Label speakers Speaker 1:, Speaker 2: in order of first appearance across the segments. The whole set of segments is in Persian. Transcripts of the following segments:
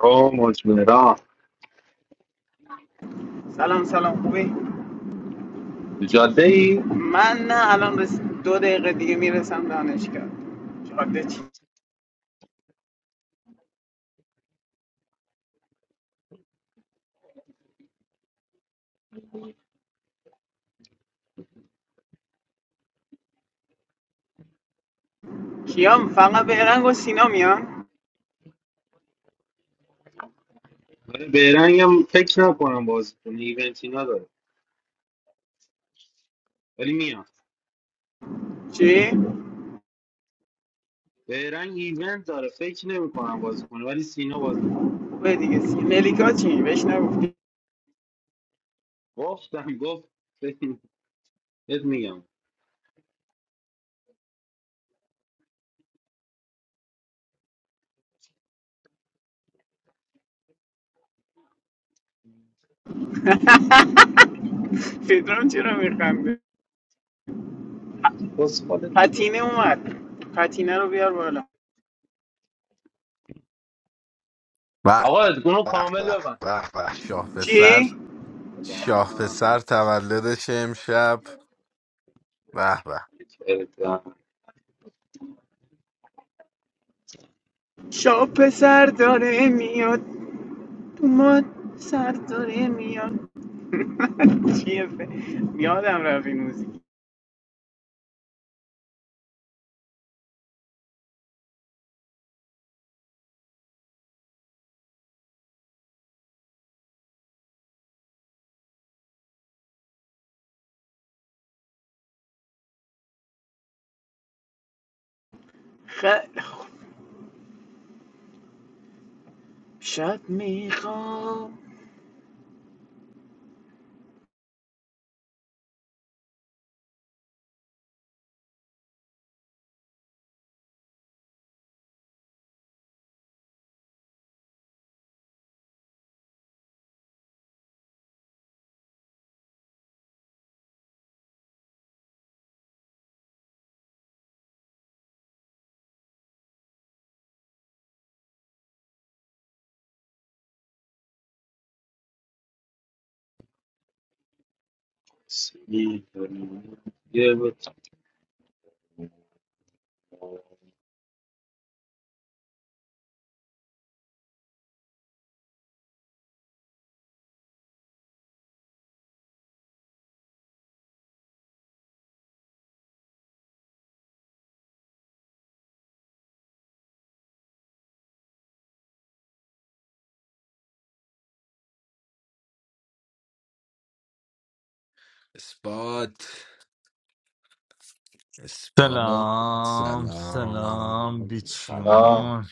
Speaker 1: او مجمرا
Speaker 2: سلام سلام خوبی
Speaker 1: تو جاده ای
Speaker 2: من نه الان رس... دو دقیقه دیگه میرسم دانشگاه جاده چی کیام فقط برنگ و سینا میان
Speaker 1: ولی بیرنگ هم فکر نکنم بازی کنه ایونتی نداره ولی میاد
Speaker 2: چی
Speaker 1: بیرنگ ایونت داره فکر نمیکنم بازی کنه ولی سینا بازی میکنه
Speaker 2: خوبه دیگه سی... ملیکا چی بهش نگفتی
Speaker 1: گفتم گفت فکر- بهت میگم
Speaker 2: پدرام چرا میخنده
Speaker 1: پسفال دیگه
Speaker 2: پتینه اومد پتینه رو بیار بالا
Speaker 3: به
Speaker 1: آقا گروه
Speaker 3: به
Speaker 1: کامل
Speaker 3: به
Speaker 1: ببن
Speaker 3: به به شاه پسر
Speaker 2: چی
Speaker 3: شاه
Speaker 1: سلام.
Speaker 3: پسر تولدش امشب به به
Speaker 1: کردم.
Speaker 2: شا پسر داره میاد اومد سر داره میاد چیه ف... یادم رفت این موزیک خیلی خوب. شب میخوام
Speaker 1: سی. داریم. یه بود.
Speaker 3: اثبات اثبات
Speaker 4: سلام
Speaker 3: سلام
Speaker 4: سلام
Speaker 1: آه.
Speaker 3: سلام
Speaker 4: بیچیون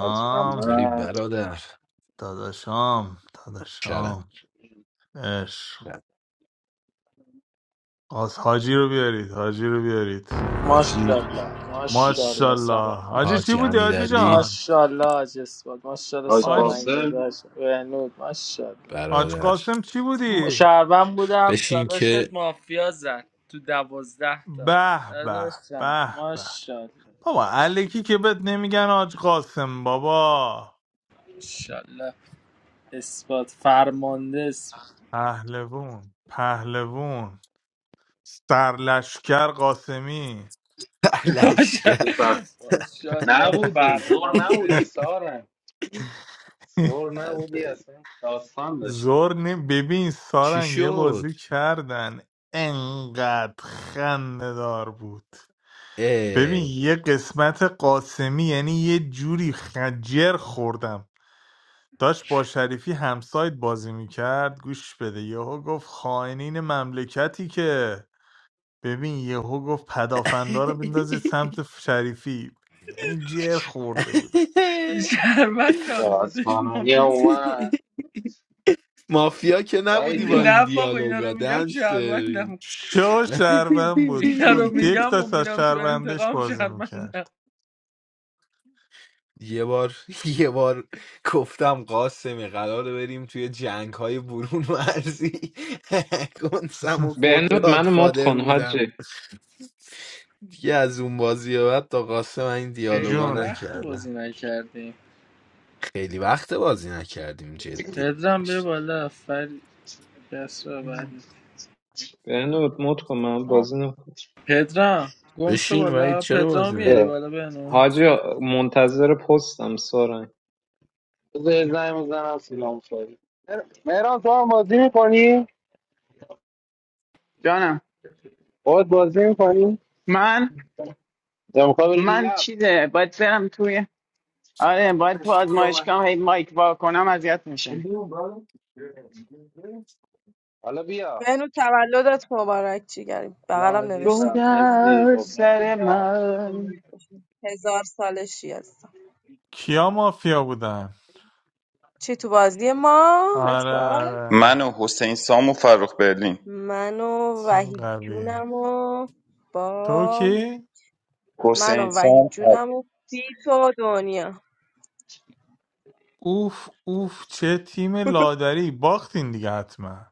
Speaker 1: حاج
Speaker 3: چطوری
Speaker 1: محمد.
Speaker 3: برادر
Speaker 4: داداشام
Speaker 3: کرم
Speaker 4: داداشام عشق از حاجی رو بیارید حاجی رو بیارید
Speaker 3: حاجی
Speaker 5: ماشاءالله ماشاءالله
Speaker 4: ماشاءالله
Speaker 5: سلام
Speaker 4: حاجی چی
Speaker 3: حاجی
Speaker 4: بودی حاجی
Speaker 3: امیرعلی
Speaker 4: جان
Speaker 5: ماشاءالله حاج اسفاد ماشاءالله
Speaker 1: حاج
Speaker 5: سارنگ
Speaker 4: حاجی
Speaker 1: قاسم
Speaker 5: داداش بهنود ماشاءالله
Speaker 4: حاج
Speaker 3: برادر
Speaker 4: قاسم چی
Speaker 5: م-
Speaker 4: بودی
Speaker 5: شهروند بودم
Speaker 3: بشین
Speaker 5: داداشت
Speaker 3: که
Speaker 5: مافیا زد تو دوازده تا
Speaker 4: به به
Speaker 5: داداشم
Speaker 4: به به
Speaker 5: ماشاءالله
Speaker 4: بابا الکی که بهت نمیگن حاج قاسم بابا
Speaker 5: ماشاءالله اثبات فرمانده اثبات.
Speaker 4: پهلوون پهلوون سرلشکر قاسمی
Speaker 3: لشکر
Speaker 1: سپه
Speaker 5: ماشاءالله ماشاءالله
Speaker 1: نبودی زور
Speaker 5: فرمانده
Speaker 1: نبودی سر نبودی اصلا داستان داشتی
Speaker 4: زور نی ببین
Speaker 3: چی
Speaker 4: سارنگ یه
Speaker 3: شد
Speaker 4: بازی کردن انقدر خنده دار بود ببین
Speaker 3: اه.
Speaker 4: یه قسمت قاسمی یعنی یه جوری خجر خوردم داشت با شریفی همسایت بازی میکرد گوش بده یهو گفت خائنین مملکتی که ببین یهو گفت پدافندا رو بندازید سمت شریفی یعنی جر خورده بود
Speaker 5: شهروندم بودش
Speaker 1: داستانونی هم
Speaker 5: مافیا
Speaker 1: اومد
Speaker 3: مافیا که
Speaker 1: وید
Speaker 3: نبودی با
Speaker 1: بیا
Speaker 3: این
Speaker 5: نه بابا اینا
Speaker 3: دیالوگا
Speaker 5: رو میگم
Speaker 3: دنس
Speaker 5: شهروندم
Speaker 4: شو شهروند بود
Speaker 5: اینا
Speaker 4: شو
Speaker 5: رو
Speaker 4: دک
Speaker 5: میگم و
Speaker 4: داشت از
Speaker 5: میرم تو
Speaker 4: شهروندش
Speaker 5: انتقام
Speaker 4: بازی میکرد
Speaker 5: شرمنده
Speaker 3: یه بار یه بار گفتم قاسمی قراره بریم توی جنگ های برون مرزی گنسم و خورد
Speaker 6: بهنود منو مد
Speaker 3: گادفادر
Speaker 6: کن
Speaker 3: بودم
Speaker 6: حاجی
Speaker 3: دیگه از اون بازی به بعد تا قاسم من این دیالوگا
Speaker 5: خیلی
Speaker 4: جون
Speaker 5: وقت بازی
Speaker 3: نکردم
Speaker 5: نکردیم
Speaker 3: خیلی وقت بازی نکردیم جدی
Speaker 5: پدرم بیا بالا فر کس رو بعد
Speaker 6: بهنود مد کن من
Speaker 1: آه.
Speaker 6: بازی نکن
Speaker 5: پدرم گم شو
Speaker 3: بشین ولی
Speaker 5: بالا
Speaker 3: چرا
Speaker 5: پدرام
Speaker 3: بازی نمی
Speaker 5: میاری
Speaker 1: بیا.
Speaker 5: بالا بنو
Speaker 6: حاجی منتظر پستم سارنگ
Speaker 1: بذار یه زنگ بزنم سلام ساری مهران تو هم بازی میکنی؟
Speaker 2: جانم
Speaker 1: خود بازی میکنی؟
Speaker 2: من
Speaker 1: یا میخوای بری
Speaker 2: من
Speaker 1: لب
Speaker 2: چیزه باید برم توی آره باید تو آزمایشگاه هی مایک وا کنم اذیت میشه
Speaker 1: حالا بیا
Speaker 7: بهنو تولدت مبارک جیگریم
Speaker 1: سلام
Speaker 7: بغلم
Speaker 2: رو
Speaker 1: عزیزم
Speaker 7: نوشتم تو کنم
Speaker 1: مرسی
Speaker 2: در
Speaker 1: قربونت
Speaker 2: سر
Speaker 1: بشم.
Speaker 2: من
Speaker 7: هزار سالشی هستم
Speaker 4: کیا مافیا بودن
Speaker 7: چی تو بازی ما
Speaker 4: آره
Speaker 7: اسپا
Speaker 4: آره
Speaker 8: من و حسین سام و فرخ برلین
Speaker 7: من و
Speaker 4: تیم
Speaker 7: وحید
Speaker 4: قویه
Speaker 7: جونم و
Speaker 4: تو
Speaker 7: با
Speaker 4: کی؟
Speaker 7: من
Speaker 8: حسین
Speaker 7: و
Speaker 8: سام
Speaker 7: وحید
Speaker 8: فر-
Speaker 7: جونم و بیت و دنیا
Speaker 4: اوف اوف چه تیم لادری باختین دیگه حتما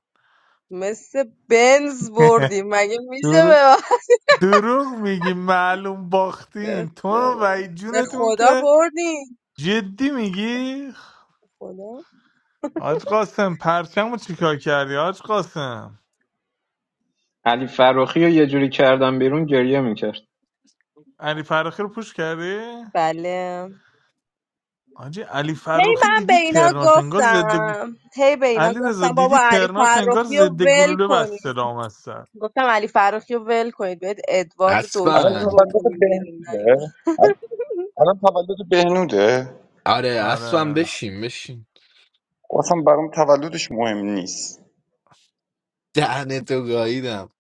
Speaker 7: مثل بنز بردیم مگه میشه
Speaker 4: درو-
Speaker 7: به من؟
Speaker 4: دروغ میگی معلوم
Speaker 7: به
Speaker 4: باختین تو
Speaker 7: خدا
Speaker 4: و
Speaker 7: به
Speaker 4: جونتون
Speaker 7: خدا
Speaker 4: که
Speaker 7: بردیم
Speaker 4: جدی میگی
Speaker 7: خدا
Speaker 4: حاج قاسم پرچم رو چیکار کردی حاج قاسم
Speaker 6: علی فراخی رو یه جوری کردم بیرون گریه میکرد
Speaker 4: علی فرخی رو پوش کردی
Speaker 7: بله
Speaker 4: حاجی علی
Speaker 7: هی
Speaker 4: فرخی
Speaker 7: من به
Speaker 4: دیدی
Speaker 7: اینا
Speaker 4: ترناش انگار ضد
Speaker 7: گفتم هی به اینا
Speaker 4: علیرضا
Speaker 7: گفتم بابا
Speaker 4: دیدی
Speaker 7: علی
Speaker 4: ترناش انگار
Speaker 7: فرخی رو
Speaker 4: ضد
Speaker 7: ول
Speaker 4: گلوله بسته
Speaker 7: کنید
Speaker 4: رام هستن
Speaker 7: گفتم علی فرخی رو ول کنید بهت ادوارد دکتر
Speaker 8: الان
Speaker 3: اسفن
Speaker 7: رو
Speaker 8: تولد
Speaker 7: بکنیم بیرون نریم.
Speaker 8: بهنوده ال- الان تولد بهنوده
Speaker 3: آره اسفن
Speaker 4: آره
Speaker 3: بشین بشین
Speaker 8: اصلا برام تولدش مهم نیست
Speaker 3: دهنتو گاییدم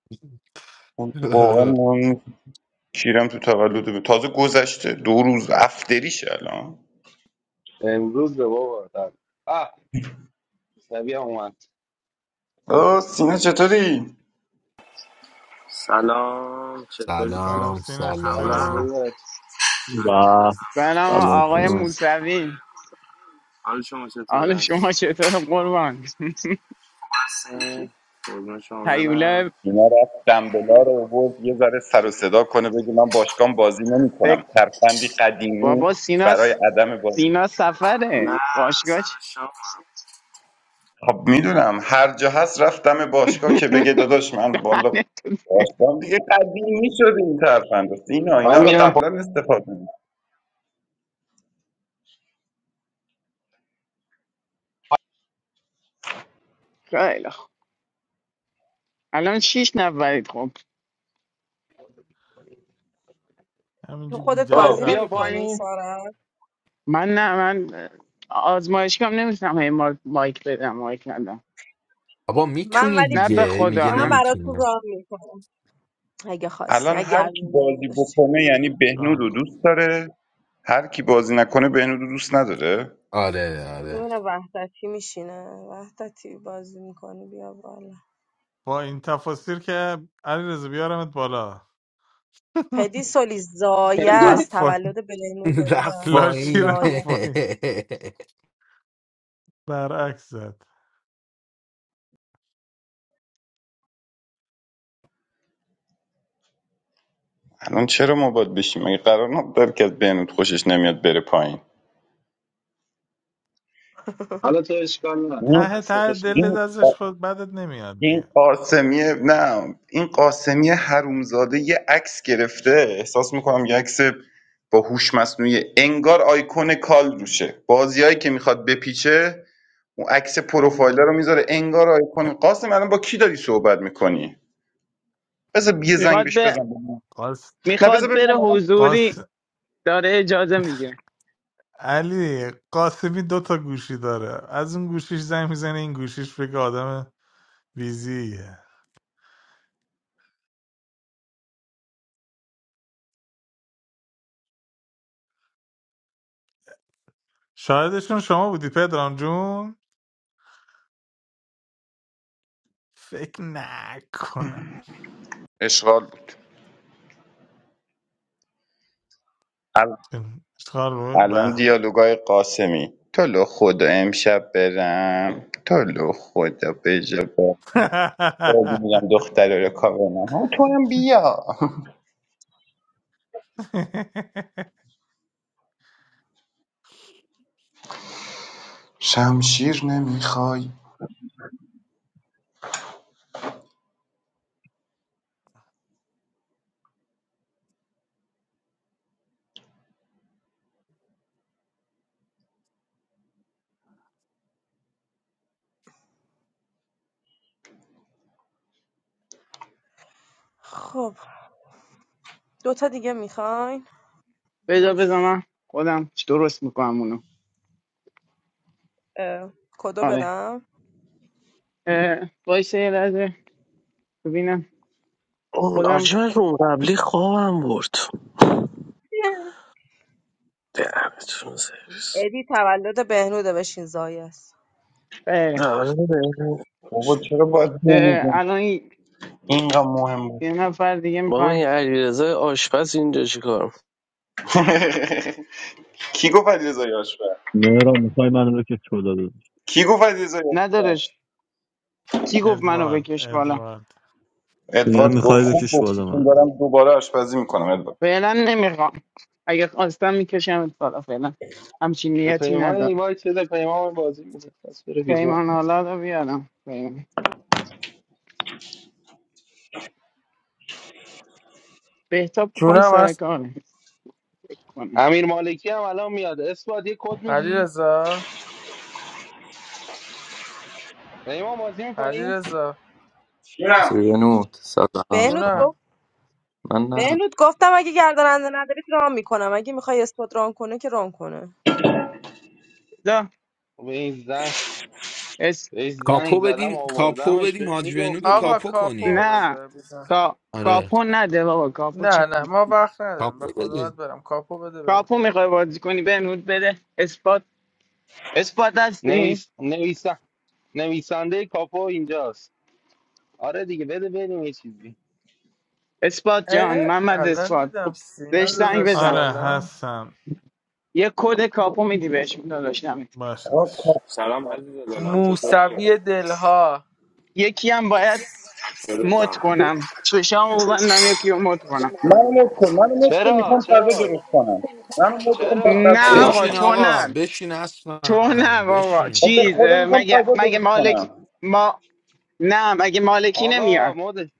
Speaker 8: واقعا مهم نیست کیرم تو تولد به تازه گذشته دو روز افتریش الان
Speaker 1: امروز به بابا دم. آه سبی هم اومد
Speaker 8: آه، سینا چطوری
Speaker 9: سلام چطوری؟
Speaker 4: سلام
Speaker 3: سلام
Speaker 4: سینا
Speaker 9: چه خبر؟
Speaker 1: الان
Speaker 4: چطوری
Speaker 3: سلام
Speaker 1: بذار
Speaker 10: و
Speaker 2: سلام
Speaker 10: سلام
Speaker 2: آقای
Speaker 3: نمی‌تونی.
Speaker 10: سلام.
Speaker 2: موسوی
Speaker 9: حال شما
Speaker 2: حال
Speaker 9: چطوره؟
Speaker 2: شما چطور قربان
Speaker 9: خسته؟ قربون شما برم
Speaker 2: هیوله
Speaker 8: اینا رفت دنبلا رو آورد یه ذره سر و صدا کنه بگی من باشگاه بازی
Speaker 2: فکر
Speaker 8: نمیکنم ترفندی قدیمی
Speaker 2: بابا سینا
Speaker 8: برای
Speaker 2: س-
Speaker 8: عدم بازی
Speaker 2: سینا
Speaker 9: نه
Speaker 2: سفره باشگاه چی؟
Speaker 9: سر شام
Speaker 8: خب میدونم هر جا هست رفتم باشگاه که بگه داداش من بالا
Speaker 2: دهنتون
Speaker 8: باشگاه دیگه قدیمی شد این ترفند اینا اینا
Speaker 1: من
Speaker 8: رو
Speaker 1: میرم پا...
Speaker 8: قبلا استفاده می
Speaker 2: خیلی خوب الان شیش نفرید خب
Speaker 7: تو
Speaker 4: همینجور
Speaker 7: خودت
Speaker 4: بیدری
Speaker 1: آه،
Speaker 7: بازی
Speaker 1: بیا
Speaker 4: رفت پایین
Speaker 7: نمیکنی
Speaker 1: پایین
Speaker 7: سارا
Speaker 2: من نه من آزمایشگاه نمیتونم هی ما- مایک بدم مایک ندم
Speaker 3: بابا
Speaker 7: من
Speaker 3: میتونی
Speaker 7: ولی
Speaker 2: نه به
Speaker 3: دیگه میگه
Speaker 2: خدا
Speaker 7: من
Speaker 2: نه
Speaker 7: برات تو
Speaker 3: نمیتونی
Speaker 7: راه میکنم اگه خواستی
Speaker 8: الان
Speaker 7: اگه
Speaker 8: هر کی
Speaker 7: علاقه
Speaker 8: بازی
Speaker 7: نداشتی
Speaker 8: بکنه یعنی بهنود
Speaker 4: ران
Speaker 8: رو
Speaker 4: کن
Speaker 8: دوست داره هر کی بازی نکنه بهنود رو دوست نداره
Speaker 3: آره آره
Speaker 7: ببینم وحدتی میشینه وحدتی بازی میکنی بیا بالا
Speaker 4: با این تفاصیل که علیرضا بیارمت بالا
Speaker 7: پدی سولی زایه است
Speaker 4: رفت پایین
Speaker 7: تولد بلینو رو بیا
Speaker 3: رفت
Speaker 4: لاشی
Speaker 3: پایین
Speaker 4: رفت
Speaker 7: زایه
Speaker 4: پایین برعکس زد
Speaker 8: الان چرا ما باید بشیم مگه قرار نبود که از بهنود خوشش نمیاد بره پایین
Speaker 1: حالا تو اشکال نه
Speaker 8: این
Speaker 1: من
Speaker 4: ته
Speaker 1: سه
Speaker 4: ته
Speaker 1: خوشم.
Speaker 4: دلت
Speaker 8: این
Speaker 4: ازش خود بدت نمیاد
Speaker 8: این
Speaker 4: دیگه
Speaker 8: قاسمی نه این قاسمی حرومزاده یه عکس گرفته احساس میکنم یه عکس با هوش مصنوعی انگار آیکون کال روشه بازیایی که میخواد بپیچه اون عکس پروفایل رو میذاره انگار آیکون قاسم الان با کی داری صحبت میکنی بذار یه زنگ
Speaker 2: میخواد
Speaker 8: بهش بزن ببینم.
Speaker 4: قاس
Speaker 8: نه
Speaker 2: میخواد
Speaker 8: بذار
Speaker 2: بره
Speaker 8: ببینم الان
Speaker 4: قاس
Speaker 2: حضوری داره اجازه میگه
Speaker 4: علی قاسمی دوتا گوشی داره از اون گوشیش زنگ میزنه این گوشیش بگه آدم ویزیه شاهدشون شما بودی پدرام جون فکر نکنم
Speaker 8: اشغال بود ال-
Speaker 4: اشتغال بود
Speaker 8: الان
Speaker 4: به به.
Speaker 8: دیالوگای قاسمی تو لو خدا امشب برم تو لو خدا بجا قول میگم دختره رو کاور نه تو هم بیا شمشیر نمیخوای
Speaker 7: خب دوتا دیگه میخوای
Speaker 2: بذار بذار
Speaker 7: مش
Speaker 2: من خودم درست میکنم اونو
Speaker 7: اه، کدو
Speaker 2: آره
Speaker 7: بدم
Speaker 2: اه، وایسه یه لحظه ببینم
Speaker 11: اون
Speaker 2: خودم
Speaker 11: آجی من که اون قبلی خوابم برد دهنتون سرویس
Speaker 7: ادی تولد بهنوده بشین زایس
Speaker 2: خیلی
Speaker 11: در
Speaker 2: خوب.
Speaker 11: حال بهتون.
Speaker 8: بابا
Speaker 11: باش.
Speaker 8: چرا باید
Speaker 2: اه،
Speaker 8: نمیگم
Speaker 2: الان این-
Speaker 8: اینقدر مهم بود
Speaker 2: یه نفر دیگه
Speaker 11: بابا
Speaker 2: میخوام
Speaker 11: این علیرضا آشپز اینجا چیکار
Speaker 8: کی گفت علیرضا یاشفر
Speaker 10: مهران میخوای منو بکش بالا داداش
Speaker 8: کی گفت علیرضا یاشفر
Speaker 2: ندارش کی گفت منو
Speaker 4: ادوارد
Speaker 2: بکش بالا
Speaker 4: ادوارد
Speaker 10: میگم
Speaker 8: ادوارد گفت
Speaker 10: میخوای
Speaker 8: خوب
Speaker 10: بکش
Speaker 8: گفتی
Speaker 10: بالا
Speaker 8: چون
Speaker 10: من
Speaker 8: دارم دوباره آشپزی میکنم ادوارد
Speaker 2: فعلا نمیخوام اگه خواستم میکشم بالا فعلا همچین
Speaker 1: به
Speaker 2: نیتی
Speaker 1: پیمان
Speaker 2: ندارم
Speaker 1: اینوایت بده پیمان بازی میده پس بره بیرون
Speaker 2: پیمان حالا رو بیارم پیمان. بهتاب کن
Speaker 5: جونم
Speaker 2: سر
Speaker 5: هست
Speaker 2: کاره کنم
Speaker 1: امیر مالکی هم الان میاد اثبات یه کد
Speaker 5: علی
Speaker 1: میدی
Speaker 5: علیرضا
Speaker 1: پیمان بازی
Speaker 5: علی
Speaker 1: میکنی
Speaker 5: رضا
Speaker 8: جونم
Speaker 12: مصري بنوت سبعة
Speaker 7: بهنود
Speaker 5: جونم
Speaker 7: گفت
Speaker 12: من
Speaker 7: بهنود گفتم اگه گرداننده نداری ران میکنم اگه میخوای اسپات ران کنه که ران کنه
Speaker 2: دا
Speaker 1: به این زن به این زنگ
Speaker 3: کاپو
Speaker 1: زدم
Speaker 3: بدیم کاپو
Speaker 1: آوردمش
Speaker 3: بدیم
Speaker 1: به
Speaker 3: حاج بهنود رو
Speaker 1: میگفتی
Speaker 5: آقا
Speaker 3: کاپو
Speaker 5: کاپو
Speaker 3: کنیم
Speaker 2: نه
Speaker 5: بده بزن
Speaker 2: کا...
Speaker 3: آره
Speaker 2: کاپو نده بابا کاپو چه
Speaker 5: نه
Speaker 2: کن
Speaker 5: نه ما وقت ندارم به
Speaker 3: کاپو
Speaker 5: خدا باید
Speaker 3: بدیم
Speaker 5: برم کاپو بده بریم
Speaker 2: کاپو میخوای بازی کنی به نود بده اثبات اثبات هستی
Speaker 1: نویس نویس نویسنده کاپو اینجاست آره دیگه بده بریم یه چیزی
Speaker 2: اثبات جان
Speaker 5: اه
Speaker 2: محمد
Speaker 5: الان
Speaker 2: اثبات
Speaker 5: دیدم
Speaker 2: خب
Speaker 5: سینا
Speaker 2: بهش زنگ
Speaker 5: داداش
Speaker 2: بزن
Speaker 4: آره
Speaker 5: سلام
Speaker 4: هستم
Speaker 2: یه کد کاپو میدی بهش داداشم
Speaker 8: آقا،
Speaker 4: باشدش
Speaker 8: کا-
Speaker 9: سلام عزیز دلم چطوری؟
Speaker 5: موسوی دلها
Speaker 2: یکی هم باید مد
Speaker 9: چطورتم؟
Speaker 2: کنم چشام ببندم یکی رو مد کنم
Speaker 5: سلام
Speaker 8: منو مت کن منو مت کن
Speaker 1: چرا
Speaker 8: میخوام غذا
Speaker 1: چرا
Speaker 8: درست کنم منو مت کن باید
Speaker 1: چرا
Speaker 8: غذا
Speaker 2: نه
Speaker 9: ایمان
Speaker 8: درست
Speaker 2: آقا
Speaker 3: بشین
Speaker 8: کنم
Speaker 9: دمو
Speaker 2: تو
Speaker 3: آقا
Speaker 9: دست
Speaker 2: نه
Speaker 3: بشین
Speaker 2: تو
Speaker 3: اصلا
Speaker 2: نه بابا
Speaker 3: بشین
Speaker 8: خب به
Speaker 2: چیز
Speaker 8: خدا
Speaker 2: اه،
Speaker 8: میخوام
Speaker 2: مگه
Speaker 8: غذا
Speaker 2: مگه
Speaker 8: درست
Speaker 2: مالک
Speaker 8: کنم
Speaker 2: ما نه مگه مالکی نمیاد
Speaker 1: آقا مد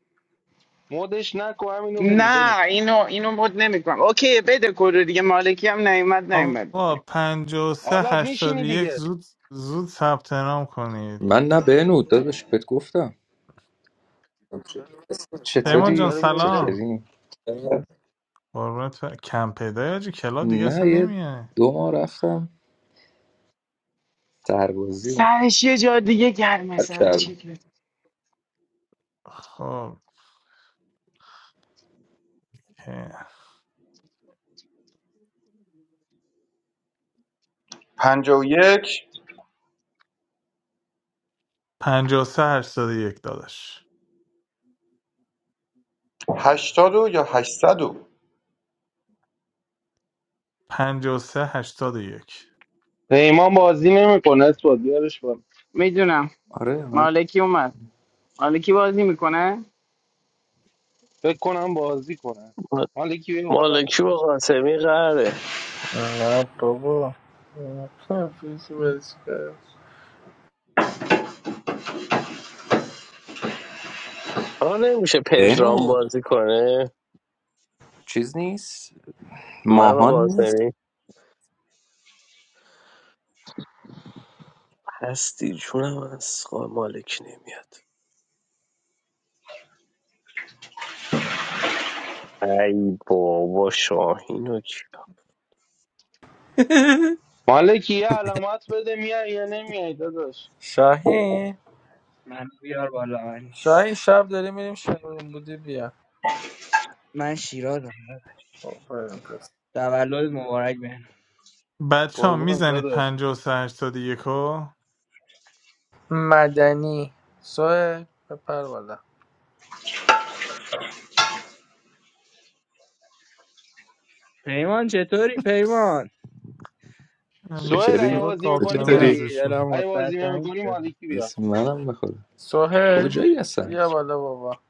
Speaker 1: مدش نکو همینو بریم بریم
Speaker 2: نه اینو اینو مد نمیکنم اوکی بده کدو دیگه مالکی هم نیومد نیومد
Speaker 4: آقا
Speaker 2: دیگه
Speaker 4: پنج و سه
Speaker 1: حالا
Speaker 4: هشتاد و
Speaker 1: میشینی
Speaker 4: یک
Speaker 1: دیگه
Speaker 4: زود زود ثبت نام کنید
Speaker 12: من نه بنوت داداش بهت گفتم
Speaker 4: پیمان
Speaker 1: آه
Speaker 4: جان
Speaker 12: چطوری
Speaker 1: داره میره جایی
Speaker 4: سلام
Speaker 12: چکری؟
Speaker 4: قربونت ب- کم پیدا آجی کلاب دیگه
Speaker 12: نه
Speaker 4: اصلا
Speaker 12: یه
Speaker 4: نمیای
Speaker 12: دو ماه رفتم سربازی رو
Speaker 2: سرش یه جا دیگه گرمه
Speaker 12: ترک
Speaker 2: سر
Speaker 12: کردم.
Speaker 2: چی
Speaker 4: خب
Speaker 8: پنجا و یک
Speaker 4: پنج و سه هشتاد و یک داداش
Speaker 8: هشتاد و یا هشتصد و
Speaker 4: پنج و سه هشتاد و یک
Speaker 1: پیمان بازی نمیکنه اثبات بیارش بالا.
Speaker 2: میدونم
Speaker 12: آره من
Speaker 2: مالکی اومد مالکی بازی میکنه
Speaker 1: فکر کنم بازی کنن
Speaker 11: می‌کنه؟
Speaker 1: مالکی بیا بالا
Speaker 11: مالکی با قاسمی قهره
Speaker 5: نه بابا تفیز بچه
Speaker 11: آقا نمیشه پدرام
Speaker 12: بنوت
Speaker 11: بازی کنه
Speaker 12: چیز نیست،
Speaker 11: من و
Speaker 12: ماهان نیست.
Speaker 11: قاسمی هستی جونم از آقا مالکی نمیاد ای بابا شاهین و کی
Speaker 1: مالکی یه علامت بده میای یا نمیای داداش
Speaker 5: شاهین
Speaker 13: من بیار بالا من نیست
Speaker 5: شاهین شب داریم میریم شنون بودی بیا
Speaker 13: من شیرازم
Speaker 5: خب، بریم پس.
Speaker 13: تولد مبارک بهم
Speaker 4: بچه ها
Speaker 1: قربونت
Speaker 4: میزنید
Speaker 1: داداش
Speaker 4: پنجاه و سه هشتاد یکا
Speaker 5: مدنی سوهل بپر بالا
Speaker 13: پیمان چطوری پیمان
Speaker 4: همیشه
Speaker 1: سوهل اگه
Speaker 12: چکری
Speaker 4: صدا
Speaker 1: بازی
Speaker 12: تو
Speaker 1: میکنی
Speaker 4: قابلمه
Speaker 1: بیا
Speaker 12: چطوری؟
Speaker 13: خوبی
Speaker 4: ازشون بود.
Speaker 13: دلم
Speaker 1: اگه
Speaker 13: واسه
Speaker 1: بازی
Speaker 13: تنگ
Speaker 1: نمیکنی
Speaker 13: شد
Speaker 1: مالکی بیا
Speaker 12: بسم منم بخدا.
Speaker 5: سوهل
Speaker 12: کجایی هستن؟
Speaker 5: بیا بالا بابا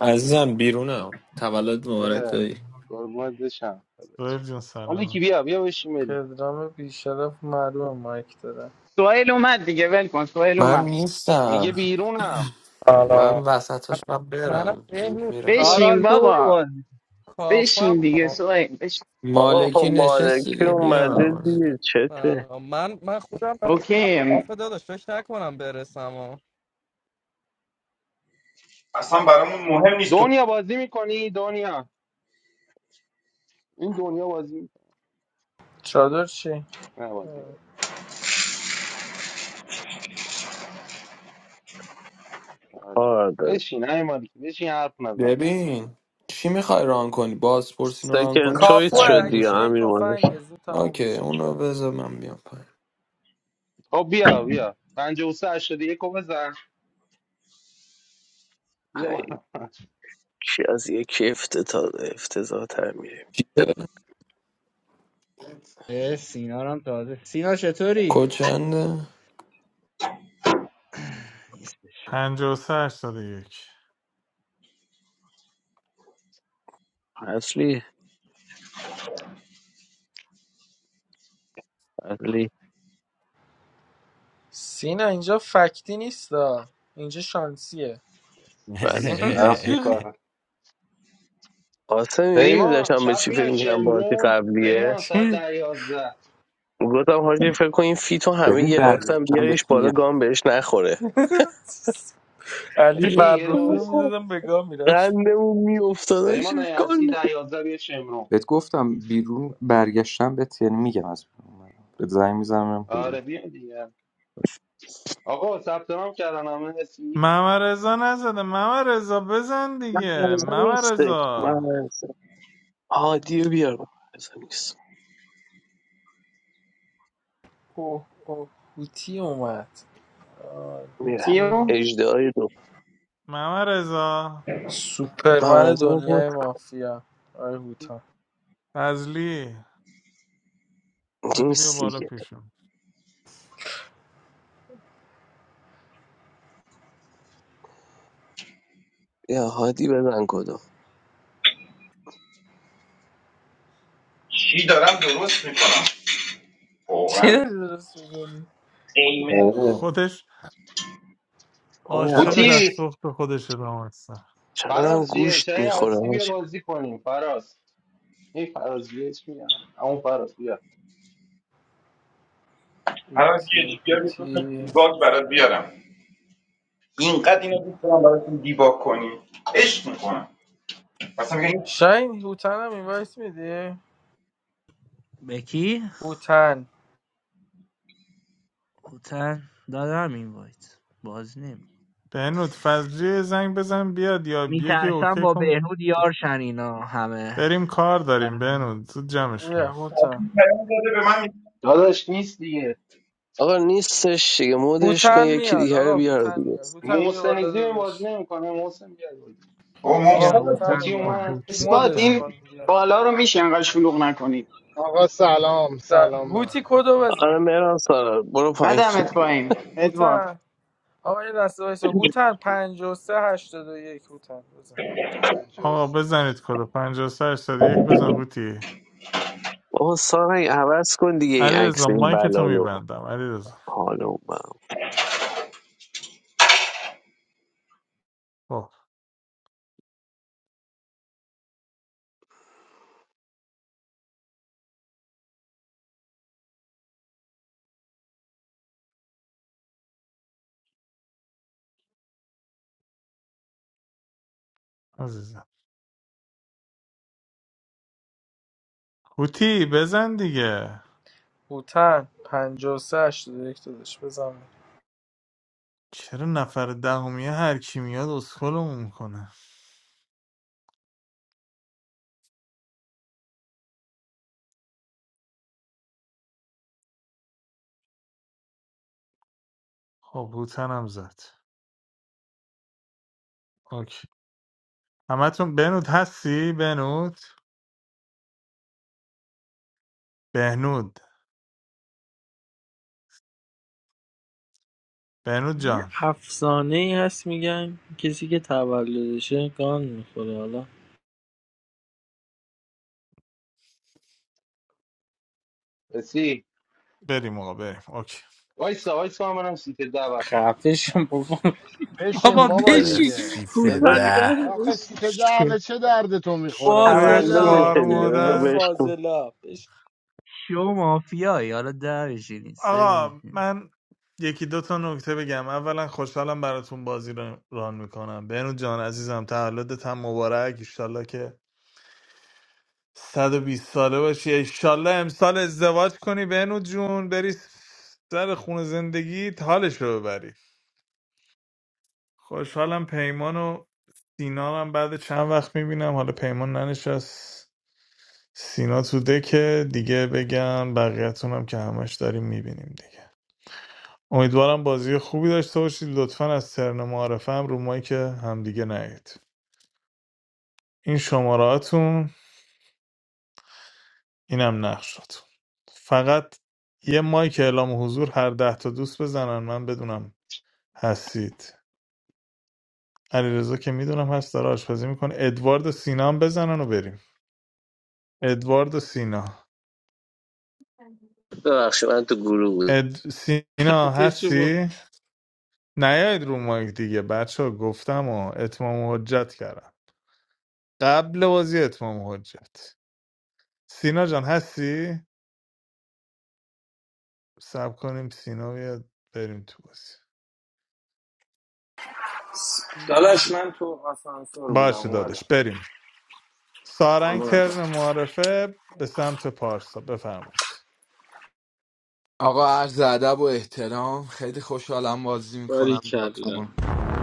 Speaker 14: عزیزم بیرونم تولد مبارک
Speaker 1: اه،
Speaker 14: دایی
Speaker 1: قربونت بشم
Speaker 4: سوهل
Speaker 1: داداش.
Speaker 4: جون
Speaker 1: مالکی
Speaker 4: سلام
Speaker 1: بیا بیا بشین بریم
Speaker 5: پدرام بیشرف معلوم مایک داره
Speaker 2: سوهل اومد دیگه ول کن سوهل
Speaker 14: من
Speaker 2: اومد
Speaker 1: میگه
Speaker 14: نیستم
Speaker 1: بیرونم
Speaker 14: من
Speaker 15: سلام
Speaker 14: وسطش من
Speaker 15: منم
Speaker 14: برم زود
Speaker 15: بهنوز
Speaker 14: میرم
Speaker 15: داداش
Speaker 2: بشین
Speaker 13: سارال تو برو
Speaker 2: بابا
Speaker 13: بازی
Speaker 2: بشین
Speaker 15: کافم
Speaker 2: دیگه
Speaker 15: آه.
Speaker 2: سوهل بشین
Speaker 11: آقا خب
Speaker 14: مالکی نشست
Speaker 11: مالکی
Speaker 14: دیگه
Speaker 11: اومده
Speaker 14: بیا
Speaker 11: دیگه چته
Speaker 15: سلام من من خودم برم
Speaker 2: اوکی
Speaker 15: کافه داداش فکر نکنم برسم
Speaker 8: اصلا برامون مهم نیست تو
Speaker 1: دنیا بازی میکنی دنیا این دنیا بازی میکنه
Speaker 5: چادر چی؟
Speaker 1: نه بازی نمی‌کنه. آره.
Speaker 11: کار داره
Speaker 1: بشین ای مالکی بشین حرف نزن پس
Speaker 14: ببین چی میخوای ران کنی بازپرسین رو ران
Speaker 11: سکن
Speaker 14: کنی
Speaker 11: چویس
Speaker 5: کاپوه
Speaker 14: سریع
Speaker 11: شدی
Speaker 5: اگه
Speaker 11: یا
Speaker 5: میای
Speaker 11: امیر
Speaker 14: میشیم
Speaker 11: مالکی
Speaker 5: تفنگه زود تمام
Speaker 14: اوکی
Speaker 5: میشه
Speaker 14: اونو
Speaker 5: بیا
Speaker 14: بذار من بیام پایین
Speaker 1: خب بیا بیا 53 یک رو بزن بیا بالا
Speaker 11: یکی از یکی افتتا... افتضاح تر میریم
Speaker 14: چیه؟
Speaker 13: اه، سینا رو هم تازه سینا چطوری
Speaker 14: کوچنده
Speaker 13: نیستش
Speaker 4: پنجاه و سه هشتاد و یک
Speaker 11: اصلی اصلی
Speaker 5: سینا اینجا فکتی نیستا اینجا شانسیه سینا
Speaker 11: اصلی
Speaker 1: طرف رو کار
Speaker 11: قاسمی میدونی
Speaker 1: پیمان
Speaker 11: داشتم به
Speaker 1: شب
Speaker 11: چی فکر
Speaker 1: میای
Speaker 11: میکنم بازی
Speaker 1: شمرون
Speaker 11: قبلیه
Speaker 1: پیمان
Speaker 5: چی؟
Speaker 1: ساعت ده یازده
Speaker 11: گفتم حاجی فکر کن این فیتو همه
Speaker 12: ببین
Speaker 11: گرفتم
Speaker 12: برگشتم
Speaker 11: بیاریش
Speaker 12: بهت
Speaker 11: بالا
Speaker 12: میگم،
Speaker 11: گام بهش نخوره
Speaker 5: علی
Speaker 1: ادی یه
Speaker 5: فرخی رو
Speaker 1: راست
Speaker 5: میدادم به گاه میرفت
Speaker 11: قندمون میافتاد چی
Speaker 1: پیمان اگه هستی
Speaker 11: کن
Speaker 1: ده یازده بیا شمرون
Speaker 12: بهت گفتم بیرون برگشتم بهت یعنی میگم از بیرون اومدم. بهت زنگ میزنم
Speaker 1: آره
Speaker 12: کجایی.
Speaker 1: بیا دیگه آقا ثبت نام کردن همه هستی
Speaker 4: ممه رزا نزده ممه رزا بزن دیگه
Speaker 11: مغزه
Speaker 4: ممه
Speaker 11: نیستش
Speaker 4: رزا
Speaker 11: مغزه هادی رو بیار مغزه نیست
Speaker 5: اوه اوه هوتی اومد آه،
Speaker 11: میره
Speaker 5: هوتی
Speaker 2: کیو
Speaker 5: اومد
Speaker 11: اجدهای دو
Speaker 4: ممه رزا
Speaker 5: سوپرمن
Speaker 11: مغزه رو بود
Speaker 5: دنیای مافیا آره هوتا
Speaker 4: فضلی حادی بیا
Speaker 11: نیست
Speaker 4: بالا
Speaker 11: دیگه
Speaker 4: پیشم
Speaker 11: یا هادی بزن کدو
Speaker 8: چی دارم درست میکنم
Speaker 5: چی
Speaker 8: واقعا
Speaker 5: داری درست میگونی؟
Speaker 8: عینه
Speaker 1: آره.
Speaker 4: خودش
Speaker 11: آیا
Speaker 4: عاشق دست
Speaker 1: بوتی
Speaker 4: سخت خودشه دامستم
Speaker 11: چقدرم
Speaker 1: فراز جیه
Speaker 11: گوشت
Speaker 1: چای
Speaker 11: میخوره
Speaker 1: هستی بیا
Speaker 11: حاجی
Speaker 1: بازی کنیم فراز این فراز جیه چی میگم همون فراز بیا
Speaker 8: هر کی
Speaker 5: هوتی
Speaker 8: دیگر میتونم
Speaker 5: هوتی
Speaker 8: دیباگ برات بیارم اینقدر اینو دوست دارم براتون دیباگ کنی عشق میکنم مثلا میگه این
Speaker 5: شاین هوتن هم اینوایت میدی؟
Speaker 13: به کی؟
Speaker 5: هوتن
Speaker 13: کوتن دادم این وایت باز نمی
Speaker 4: بهنود فضلی یه زنگ بزن بیاد یا یکی
Speaker 13: میترسم
Speaker 4: اوکی
Speaker 13: با
Speaker 4: کن
Speaker 13: بهنود یار شن اینا همه
Speaker 4: بریم کار داریم
Speaker 13: آره.
Speaker 4: بهنود زود جمعش
Speaker 5: بیا
Speaker 4: کنیم
Speaker 5: هوتن
Speaker 8: پیام داده به من میگه
Speaker 1: داداش نیست دیگه
Speaker 11: آقا نیستش دیگه مودش کن
Speaker 5: هوتن
Speaker 11: یکی
Speaker 5: میاد
Speaker 11: دیگه رو
Speaker 5: آقا
Speaker 11: بیار
Speaker 5: هوتن
Speaker 11: دیگه
Speaker 5: میاد هوتن بیا بالا
Speaker 1: محسنیزی این بازی
Speaker 5: داداش
Speaker 1: نمیکنه محسن بیا بازی
Speaker 8: با
Speaker 5: آقا
Speaker 13: بیا
Speaker 8: محسن
Speaker 13: اوتن
Speaker 5: هوتن
Speaker 1: بوتی
Speaker 5: اومد
Speaker 13: اومد
Speaker 4: خب
Speaker 1: اومد
Speaker 4: اوکی.
Speaker 1: خوبه.
Speaker 2: اثبات
Speaker 5: مدش
Speaker 13: هوتن
Speaker 2: این
Speaker 5: کن دیگه
Speaker 2: بالا رو میشه انقدر شلوغ نکنید
Speaker 16: آقا سلام
Speaker 5: س-
Speaker 16: سلام به
Speaker 5: هوتی
Speaker 16: همه.
Speaker 5: کدو
Speaker 11: آره
Speaker 5: بزن
Speaker 11: مهران سارا برو پایین
Speaker 2: ندمت پایین ادوارد
Speaker 5: هوتن آقا یه لحظه وایسا هوتن 53 81 هوتن بزن
Speaker 16: پنجاه و
Speaker 4: آقا
Speaker 16: سه.
Speaker 4: بزنید کدو پنجاه کد یک بزن هوتی
Speaker 11: بابا سارا این عوض کن دیگه این
Speaker 4: علیرضا
Speaker 11: عکس این
Speaker 4: مایک تو
Speaker 11: بلالو
Speaker 4: میبندم علیرضا
Speaker 11: حالا من
Speaker 4: خب عزیزم هوتی بزن دیگه
Speaker 5: هوتن 53 یک دادش بزن
Speaker 4: چرا نفر دهمیه هر کی میاد اسکلمون میکنه خب هوتن هم زد اوکی همتون بنود هستی بنود بهنود بهنود
Speaker 5: یه
Speaker 4: جان
Speaker 5: افسانه ای هست میگن کسی که تولدشه گان میخوره حالا
Speaker 1: رسید
Speaker 4: بریم آقا بریم اوکی
Speaker 1: وایسا وایسا من هم سیت دعوت
Speaker 5: خفشم بابا
Speaker 16: بشین
Speaker 5: بابا
Speaker 16: بابا
Speaker 5: بشین
Speaker 16: دیگه
Speaker 11: بذار
Speaker 5: کوتن
Speaker 3: برسی
Speaker 5: ده
Speaker 16: آخه
Speaker 5: بشین
Speaker 16: سیت ده به
Speaker 4: شوی
Speaker 16: چه درد تو میخوره آخه شورو
Speaker 5: فازلاب
Speaker 4: خار
Speaker 11: تولدشه دیگه بذار
Speaker 5: ترنه
Speaker 4: مادر
Speaker 11: بهش تو
Speaker 5: فازلاب بشین
Speaker 13: شو مافیایی حالا ده بشینی سه
Speaker 4: آقا
Speaker 13: بشینی.
Speaker 4: من یکی دو تا نکته بگم اولا خوشحالم براتون بازی رو ران میکنم بینو جان عزیزم تولدت هم مبارک ایشالله که 120 ساله باشی ایشالله امسال ازدواج کنی بینو جون بری سر خون زندگی حالش رو ببری خوشحالم پیمان و سینا هم بعد چند وقت میبینم حالا پیمان ننشست سینا تو دکه دیگه بگم بقیه‌تون هم که همش داریم میبینیم دیگه امیدوارم بازی خوبی داشته باشید لطفا از ترن معارفه هم رو مایی که همدیگه نهید این شماراتون اینم نقشاتون فقط یه مایک اعلام حضور هر ده تا دوست بزنن من بدونم هستید علیرضا که میدونم هست داره آشپزی میکنه ادوارد و سینا هم بزنن و بریم ادوارد و سینا
Speaker 11: ببخشید من تو گروه بود
Speaker 4: اد... سینا
Speaker 5: خفشم بابا
Speaker 4: هستی؟ نیاید رو مایک دیگه بچه ها گفتم و اتمام حجت کردم قبل بازی اتمام حجت سینا جان هستی؟ سب کنیم سینا بیاد بریم تو بازی
Speaker 9: داداش من تو آسانسور بودم
Speaker 4: باشه
Speaker 9: اومدم
Speaker 4: داداش بریم سارنگ
Speaker 9: قربونت برم.
Speaker 4: ترن معرفه به سمت پارسا بفرمایید
Speaker 3: آقا عرض ادب و احترام خیلی خوشحالم بازی میکنم
Speaker 5: باریکلا
Speaker 3: باتون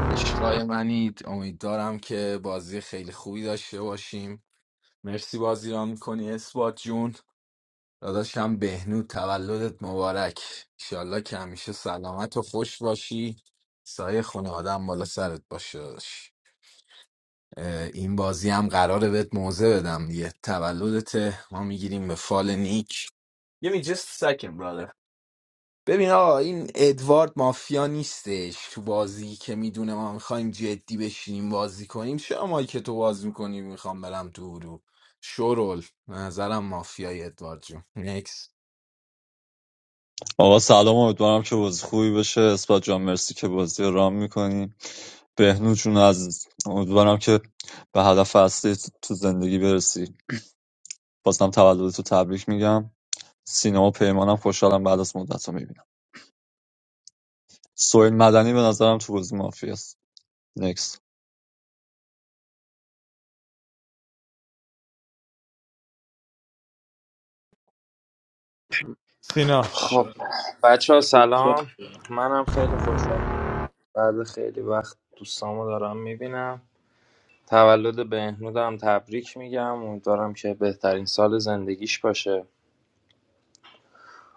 Speaker 3: عشقای منید امیدوارم که بازی خیلی خوبی داشته باشیم مرسی بازی را میکنی اثبات جون داداشم بهنود تولدت مبارک ایشالله که همیشه سلامت و خوش باشی سایه خونه آدم بالا سرت باشه داداش. اه، این بازی هم قراره بهت موزه بدم دیگه تولدت ما میگیریم به فال نیک Give me just a second, brother. ببین آقا این ادوارد مافیا نیستش تو بازی که میدونه ما میخوایم جدی بشینیم بازی کنیم شما که تو باز میکنی میخوام برم تو رو شورول به نظرم مافیای ادوارد جون نکس
Speaker 10: آقا سلام امیدوارم که بازی خوبی بشه اثبات جان مرسی که بازی رو رام میکنی بهنود جون عزیز امیدوارم که به هدف اصلی تو تو زندگی برسی بازم تولد تو تبریک میگم سینا و پیمانم خوشحالم بعد از مدت رو میبینم سویل مدنی به نظرم تو بازی مافی است نکس
Speaker 4: سینا
Speaker 9: خب
Speaker 5: باریکلا
Speaker 9: بچه ها سلام منم خیلی خوشحالم بعد خیلی وقت دوستامو دارم میبینم تولد بهنودم تبریک میگم امیدوارم که بهترین سال زندگیش باشه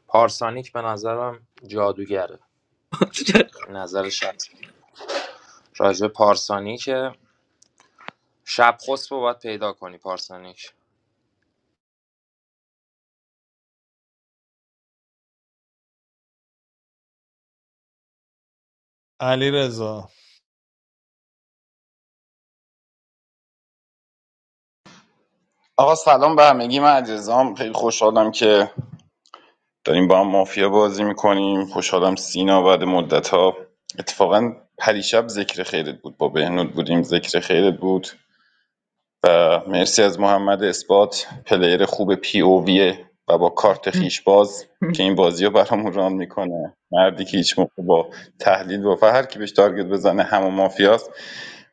Speaker 9: پارسانیک به نظرم جادوگره نظر شخص راجع به پارسانیکه شب خسب رو باید پیدا کنی پارسانیک
Speaker 4: علی رضا
Speaker 8: آقا سلام به همگی من علیرضام خیلی خوشحالم که داریم با هم مافیا بازی میکنیم خوشحالم سینا بعد مدت ها اتفاقا پریشب ذکر خیرت بود با بهنود بودیم ذکر خیرت بود و مرسی از محمد اثبات پلیر خوب پی او ویه و با کارت خیش باز که این بازی رو برامون ران میکنه مردی که هیچ موقع با تحلیل و هر کی بهش تارگت بزنه همه مافیاست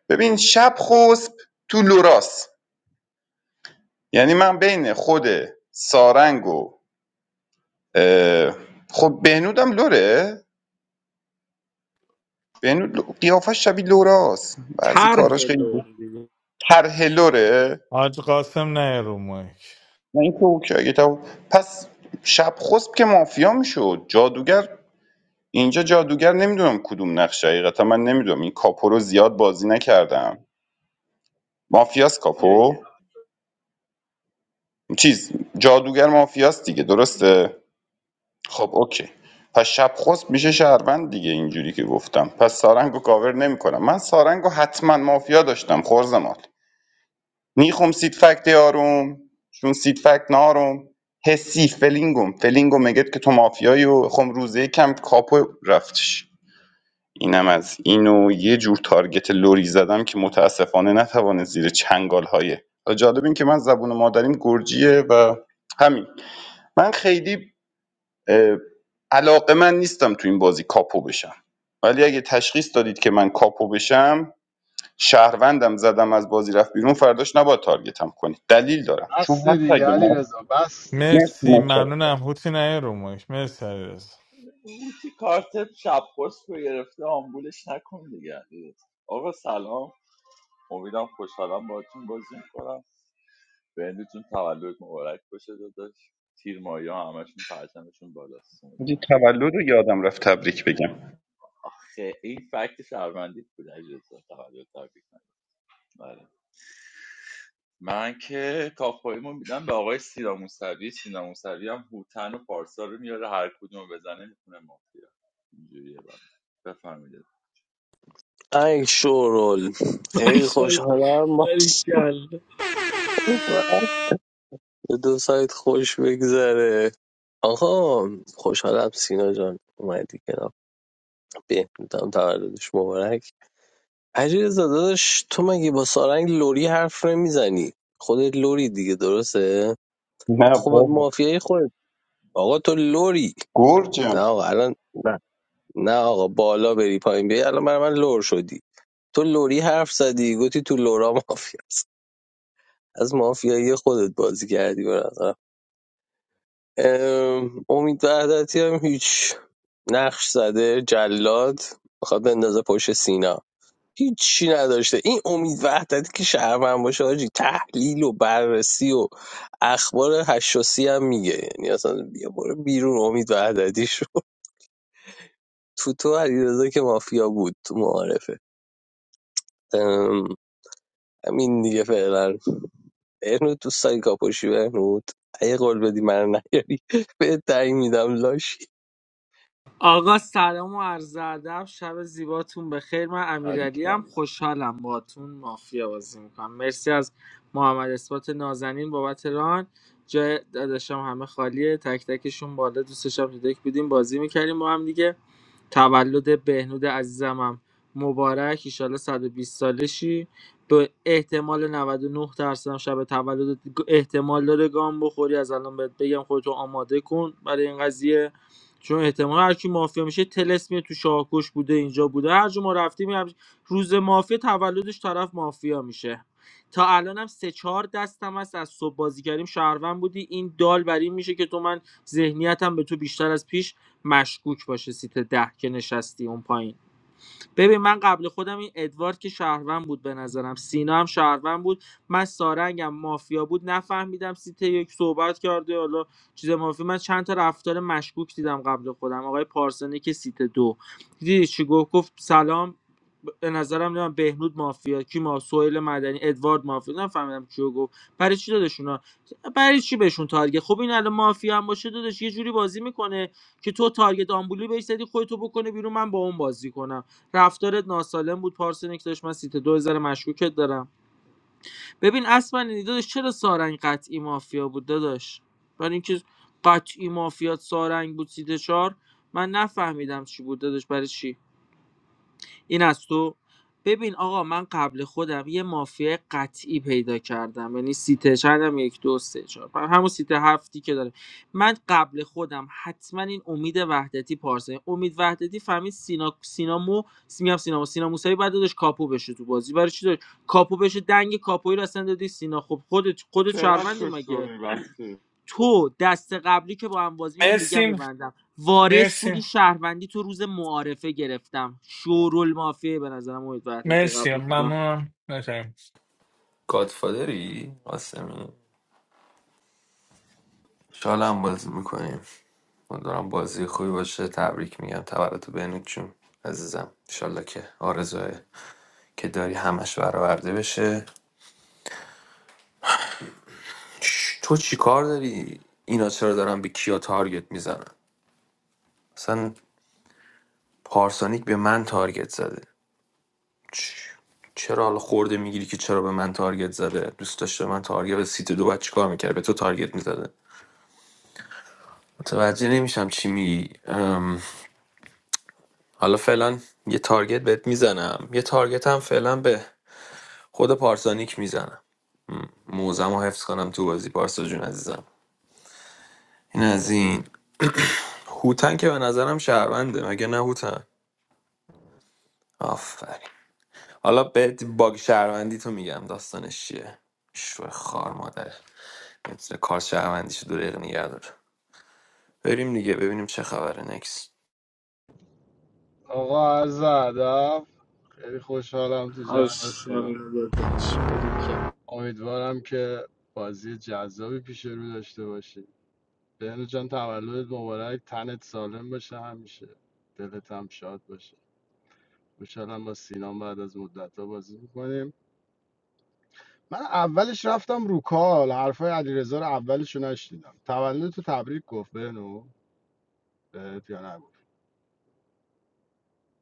Speaker 8: ببین شب خسب تو لوراس یعنی من بین خود سارنگ و اه، خب بهنودم لوره بهنود لو- قیافش شبیه لوراس بعضی
Speaker 5: طرح
Speaker 8: کاراش خیلی
Speaker 5: لور دیگه
Speaker 8: طرح لوره
Speaker 4: حاج قاسم نه رو مایک
Speaker 8: نه این که اوکی اگه تو- پس شب خسب که مافیا میشد جادوگر اینجا جادوگر نمیدونم کدوم نقش حقیقتا من نمیدونم این کاپو رو زیاد بازی نکردم مافیاس
Speaker 17: سیاهیه
Speaker 8: کاپو چیز جادوگر مافیاس دیگه درسته خب اوکی پس شب خسب میشه شهروند دیگه اینجوری که گفتم پس سارنگو کاور نمیکنم من سارنگو حتما مافیا داشتم خورزمال నీకు سید فکت یارم چون سید فکت نارم حسی فلینگم فلینگم مگه که تو مافیایی و خم روزه کم کاپو رفتش اینم از اینو یه جور تارگت لوری زدم که متاسفانه نتوانه زیر چنگال های جالب این که من زبون مادریم گرجیه و همین من خیلی اه، علاقه من نیستم تو این بازی کاپو بشم ولی اگه تشخیص دادید که من کاپو بشم شهروندم زدم از بازی رفت بیرون فرداش نباید تارگتم کنید دلیل دارم چون
Speaker 16: بسته
Speaker 8: حتی
Speaker 16: دیگه
Speaker 8: اگه
Speaker 16: علی
Speaker 8: ما
Speaker 16: رضا بسته
Speaker 8: مرسی
Speaker 4: مرسی
Speaker 8: متشکرم
Speaker 4: ممنونم هوتی نه رو مایک مرسی علی رضا
Speaker 17: اون که کارت شب پست رو گرفته آمبولش نکن دیگه آقا سلام امیدم خوشحالم باهاتون بازی میکنم بهندتون تولد مبارک باشه داداش تیر ماهی ها همشون پرچمشون بالاست
Speaker 8: دی
Speaker 17: امیدوارم
Speaker 8: تولد رو یادم رفت تبریک بگم
Speaker 17: خیلی این فکت شهروندی بود اجازه تولد تبریک نگید. بله من که کافایمو میدم به آقای سینا موسوی سینا موسوی هم هوتن و پارسا رو میاره هر کدوم رو بزنه میخونه مافیا اینجوریه بله. بفرمایید
Speaker 11: ای شورول خیلی
Speaker 5: ماشاءالله.
Speaker 11: خوشحالم
Speaker 5: باریکلا
Speaker 11: به دو سایت خوش بگذره آقا خوشحالم سینا جان اومدی کنار بهنودم تولدش مبارک علیرضا داداش تو مگه با سارنگ لوری حرف نمیزنی خودت لوری دیگه درسته
Speaker 8: نه
Speaker 11: خب
Speaker 8: بابا
Speaker 11: مافیای خودت آقا تو لوری نه
Speaker 8: گرجم
Speaker 11: آقا الان نه نه آقا بالا بری پایین بیای الان برای من لور شدی تو لوری حرف زدی گفتی تو لورا مافیاست از مافیایی خودت بازی کردی به نظرم ام، امید وحدتی هم هیچ نقش زده جلاد میخواد بندازه پشت سینا هیچی نداشته این امید وحدتی که شهرمن باشه حاجی تحلیل و بررسی و اخبار هشاسی هم میگه یعنی اصلا بیا برو بیرون امید وحدتی شو تو تو علیرضا که مافیا بود تو معارفه ام، همین دیگه فعلا بهنود تو سایکاپوشی بهنود اگه قول بدی من نیاری به تعیین میدم لاش
Speaker 5: آقا سلام و عرض ادب شب زیباتون بخیر من
Speaker 3: آریک
Speaker 5: امیرعلی هم
Speaker 3: دلا
Speaker 5: خوشحالم باهاتون مافیا بازی میکنم مرسی از محمد اثبات نازنین بابت ران جای داداشم همه خالیه تک تکشون بالا دوستشم تو دک بودیم بازی میکردیم با هم دیگه تولد بهنود عزیزمم مبارک ایشالا 120 ساله سالشی به احتمال 99 درصد شب تولد احتمال داره گام بخوری از الان بهت بگم خودتو آماده کن برای این قضیه چون احتمال هر کی مافیا میشه تلس میره تو شاهکش بوده اینجا بوده هر جا ما رفتیم یه همچین- روز مافیا تولدش طرف مافیا میشه تا الانم سه چهار دستم هست از صبح بازی کردیم شهروند بودی این دال بر این میشه که تو من ذهنیتم به تو بیشتر از پیش مشکوک باشه سیت ده که نشستی اون پایین ببین من قبل خودم این ادوارد که شهروند بود به نظرم سینا هم شهروند بود من سارنگم مافیا بود نفهمیدم سیت یک صحبت کرده حالا چیز مافیا من چند تا رفتار مشکوک دیدم قبل خودم آقای پارسنی که سیت دو دیدی چی گفت گفت سلام به نظرم نمیدونم بهنود مافیا کی ما سویل مدنی ادوارد مافیا نفهمیدم کیو گفت برای چی دادشونا برای چی بهشون تارگت خب این الان مافیا هم باشه دادش یه جوری بازی میکنه که تو تارگت آمبولی بهش زدی خودتو بکنه بیرون من با اون بازی کنم رفتارت ناسالم بود پارسنیک داشت من سیت دو ذره مشکوکت دارم ببین اصلا داداش چرا سارنگ قطعی مافیا بود داداش برای اینکه قطعی مافیات سارنگ بود سیت چهار من نفهمیدم چی بود داداش برای چی این از تو ببین آقا من قبل خودم یه مافیا قطعی پیدا کردم یعنی سیت چندم یک دو سه چهار پنج همون سیت هفتی که داره من قبل خودم حتما این امید وحدتی پارسه امید وحدتی فهمید سینا سینامو میگم سینامو سینا موسوی بعد دادش کاپو بشه تو بازی برای چی داشت کاپو بشه دنگ کاپوی رو اصلا دادی سینا خب خودت خودت
Speaker 17: چقدر
Speaker 5: شهروندی
Speaker 17: تو
Speaker 5: مگه
Speaker 17: شوری بسته
Speaker 5: تو دست قبلی که با هم بازی اینو میگم
Speaker 4: مرسی
Speaker 5: ببندم وارث بودی
Speaker 4: مرسی
Speaker 5: شهروندی تو روز معارفه گرفتم شورول مافیه به نظرم امید وحدتی
Speaker 4: مرسی
Speaker 5: قبل خودم
Speaker 4: ممنونم نکرم
Speaker 14: گادفادری قاسمی شالا هم بازی میکنیم امیدوارم بازی خوبی باشه تبریک میگم تولد بینوت جون عزیزم انشالله که آرزوهای که داری همش برآورده بشه چ- تو چی کار داری اینا چرا دارن به کیا تارگت میزنن اصلا پارسانیک به من تارگت زده چ- چرا حالا خورده میگیری که چرا به من تارگت زده دوست داشته من تارگت به سیت دو بعد چیکار میکرد به تو تارگت میزده متوجه نمیشم چی میگی ام، حالا فعلا یه تارگت بهت میزنم یه تارگت هم فعلا به خود پارسانیک میزنم موزم رو حفظ کنم تو بازی پارسا جون عزیزم این از این هوتن که به نظرم شهرونده مگه نه هوتن آفرین حالا بهت باگ شهروندی تو میگم داستانش چیه شوه خار مادر مثل کار شهروندیش دو دقیقه نگه داره بریم دیگه ببینیم چه خبره نکس
Speaker 16: آقا عرض ادب خیلی خوشحالم تو
Speaker 5: آش،
Speaker 16: جمعتونم
Speaker 5: یالا داداش.
Speaker 16: امیدوارم که بازی جذابی پیش رو داشته باشی بهنو جان تولدت مبارک تنت سالم باشه همیشه دلت هم شاد باشه خوشحالم با سینام بعد از مدت بازی میکنیم من اولش رفتم رو کال حرفای علیرضا رو اولش رو نشنیدم تولد تو تبریک گفت بهنو بهت یا نگفت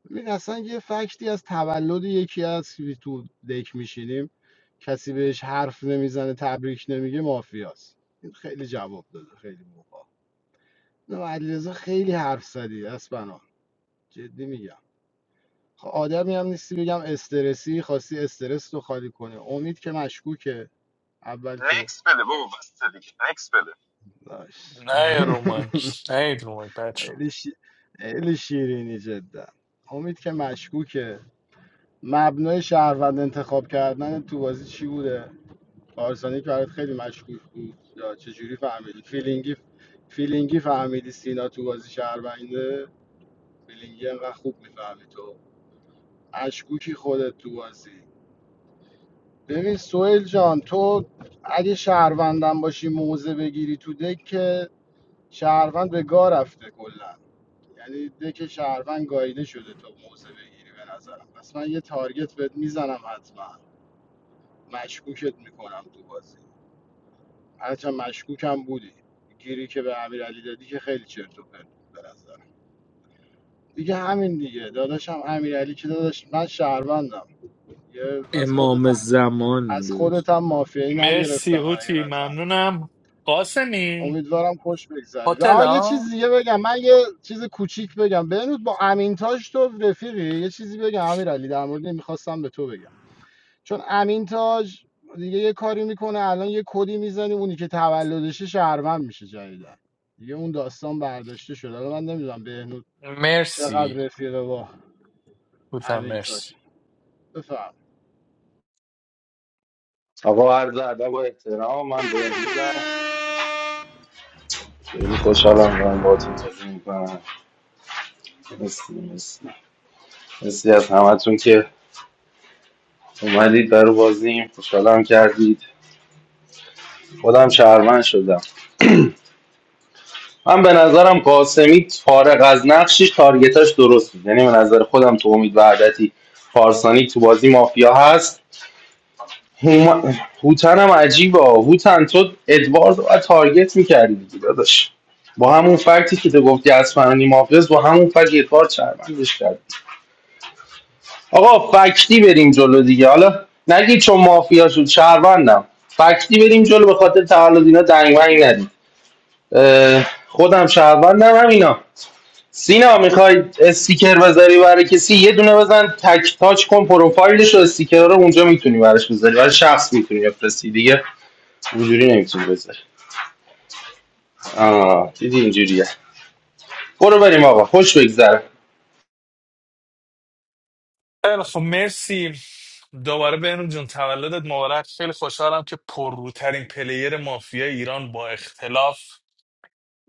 Speaker 16: ببین اصلا یه فکتی از تولد یکی از که تو دک میشینیم کسی بهش حرف نمیزنه تبریک نمیگه مافیاست این خیلی جواب داده خیلی موقع نه علیرضا خیلی حرف زدی اسپنا جدی میگم خب آدمی هم نیستی بگم استرسی خواستی استرس رو خالی کنه امید که مشکوکه اول که
Speaker 8: نکس بده بابا بسته دیگه نکس بده
Speaker 16: باش
Speaker 4: نه رومک نه رومک بچه
Speaker 16: خیلی, شی... خیلی شیرینی جدا امید که مشکوکه مبنای شهروند انتخاب کردن تو بازی چی بوده پارسانی که برات خیلی مشکوک بود یا چجوری فهمیدی فیلینگی فیلینگی فهمیدی سینا تو بازی شهرونده فیلینگی انقدر خوب میفهمی تو مشکوکی خودت تو بازی ببین سویل جان تو اگه شهروندم باشی موزه بگیری تو دک که شهروند به گاه رفته کلا یعنی دک شهروند گاییده شده تا موزه بگیری به نظرم پس من یه تارگت بهت میزنم حتما مشکوکت میکنم تو بازی هرچند مشکوکم بودی گیری که به امیرعلی دادی که خیلی چرت و پرت بود به نظرم دیگه همین دیگه داداشم امیرعلی که داداش من شهروندم یه از خودت
Speaker 5: امام
Speaker 16: هم- از
Speaker 5: زمان
Speaker 16: خودت هم مافیایی نگرفتم
Speaker 4: مرسی هوتی
Speaker 16: حقیقتا
Speaker 4: ممنونم قاسمی
Speaker 16: امیدوارم خوش بگذرید
Speaker 4: هتل
Speaker 16: آها یه چیز
Speaker 4: ها
Speaker 16: دیگه بگم من یه چیز کوچیک بگم بنود با امینتاج تو رفیقی یه چیزی بگم امیرعلی در مورد این میخواستم به تو بگم چون امینتاج دیگه یه کاری میکنه الان یه کدی میزنیم اونی که تولدشه شهروند میشه جدیدن دیگه اون داستان برداشته شده الان من نمیدونم بهنود چقدر
Speaker 4: مرسی
Speaker 16: رفیقه با
Speaker 4: بودم
Speaker 16: امینتاج
Speaker 4: مرسی
Speaker 16: بفهم
Speaker 1: آقا عرض ادب و احترام من به خیلی خوشحالم دارم باهاتون بازی میکنم مرسی مرسی مرسی از همتون که اومدید برای بازیم خوشحالم کردید خودم شهرمند شدم من به نظرم قاسمی فارغ از نقشش تارگتاش درست بود یعنی به نظر خودم تو امید وحدتی پارسانی تو بازی مافیا هست هوم... هوتن هم عجیبه هوتن تو ادوارد رو تارگت میکردی دیگه داداش با همون فکتی که تو گفتی از فرانی مافیاس با همون فکت ادوارد شهروندش کرد آقا فکتی بریم جلو دیگه حالا نگید چون مافیا شد شهروندم فکتی بریم جلو به خاطر تولد اینا دنگمنگ ندید اه، خودم شهروندم هم اینا سینا میخوای استیکر بذاری برای کسی یه دونه بزن تک تاچ کن پروفایلش و استیکر رو اونجا میتونی براش بذاری برای شخص میتونی بفرستی دیگه اونجوری نمیتونی بذاری آه دیدی اینجوریه برو بریم آقا خوش بگذره
Speaker 4: خیلی خب مرسی دوباره بهنو جون تولدت مبارک خیلی خوشحالم که پرروترین پلیر مافیا ایران با اختلاف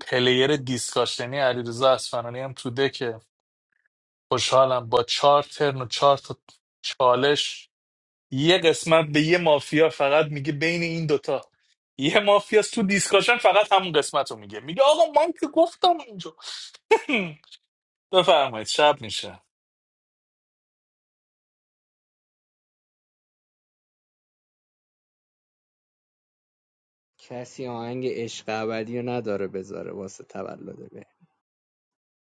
Speaker 4: پلیر دیسکاشنی علیرضا اصفهانی هم تو دکه خوشحالم با چهار ترن و چهار تا چالش یه قسمت به یه مافیا فقط میگه بین این دوتا یه مافیا تو دیسکاشن فقط همون قسمت رو میگه میگه آقا من که گفتم اونجا بفرمایید شب میشه
Speaker 13: کسی آهنگ عشق ابدی رو نداره بذاره واسه تولد به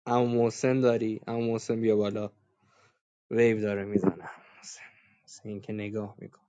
Speaker 13: اما محسن داری اما محسن بیا بالا ویو داره میزنه محسن محسن این که نگاه میکن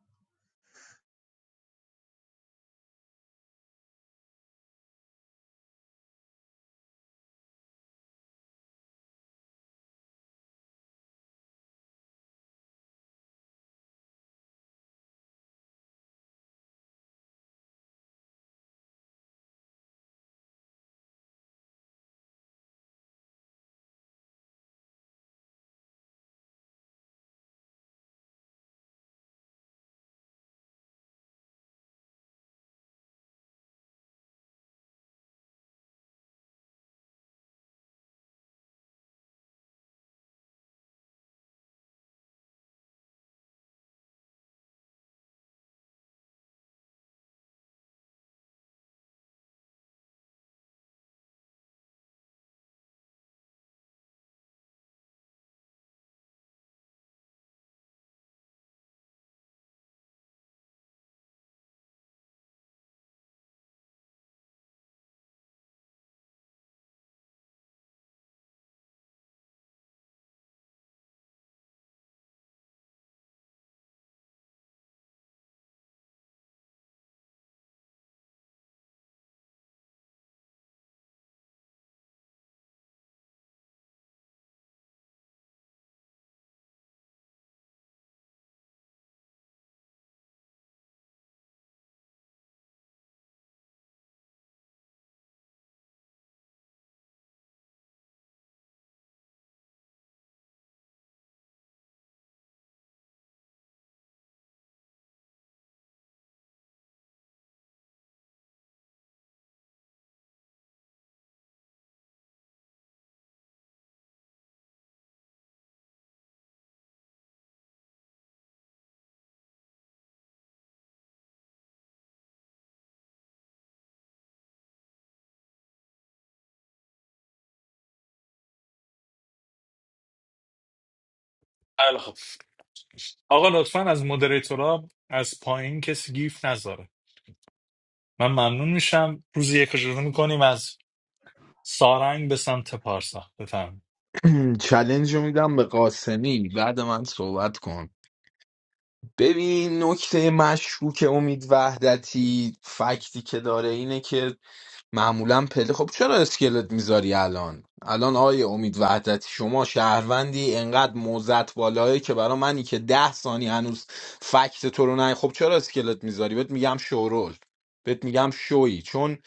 Speaker 4: خیلی خب. آقا لطفا از مدریتورا از پایین کسی گیف نذاره من ممنون میشم روزی یک رو شروع میکنیم از سارنگ به سمت پارسا بفهم
Speaker 3: چلنج رو میدم به قاسمی بعد من صحبت کن ببین نکته مشکوک امید وحدتی فکتی که داره اینه که معمولا پله خب چرا اسکلت میذاری الان الان آقای امید وحدتی شما شهروندی انقدر موزت بالایی که برا منی که ده ثانی هنوز فکت تو رو نه خب چرا اسکلت میذاری بهت میگم شورول بهت میگم شوی چون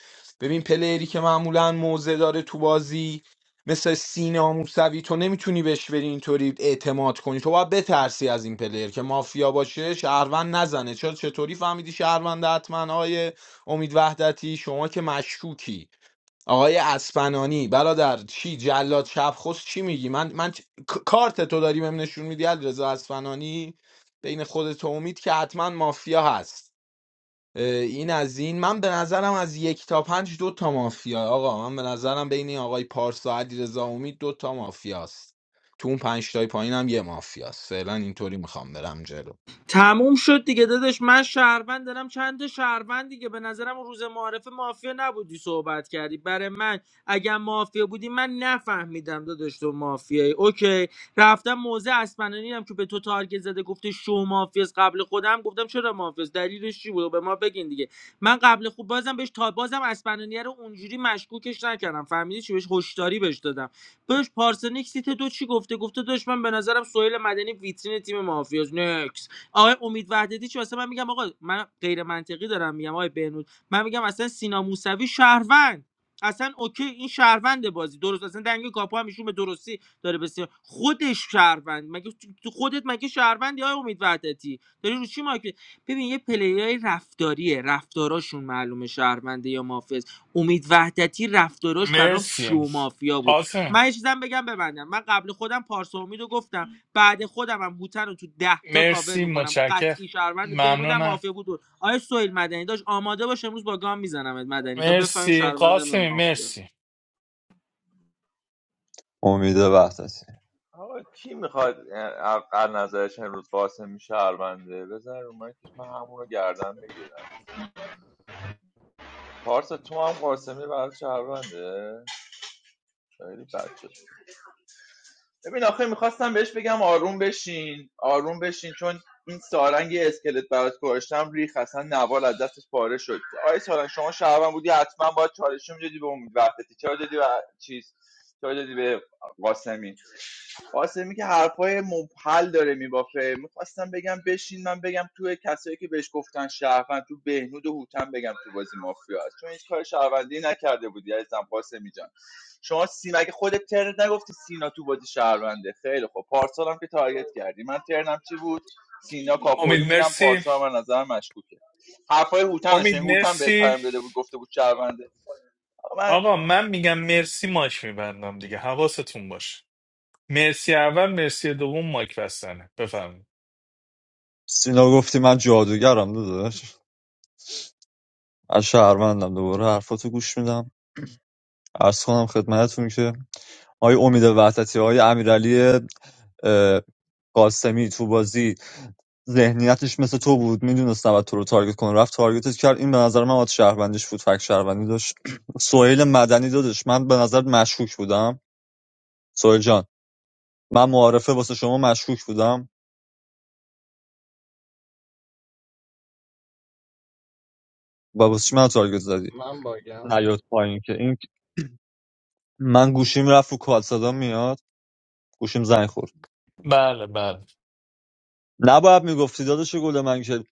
Speaker 3: ببین پلیری که معمولا موزه داره تو بازی مثل سینا موسوی تو نمیتونی بهش بری اینطوری اعتماد کنی تو باید بترسی از این پلیر که مافیا باشه شهروند نزنه چرا چطوری فهمیدی شهروند حتما امید وحدتی شما که مشکوکی آقای اسپنانی برادر چی جلاد شبخست چی میگی من من چ- ک- کارت تو داری بهم نشون میدی علیرضا اسپنانی بین خودت و امید که حتما مافیا هست اه، این از این من به نظرم از یک تا پنج دو تا مافیا آقا من به نظرم بین این آقای پارسا علیرضا امید دو تا مافیاست تو اون پنج تای پایینم یه مافیاست فعلا اینطوری میخوام برم جلو
Speaker 5: تموم شد دیگه داداش من شهروند دارم چند تا شهروند دیگه به نظرم روز معارف مافیا نبودی صحبت کردی برای من اگر مافیا بودی من نفهمیدم داداش تو مافیایی اوکی رفتم موزه اسپنانی هم که به تو تارگت زده گفته شو مافیاس قبل خودم گفتم چرا مافیاس دلیلش چی بود به ما بگین دیگه من قبل خود بازم بهش تا بازم اسپنانی رو اونجوری مشکوکش نکردم فهمیدی چی بهش هشداری بهش دادم بهش پارسنیک سیت دو چی گفته گفته داش من به نظرم سهیل مدنی ویترین تیم مافیاس نه آقای امید وحدتی چی واسه من میگم آقا من غیر منطقی دارم میگم آقای بهنود من میگم اصلا سینا موسوی شهروند اصلا اوکی این شهروند بازی درست اصلا دنگ کاپو هم ایشون به درستی داره بسیار خودش شهروند مگه تو تو خودت مگه شهروندی های امید وحدتی داری رو چی مایک ببین یه پلیرای رفتاریه رفتاراشون معلومه شهرونده یا مافز امید وحدتی رفتاراش برام شو
Speaker 4: مرسی
Speaker 5: مافیا بود
Speaker 4: قاسم
Speaker 5: من یه چیزم بگم ببندم من قبل خودم پارسا امیدو گفتم بعد خودم هم هوتن رو تو ده تا کاور
Speaker 4: مرسی
Speaker 5: میکنم
Speaker 4: متشکر
Speaker 5: قطعی شهروند بهنودم
Speaker 4: ممنونم
Speaker 5: مافیا بود آیا سویل مدنی داشت آماده باش امروز با گام میزنمت مدنی تا بفهمی
Speaker 4: مرسی
Speaker 5: شهروندم یا
Speaker 4: قاسم
Speaker 5: مافیا
Speaker 4: مرسی
Speaker 10: امید وحدتی
Speaker 17: آقا کی میخواد از نظرش امروز قاسمی شهرونده بزن رو مایکش من همونو رو گردن بگیرم پارسا تو هم قاسمی برای شهرونده خیلی بد شد ببین آخه میخواستم بهش بگم آروم بشین آروم بشین چون این سارنگ اسکلت برات گذاشتم ریخ اصلا نوال از دستش پاره شد آیا سارنگ شما شهروند بودی حتما باید چالشی میدادی به امید وحدتی چرا دادی به چیز چرا دادی به قاسمی قاسمی که حرفای مبهل داره میبافه میخواستم بگم بشین من بگم توی کسایی که بهش گفتن شهروند تو بهنود و هوتن بگم تو بازی مافیا است چون هیچ کار شهروندی نکرده بودی عزیزم قاسمی جان شما سینا اگه خودت ترنت نگفتی سینا تو بازی شهرونده خیلی خوب پارسال هم که تارگت کردی من ترنم چی بود سینا
Speaker 4: امید
Speaker 17: کاپویی میدم
Speaker 4: مرسی
Speaker 17: پارسال من نظرم مشکوکه حرفای هوتن رو شنید.
Speaker 4: امید
Speaker 17: هوتن بهت
Speaker 4: مرسی
Speaker 17: پیام داده بود گفته بود شهرونده من
Speaker 4: آقا من میگم مرسی ماک میبندم دیگه حواستون باشه مرسی اول مرسی دوم ماک بستنه بفهم
Speaker 10: سینا گفتی من جادوگرم داداش از شهروندم دوباره حرفاتو گوش میدم ارز کنم خدمتتون که آقای امید وحدتی آقای امیرعلی اه، قاسمی تو بازی ذهنیتش مثل تو بود میدونست نباید تو رو تارگت کنه رفت تارگتت کرد این به نظر من آت شهروندیش بود فک شهروندی داشت سویل مدنی دادش من به نظر مشکوک بودم سویل جان من معارفه واسه شما مشکوک بودم و واسه چی من تارگت زدی
Speaker 16: من باگم
Speaker 10: نیاد پایین که این من گوشیم رفت رو کال صدا میاد گوشیم زنگ خورد
Speaker 4: بله بله
Speaker 10: نباید میگفتی داداش گل من که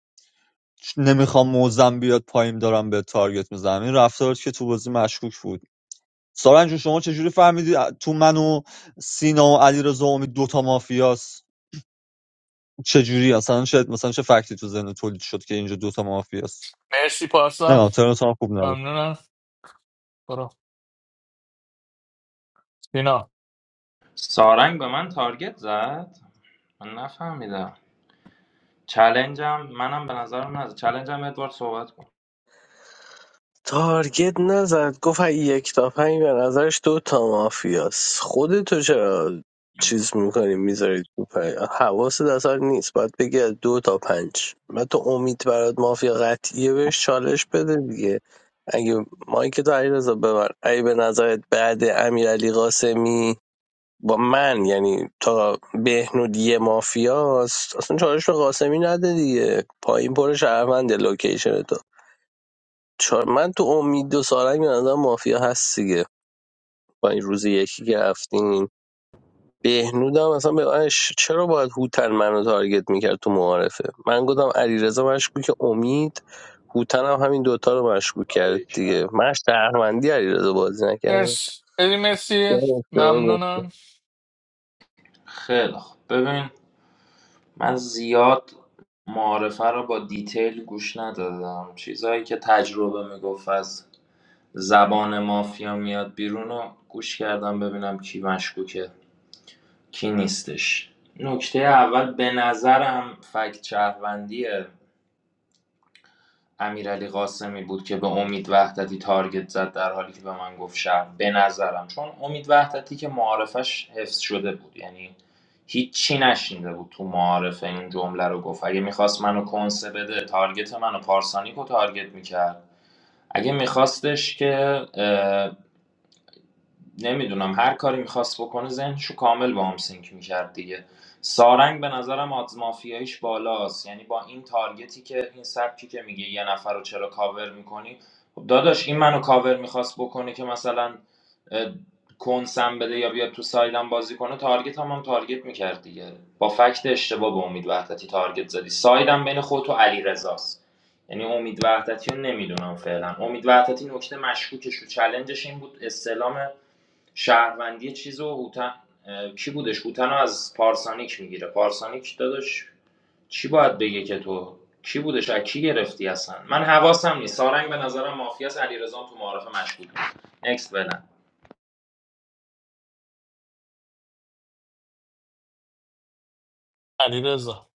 Speaker 10: نمیخوام موزم بیاد پایین دارم به تارگت میزنم این رفتارت که تو بازی مشکوک بود سارنج جون، شما چجوری فهمیدی تو من و سینا و علیرضا و امید دوتا مافیاست چجوری اصلا چه مثلا چه فکتی تو ذهن تولید شد که اینجا دوتا مافیاست
Speaker 4: مرسی پارسا
Speaker 10: نه ترنت هم خوب نبود
Speaker 4: ممنونم برو دینا.
Speaker 9: سارنگ به من تارگت زد من نفهمیدم چلنجم منم به نظرم نزد چلنجم ادوارد صحبت کن
Speaker 11: تارگت نزد گفت اگه یک تا پنج به نظرش دو تا مافیاست خودتو چرا چیز میکنی میذارید تو پنج حواست اصلا نیست باید بگی از دو تا پنج و تو امید برات مافیا قطعیه بهش چالش بده دیگه اگه مایک تو علیرضا ببر اگه به نظرت بعد امیرعلی قاسمی با من یعنی تا بهنود یه مافیاست اصلا چالش به قاسمی نده دیگه پایین پر شهرونده لوکیشن چا- من تو امید و سارنگ به نظر مافیا هست دیگه با این روز یکی که رفتیم بهنودم اصلا به من ش- چرا باید هوتن منو تارگت میکرد تو معارفه من گفتم علیرضا مشکوک امید هوتن هم همین دوتا رو مشکوک کرد
Speaker 16: باریک
Speaker 11: دیگه من شهروندی علیرضا بازی نکردم
Speaker 4: مرسی ادی مرسی
Speaker 11: چرا گفت؟
Speaker 4: ممنونم
Speaker 9: خیلی خوب ببین من زیاد معارفه رو با دیتیل گوش ندادم چیزهایی که تجربه میگفت از زبان مافیا میاد بیرون رو گوش کردم ببینم کی مشکوکه کی نیستش نکته اول به نظرم فکت شهروندی امیرعلی قاسمی بود که به امید وحدتی تارگت زد در حالی که به من گفت شهر به نظرم چون امید وحدتی که معارفش حفظ شده بود یعنی هیچی نشینده بود تو معارفه این جمله رو گفت اگه میخواست منو کنسه بده تارگت منو پارسانیکو تارگت میکرد اگه میخواستش که نمیدونم هر کاری میخواست بکنه ذهنشو کامل با هم سینک میکرد دیگه سارنگ به نظرم آدز مافیاییش بالاست یعنی با این تارگتی که این سبکی که میگه یه نفر رو چرا کاور میکنی خب داداش این منو کاور میخواست بکنه که مثلا اه، کنسم بده یا بیاد تو سایدم بازی کنه تارگت هم, هم تارگت میکرد دیگه با فکت اشتباه به امید وحدتی تارگت زدی سایدم بین خود و علی رزاست یعنی امید وحدتی رو نمیدونم فعلا امید وحدتی نکته مشکوکش و چلنجش این بود استلام شهروندی چیزو هوتن کی بودش هوتن رو از پارسانیک میگیره پارسانیک داداش چی باید بگه که تو کی بودش از کی گرفتی اصلا من حواسم نیست سارنگ به نظرم مافیاس علیرضا تو معارف مشکوک بود اکس بدم
Speaker 4: علیرضا علیرضا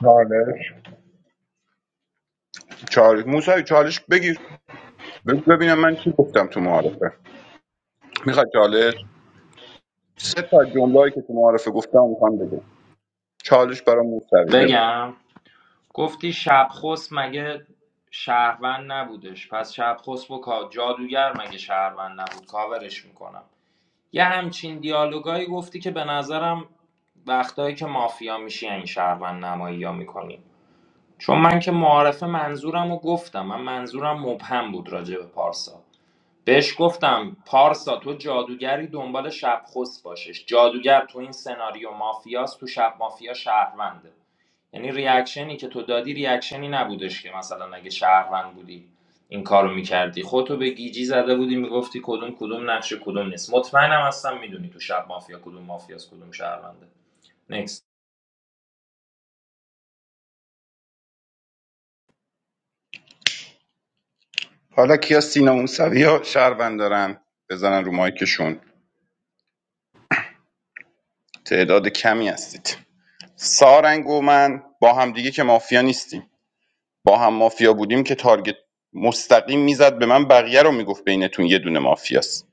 Speaker 8: چالش چالش موسوی چالش بگیر بگو ببینم من چی گفتم تو معارفه میخواد چالش سه تا جمله‌ای که تو معارفه گفتم میخوام بگم چالش برای موسوی بگو
Speaker 9: بگم گفتی شبخس مگه شهروند نبودش پس شبخس و کا- جادوگر مگه شهروند نبود کاورش میکنم یه همچین دیالوگایی گفتی که به نظرم وقتایی که مافیا میشی این شهروند نمایی ها میکنی چون من که معارفه منظورم رو گفتم من منظورم مبهم بود راجع به پارسا بهش گفتم پارسا تو جادوگری دنبال شب خست باشش جادوگر تو این سناریو مافیاست تو شب مافیا شهرونده یعنی ریاکشنی که تو دادی ریاکشنی نبودش که مثلا اگه شهروند بودی این کارو میکردی خودتو به گیجی زده بودی میگفتی کدوم کدوم نقشه کدوم نیست مطمئنم هستم میدونی تو شب مافیا کدوم مافیاس کدوم شهرونده Next.
Speaker 8: حالا کیا سینا موسوی یا شهروند دارن بزنن رو مایکشون تعداد کمی هستید سارنگ و من با همدیگه که مافیا نیستیم با هم مافیا بودیم که تارگت مستقیم میزد به من بقیه رو میگفت بینتون یه دونه مافیاست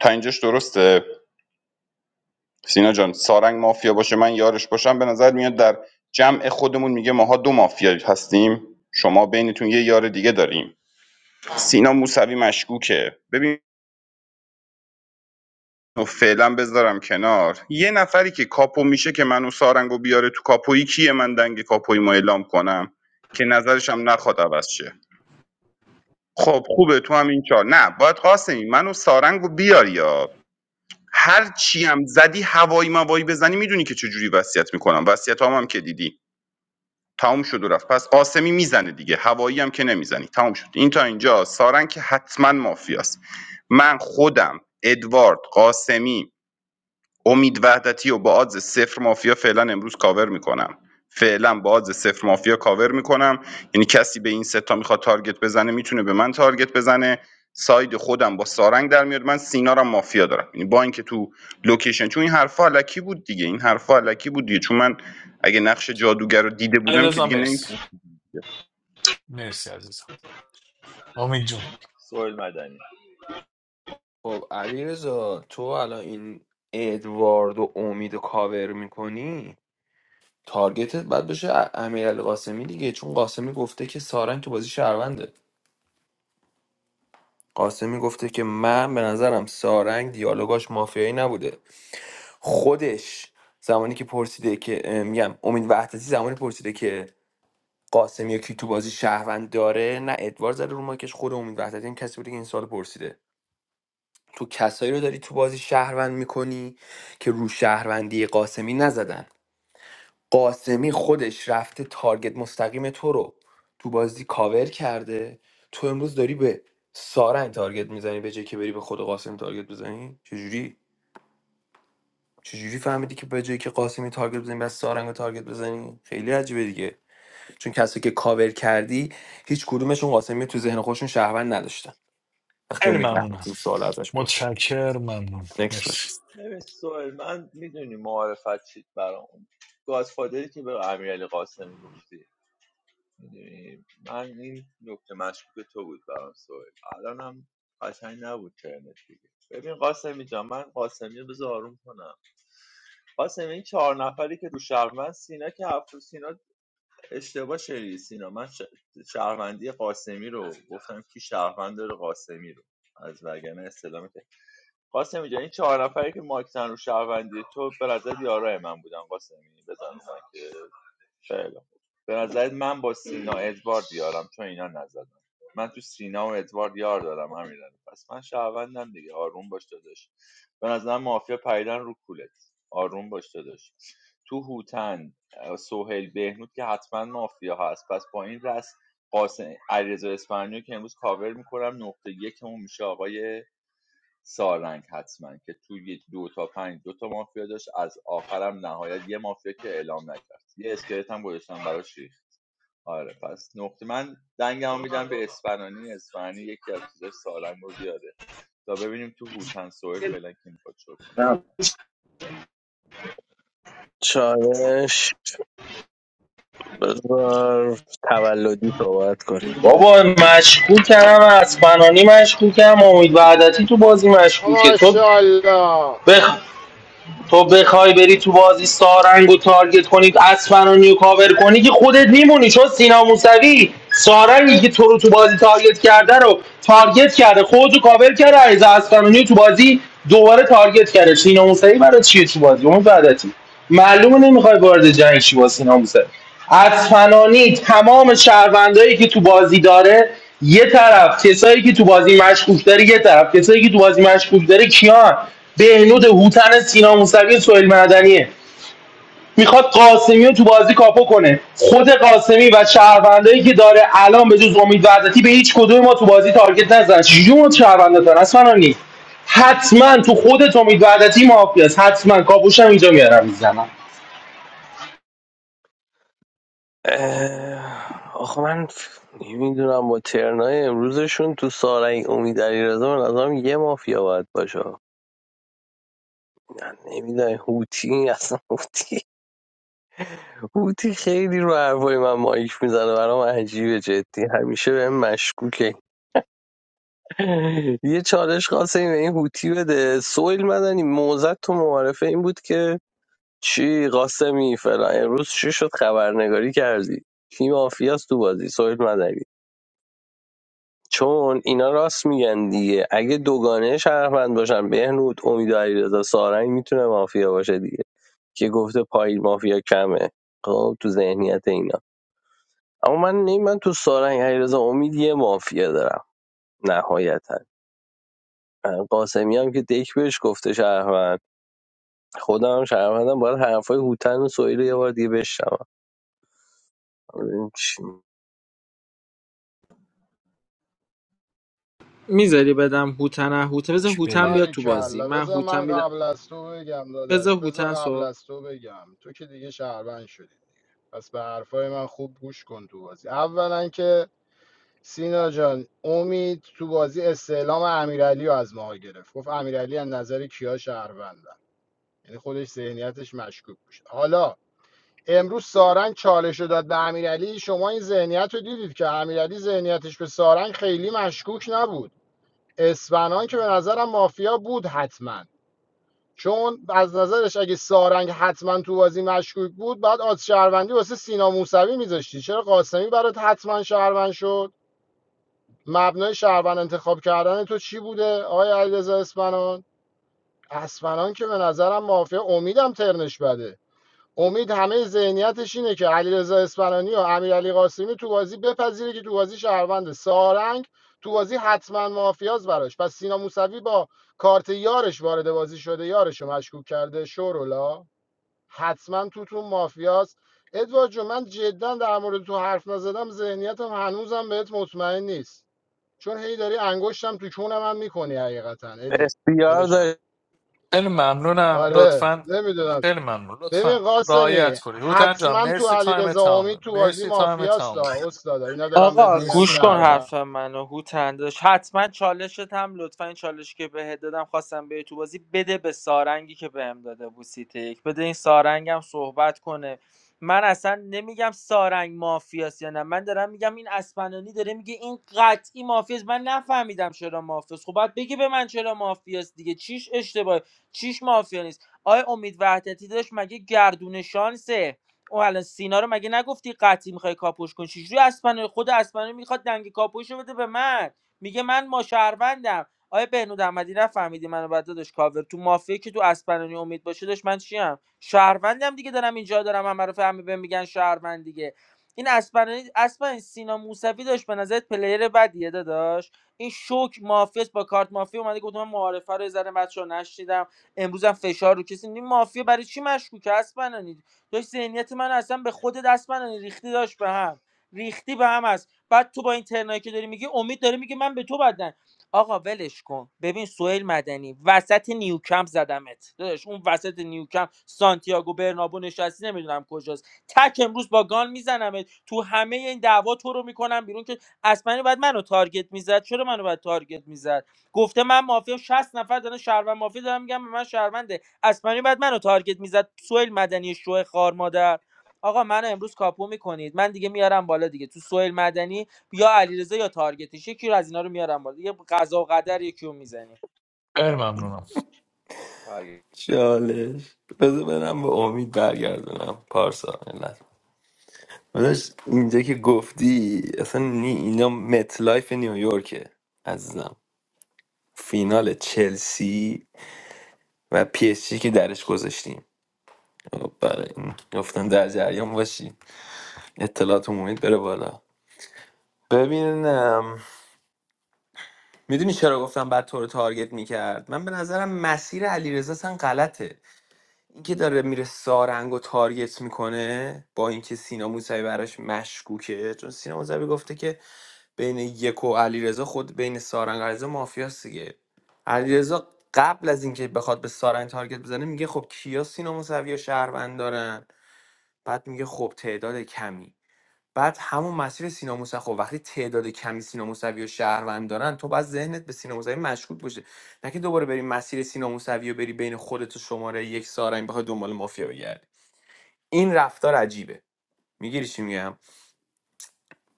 Speaker 8: تا اینجاش درسته سینا جان سارنگ مافیا باشه من یارش باشم به نظر میاد در جمع خودمون میگه ماها دو مافیا هستیم شما بینتون یه یار دیگه داریم سینا موسوی مشکوکه ببین فعلا بذارم کنار یه نفری که کاپو میشه که منو سارنگو بیاره تو کاپویی کیه من دنگ کاپویی ما اعلام کنم که نظرشم نخواد عوض شه خب خوبه تو هم این کار نه باید قاسمی منو سارنگو بیاری یا هر چی هم زدی هوایی موایی بزنی میدونی که چجوری وصیت میکنم وصیت هم, هم که دیدی تموم شد و رفت پس قاسمی میزنه دیگه هوایی هم که نمیزنی تموم شد این تا اینجا سارنگ که حتما مافیاست من خودم ادوارد قاسمی امید وحدتی و با آدز صفر مافیا فعلا امروز کاور میکنم فعلا با آدز صفر مافیا کاور میکنم یعنی کسی به این ستا میخواد تارگت بزنه میتونه به من تارگت بزنه ساید خودم با سارنگ در میاد من سینا رو مافیا دارم یعنی با اینکه تو لوکیشن چون این حرفا علکی بود دیگه این حرفا علکی بود دیگه چون من اگه نقش جادوگر رو دیده
Speaker 4: علی
Speaker 8: بودم که
Speaker 4: رضا
Speaker 8: دیگه
Speaker 4: مرسی
Speaker 8: نمیتونم
Speaker 4: مرسی عزیزم امید جون
Speaker 17: سوال مدنی
Speaker 14: خب علیرضا تو الان این ادوارد و امید و کاور میکنی تارگتت باید بشه ا- امیرعلی قاسمی دیگه چون قاسمی گفته که سارنگ تو بازی شهرونده قاسمی گفته که من به نظرم سارنگ دیالوگاش مافیایی نبوده خودش زمانی که پرسیده که اه، میگم امید وحدتی زمانی پرسیده که قاسم یا کی تو بازی شهروند داره نه ادوار زده رو ماکش خود امید وحدتی هم کسی بوده که این سال پرسیده تو کسایی رو داری تو بازی شهروند میکنی که رو شهروندی قاسمی نزدن قاسمی خودش رفته تارگت مستقیم تو رو تو بازی کاور کرده تو امروز داری به سارنگ تارگت میزنی به جای که بری به خود قاسم تارگت بزنی چجوری چجوری فهمیدی که به جایی که قاسمی تارگت بزنی بس سارنگو تارگت بزنی خیلی عجیبه دیگه چون کسی که کاور کردی هیچ کدومشون قاسمی تو ذهن خودشون شهروند نداشتن وقتی
Speaker 4: خیلی
Speaker 14: امید وحدت
Speaker 4: ممنونم
Speaker 14: این سوال ازش پرسید
Speaker 4: متشکر ممنون
Speaker 14: نکس باشه
Speaker 4: مرسی
Speaker 17: ببین سوال من میدونی معارفت چیت برام گازفادری که به امیرعلی قاسمی گفتی میدونی من این نکته مشکوک تو بود برام سوال الان هم قشنگ نبود ترنت دیگه ببین قاسمی جان من قاسمی رو بذار آروم کنم قاسمی این چهار نفری که رو شهروند سینا که هفت سینا اشتباه شدی سینا من ش- شهروندی قاسمی رو گفتم کی شهروند داره قاسمی رو از وگرنه استلام قاسمی جان این چهار نفری که مایک رو شهروندی تو به نظر یارای من بودن قاسمی بزن رو مایک خیلی خوب. به نظر من با سینا ادوارد یارم چون اینا نزدن من تو سینا و ادوارد یار دارم همین رو. پس من شهروندم دیگه آروم باش داداش به نظر مافیا پریدن رو کولت آروم باش داداش تو هوتن سوهل بهنود که حتما مافیا هست پس با این رس قاسم علیرضا اسپانیو که امروز کاور میکنم نقطه یکمون میشه آقای سارنگ حتما که توی دو تا پنج دو تا مافیا داشت از آخرم نهایت یه مافیا که اعلام نکرد یه اسکلت هم گذاشتم براش ریخت آره پس نقطه من دنگمو میدم به اسفنانی اسفنانی یکی از چیزای سارنگ رو بیاره تا ببینیم تو هوتن سوئل فعلا کی میخواد شد
Speaker 11: چالش بذار تولدی صحبت کن
Speaker 1: بابا مشکوکم از فنانی مشکوکم امید وعدتی تو بازی مشکوکه تو
Speaker 16: ماشاءالله
Speaker 1: بخ... تو بخوای بری تو بازی سارنگو تارگت کنی اسفنانی کاور کنی که خودت میمونی چون سینا موسوی سارنگی که تو رو تو بازی تارگت کرده رو تارگت کرده خودتو کاور کرده عریض اسفنانی تو بازی دوباره تارگت کرده سینا موسوی برای چیه تو بازی اون وعدتی معلومه نمیخوای وارد جنگ شی با سینا موسوی اصفهانی تمام شهروندایی که تو بازی داره یه طرف کسایی که تو بازی مشکوک داره یه طرف کسایی که تو بازی مشکوک داره کیان بهنود هوتن سینا موسوی سهیل مدنیه میخواد قاسمی رو تو بازی کاپو کنه خود قاسمی و شهروندایی که داره الان به جز امید وحدتی به هیچ کدوم ما تو بازی تارگت نزدن جون شهروندتان اصفهانی حتما تو خودت امید وحدتی مافیاست حتما کاپوشم اینجا میارم میزنم
Speaker 11: اه، آخه من نمیدونم با ترنای امروزشون تو سارنگ امید علیرضا به نظرم یه مافیا باید باشه من نمیدونم هوتی اصلا هوتی هوتی خیلی رو حرفای من مایک میزنه برام عجیبه جدی همیشه بهم مشکوکه یه چالش قاسمی به این هوتی بده سویل مدنی موزت تو معارفه این بود که چی قاسمی فلان امروز چی شد خبرنگاری کردی کی مافیاست تو بازی سویل مدنی چون اینا راست میگن دیگه اگه دوگانه شهروند باشن بهنود امید و علیرضا سارنگ میتونه مافیا باشه دیگه که گفته پای مافیا کمه خب تو ذهنیت اینا اما من نه من تو سارنگ علیرضا امید یه مافیا دارم نهایتا قاسمی هم که دیک بهش گفته شهروند خودم هم شهروندم باید حرفای هوتن و سویل یه بار دیگه بشنوم ببینیم چی می‌گه.
Speaker 5: میذاری بدم هوتن هوتن بذار
Speaker 3: بک
Speaker 5: هوتن
Speaker 3: بده
Speaker 5: بیاد تو بازی
Speaker 16: باریکلا
Speaker 5: من
Speaker 16: بذار
Speaker 5: هوتن
Speaker 16: من
Speaker 5: میدم
Speaker 16: قبل از تو بگم داداش
Speaker 5: بذار
Speaker 16: بذار
Speaker 5: هوتن صحبت
Speaker 16: قبل از تو بگم تو که دیگه شهروند شدی پس به حرفای من خوب گوش کن تو بازی اولا که سینا جان امید تو بازی استعلام امیرعلی رو از ما گرفت گفت امیرعلی از نظر کیا شهروندن یعنی خودش ذهنیتش مشکوک میشه حالا امروز سارنگ چالش رو داد به امیرعلی شما این ذهنیت رو دیدید که امیرعلی ذهنیتش به سارنگ خیلی مشکوک نبود اسفنان که به نظرم مافیا بود حتما چون از نظرش اگه سارنگ حتما تو بازی مشکوک بود بعد آز شهروندی واسه سینا موسوی میذاشتی چرا قاسمی برات حتما شهروند شد مبنای شهروند انتخاب کردن تو چی بوده آقای علیرضا اسپنان اسپنان که به نظرم مافیا امیدم ترنش بده امید همه ذهنیتش اینه که علیرضا اسپنانی و امیرعلی قاسمی تو بازی بپذیره که تو بازی شهروند سارنگ تو بازی حتما مافیاز براش پس سینا موسوی با کارت یارش وارد بازی شده یارش رو مشکوک کرده شورولا حتما توتون تو مافیاز ادوارد جون من جدا در مورد تو حرف نزدم ذهنیتم هنوزم بهت مطمئن نیست چون هی داری انگشتم تو کون من میکنی حقیقتا ادی داداشم
Speaker 11: داشت
Speaker 4: خیلی ممنونم
Speaker 16: آره
Speaker 4: لطفا
Speaker 16: نمیدونم
Speaker 4: خیلی ممنون
Speaker 16: ببین
Speaker 4: لطفا
Speaker 16: قاسمی
Speaker 4: رعایت کنید هوتن جان
Speaker 16: حتما تو
Speaker 4: مرسی تایم
Speaker 16: علیرضا امید
Speaker 4: تمامه
Speaker 16: تو بازی
Speaker 4: مرسی تایم
Speaker 16: مافیاست
Speaker 4: تمامه
Speaker 16: ها، استادا اینا دارن بهت
Speaker 5: آقا
Speaker 16: میگن
Speaker 4: مرسی
Speaker 5: گوش کن
Speaker 16: شهروند
Speaker 5: حرف
Speaker 4: ممنونم
Speaker 5: منو هوتندش حتما چالشت هم لطفا این چالش که بهت دادم خواستم به تو بازی بده به سارنگی که بهم داده بود سیته یک بده این سارنگم صحبت کنه من اصلا نمیگم سارنگ مافیاست یا نه من دارم میگم این اسپنانی داره میگه این قطعی مافیاست من نفهمیدم چرا مافیاست خب باید بگی به من چرا مافیاست دیگه چیش اشتباه چیش مافیا نیست آیا امید وحدتی داشت مگه گردون شانسه او الان سینا رو مگه نگفتی قطعی میخوای کاپوش کنی چجوری اسپنو خود اسپنو میخواد دنگ کاپوش رو بده به من میگه من ما شهروندم آیا بهنود احمدی نفهمیدی منو بعد داداش کاور تو مافیه که تو اسپنانی امید باشه داشت من چیم شهروندم دیگه دارم اینجا دارم همه رو فهمی بهم میگن شهروند دیگه این اسپنانی اسپن سینا موسوی داشت به نظرت پلیر بدیه داداش این شوک مافیاس با کارت مافیا اومده گفت من معارفه رو یه ذره بچه‌ها نشنیدم امروز فشار رو کسی نی- مافیا برای چی مشکوک اسپنانی داشت ذهنیت من اصلا به خود دست من ریختی داشت به هم ریختی به هم است بعد تو با این ترنایی که داری میگی امید داره میگه من به تو بدن آقا ولش کن ببین سوئیل مدنی وسط نیوکمپ زدمت داداش اون وسط نیوکمپ سانتیاگو برنابو نشستی نمیدونم کجاست تک امروز با گان میزنمت تو همه این دعوا تو رو میکنم بیرون که اسمنی بعد منو تارگت میزد چرا منو بعد تارگت میزد گفته من مافیا 60 نفر دارن شهروند مافیا دارن میگم به من شهروند اسپانی بعد منو تارگت میزد سوئیل مدنی شو خار مادر آقا منو امروز کاپو میکنید من دیگه میارم بالا دیگه تو سوئیل مدنی یا علیرضا یا تارگتش یکی رو از اینا رو میارم بالا دیگه قضا و قدر یکی رو میزنی
Speaker 4: خیلی ممنونم
Speaker 17: کنه
Speaker 14: چالش بذار برم به امید برگردونم پارسا علت. داداش اینجا که گفتی اصلا نی اینا مت لایف نیویورکه عزیزم فینال چلسی و پی اس جی که درش گذاشتیم خب، برای این گفتم در جریان باشی اطلاعات محیط بره بالا ببینم میدونی چرا گفتم بعد تو رو تارگت میکرد من به نظرم مسیر علیرضا اصلا غلطه اینکه داره میره سارنگ و تارگت میکنه با اینکه سینا موسوی براش مشکوکه چون سینا موسوی گفته که بین یک و علیرضا خود بین سارنگ و علیرضا مافیاست دیگه علیرضا قبل از اینکه بخواد به سارنگ تارگت بزنه میگه خب کیا سینا موسوی و شهروند دارن بعد میگه خب تعداد کمی بعد همون مسیر سینا موسوی خب وقتی تعداد کمی سینا موسوی و شهروند دارن تو باید ذهنت به سینا موسوی مشکوک باشه نه که دوباره بری مسیر سینا موسوی و بری بین خودت و شماره یک سارنگ بخوای دنبال مافیا بگردی این رفتار عجیبه میگیری چی میگم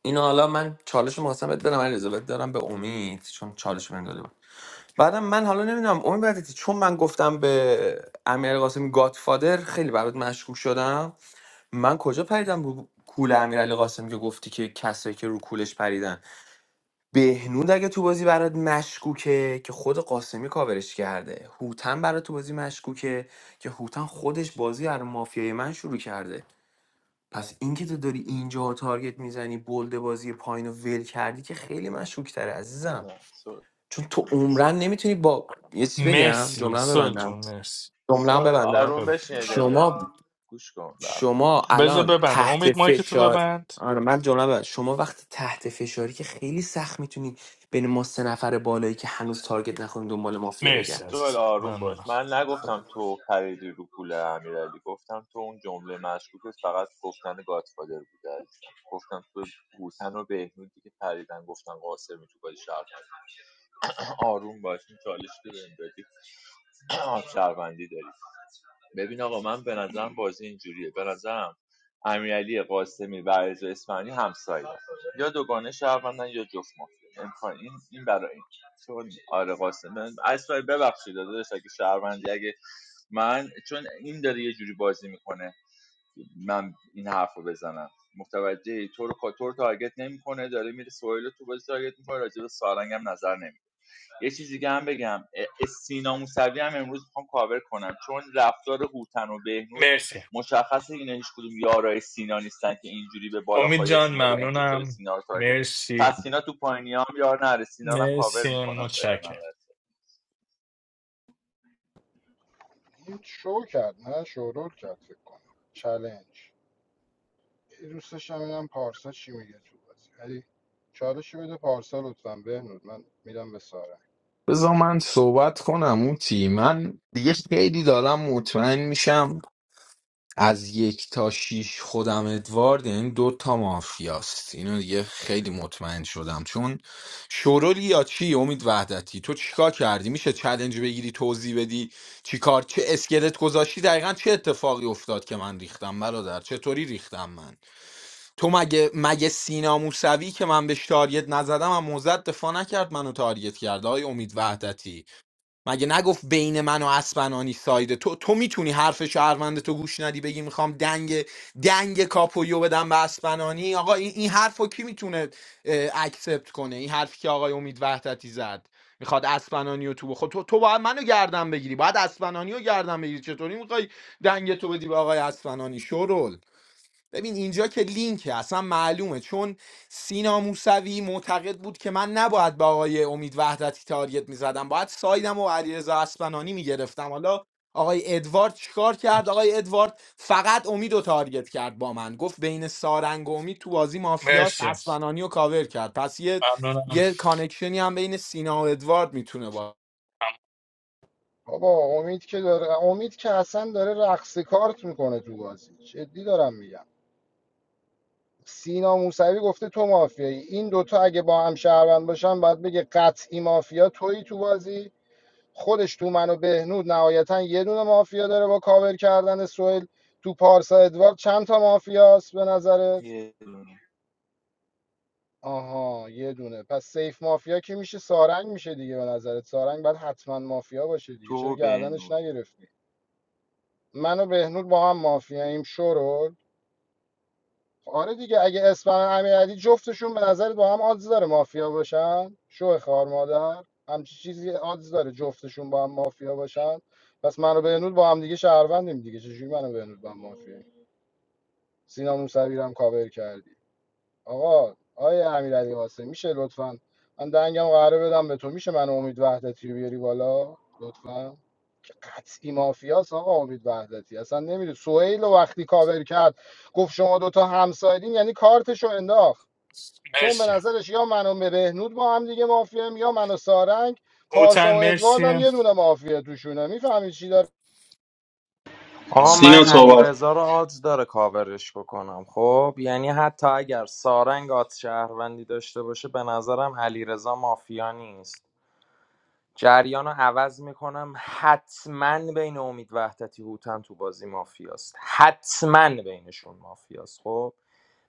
Speaker 14: اینو حالا من چالش می‌خواستم بهت بدم علیرضا بهت دارم به امید چون چالش من داده بود بعدم من حالا نمیدونم امید وحدتی چون من گفتم به امیر قاسمی گادفادر خیلی برات مشکوک شدم من کجا پریدم رو کول امیرعلی قاسمی که گفتی که کسایی که رو کولش پریدن بهنود اگه تو بازی برات مشکوکه که خود قاسمی کاورش کرده هوتن برات تو بازی مشکوکه که هوتن خودش بازی رو مافیای من شروع کرده پس اینکه تو داری اینجا تارگت میزنی بلد بازی پایین رو ول کردی که خیلی مشکوکتره عزیزم
Speaker 17: نه سوئیل.
Speaker 14: چون تو عمرن نمیتونی با یه چی بگم
Speaker 4: مرسی
Speaker 14: جمله
Speaker 4: سل
Speaker 14: ببندم
Speaker 4: جون مرسی
Speaker 14: جمله
Speaker 17: سوئیل
Speaker 14: ببندم
Speaker 17: آروم
Speaker 4: ببند
Speaker 17: بشین یه دقیقه
Speaker 14: شما
Speaker 17: گوش کن به حرف من.
Speaker 14: شما
Speaker 4: بذار
Speaker 14: الان
Speaker 4: ببنده
Speaker 14: تحت
Speaker 4: امید مایک تو
Speaker 14: فشار
Speaker 4: ببند
Speaker 14: آره من جمله بعد شما وقتی تحت فشاری که خیلی سخت میتونی بین ما سه نفر بالایی که هنوز تارگت نخوریم دنبال مافیا بگم
Speaker 4: مرسی
Speaker 17: سوال
Speaker 4: عزیزم
Speaker 17: آروم باش
Speaker 4: ممنونم
Speaker 17: من نگفتم تو خریدی رو پول امیرعلی گفتم تو اون جمله مشکوکت فقط گفتن گاتفادر بوده عزیزم گفتم تو هوتن و بهنودی که پریدن گفتن قاسمی تو بازی شهر آروم باش این چالش که بهم دادی آه، شهروندی داری ببین آقا من به نظرم بازی اینجوریه به نظرم امیرعلی قاسمی و رضا اسماعیلی همسایه یا دوگانه شهروندن یا جفت مافیا امکان این این برای این چون آره قاسمی. اصلا ببخشید داداش اگه شهروندی اگه من چون این داره یه جوری بازی میکنه من این حرف بزنم متوجه تو رو تو رو تارگت نمیکنه داره میره سویل تو بازی تارگت میکنه راجع به سارنگ هم نظر نمیده یه چیز دیگه هم بگم اه، سینا موسوی هم امروز میخوام کاور کنم چون رفتار هوتن و بهنود
Speaker 4: مرسی
Speaker 17: مشخصه اینا هیچ کدوم یارای سینا نیستن که اینجوری به
Speaker 4: امید
Speaker 17: بالاخای
Speaker 4: جان
Speaker 17: سینا بگن تو چرا
Speaker 4: ممنونم
Speaker 17: سینا رو تارگت
Speaker 4: مرسی
Speaker 17: پس سینا تو پایینی هم یار نره سینا رو هم کاور
Speaker 4: مرسی
Speaker 17: میکنم فعلا
Speaker 4: متشکرم
Speaker 17: اول.
Speaker 16: این شو کرد نه شورول کرد فکر کنم چلنج دوستش هم اینم پارسا چی میگه تو بازی ولی چالش بده پارسا لطفا بهنود من میدم به ساره
Speaker 3: بذار من صحبت کنم اوتی من دیگه خیلی دارم مطمئن میشم از یک تا شیش خودم ادوارد یعنی دو تا مافیاست اینو دیگه خیلی مطمئن شدم چون شورولی یا چی امید وحدتی تو چیکار کردی میشه چلنج بگیری توضیح بدی چیکار چه اسکلت گذاشتی دقیقا چه اتفاقی افتاد که من ریختم برادر چطوری ریختم من تو مگه مگه سینا موسوی که من بهش تارگت نزدم و موزد دفاع نکرد منو تارگت کرد آقای امید وحدتی مگه نگفت بین من و اسپنانی سایده تو تو میتونی حرف شهروند تو گوش ندی بگی میخوام دنگ دنگ کاپویو بدم به اسپنانی آقا این, این حرف رو کی میتونه اکسپت کنه این حرفی که آقای امید وحدتی زد میخواد اسپنانی رو تو بخو تو, تو باید منو گردن بگیری باید اسپنانی رو گردن بگیری چطوری میخوای دنگ تو بدی به آقای اسپنانی شورول ببین اینجا که لینکه اصلا معلومه چون سینا موسوی معتقد بود که من نباید به آقای امید وحدتی تاریت میزدم باید سایدم و علیرضا اسپنانی میگرفتم حالا آقای ادوارد چیکار کرد آقای ادوارد فقط امید رو تارگت کرد با من گفت بین سارنگ و امید تو بازی مافیاس
Speaker 4: مرسی
Speaker 3: اسپنانی رو کاور کرد پس یه
Speaker 4: ممنونم
Speaker 3: یه کانکشنی هم بین سینا و ادوارد میتونه با
Speaker 16: بابا امید که داره امید که اصلا داره رقص کارت میکنه تو بازی جدی دارم میگم سینا موسوی گفته تو مافیایی این دوتا اگه با هم شهروند باشن باید بگه قطعی مافیا تویی تو بازی خودش تو منو بهنود نهایتا یه دونه مافیا داره با کاور کردن سوئل تو پارسا ادوارد چند تا مافیاست به نظرت آها یه دونه پس سیف مافیا کی میشه سارنگ میشه دیگه به نظرت سارنگ باید حتما مافیا باشه دیگه چرا
Speaker 17: تو
Speaker 16: گردنش
Speaker 17: بهنود
Speaker 16: نگرفتی منو و بهنود با هم مافیاییم شورول آره دیگه اگه اسفند امیرعلی جفتشون به نظرت با هم آدز داره مافیا باشن شو خار مادر همچی چیزی آدز داره جفتشون با هم مافیا باشن پس منو بهنود با هم دیگه شهروندیم دیگه چجوری منو بهنود با هم مافیا سینا موسوی رو هم کاور کردی آقا آیا امیرعلی قاسم میشه لطفا من دنگم قراره بدم به تو میشه من امید وحدتی رو بیاری بالا لطفا که قطعی مافیاس آقا امید وحدتی اصلا نمیدونی سهیل رو وقتی کاور کرد گفت شما دوتا همسایدین یعنی کارتشو انداخت چون به
Speaker 4: مرسی
Speaker 16: نظرش یا من و بهنود با هم دیگه مافیایم یا من و سارنگ پارسا
Speaker 4: هوتن
Speaker 16: و ادوارد هم
Speaker 4: مرسی
Speaker 16: یه دونه مافیا توشونه میفهمی چی داره
Speaker 9: آقا
Speaker 4: تمام.
Speaker 9: من
Speaker 1: سینا صحبت
Speaker 9: علیرضا رو آدز داره کاورش بکنم خب یعنی حتی اگر سارنگ آدز شهروندی داشته باشه به نظرم علیرضا مافیا نیست جریان رو عوض میکنم حتما بین امید وحدتی هوتن تو بازی مافیاست حتما بینشون مافیاست خب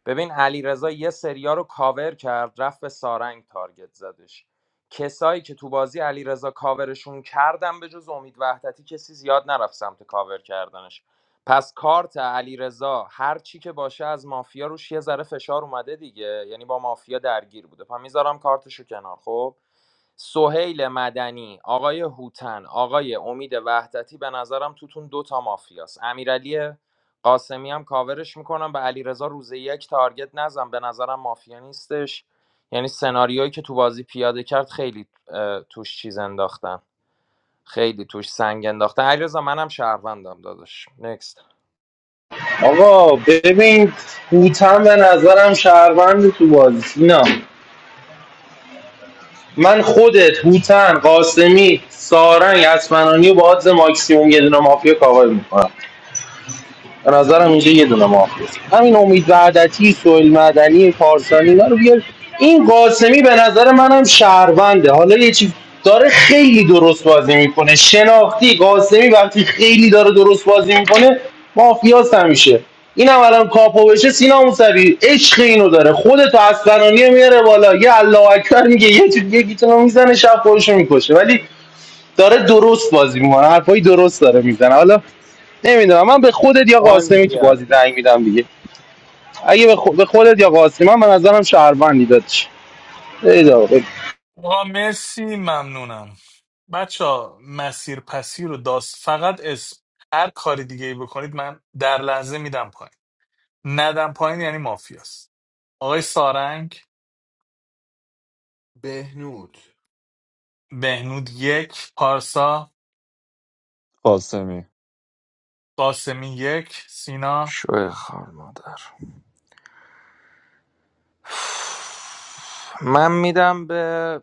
Speaker 9: ببین علیرضا یه سریا رو کاور کرد رفت به سارنگ تارگت زدش کسایی که تو بازی علیرضا کاورشون کردم به جز امید وحدتی کسی زیاد نرفت سمت کاور کردنش پس کارت علیرضا هر چی که باشه از مافیا روش یه ذره فشار اومده دیگه یعنی با مافیا درگیر بوده پس میذارم کارتشو کنار خب سهیل مدنی آقای هوتن آقای امید وحدتی به نظرم توتون دوتا مافیاست امیرعلی قاسمی هم کاورش میکنم به علیرضا روز یک تارگت نزن به نظرم مافیا نیستش یعنی سناریویی که تو بازی پیاده کرد خیلی توش چیز انداختن خیلی توش سنگ انداختن علیرضا منم شهروندم داداش نکست
Speaker 1: آقا ببین هوتن به نظرم شهروند تو بازی نه من خودت هوتن قاسمی سارنگ اسمنانی و با آدز ماکسیموم یه دونه مافیا کاور میکنم به نظرم اینجا یه دونه مافیاست همین امید وعدتی سویل مدنی پارسانی اینا رو بیار این قاسمی به نظر منم شهرونده حالا یه چیز داره خیلی درست بازی میکنه شناختی قاسمی وقتی خیلی داره درست بازی میکنه مافیاست همیشه اینم الان کاپو بشه سینا موسوی عشق اینو داره خودتو از فنانی میاره بالا یه الله اکبر میگه یه چیز یکیتونو میزنه شب خودشو میکشه ولی داره درست بازی میکنه حرفای درست داره میزنه حالا نمیدونم من به خودت یا
Speaker 9: مهم نی
Speaker 1: قاسمی تو بازی
Speaker 9: بیاره
Speaker 1: دنگ میدم دیگه اگه به, خو- به خودت یا قاسمی من به نظرم شهروندی دادش برید آقا، برید.
Speaker 4: آقا مرسی ممنونم بچه مسیر پسیر رو داست فقط اسم هر کاری دیگه ای بکنید من در لحظه میدم پایین ندم پایین یعنی مافیاست آقای سارنگ
Speaker 3: بهنود
Speaker 4: بهنود یک پارسا
Speaker 10: قاسمی
Speaker 4: قاسمی یک سینا
Speaker 9: شوی خار مادر من میدم به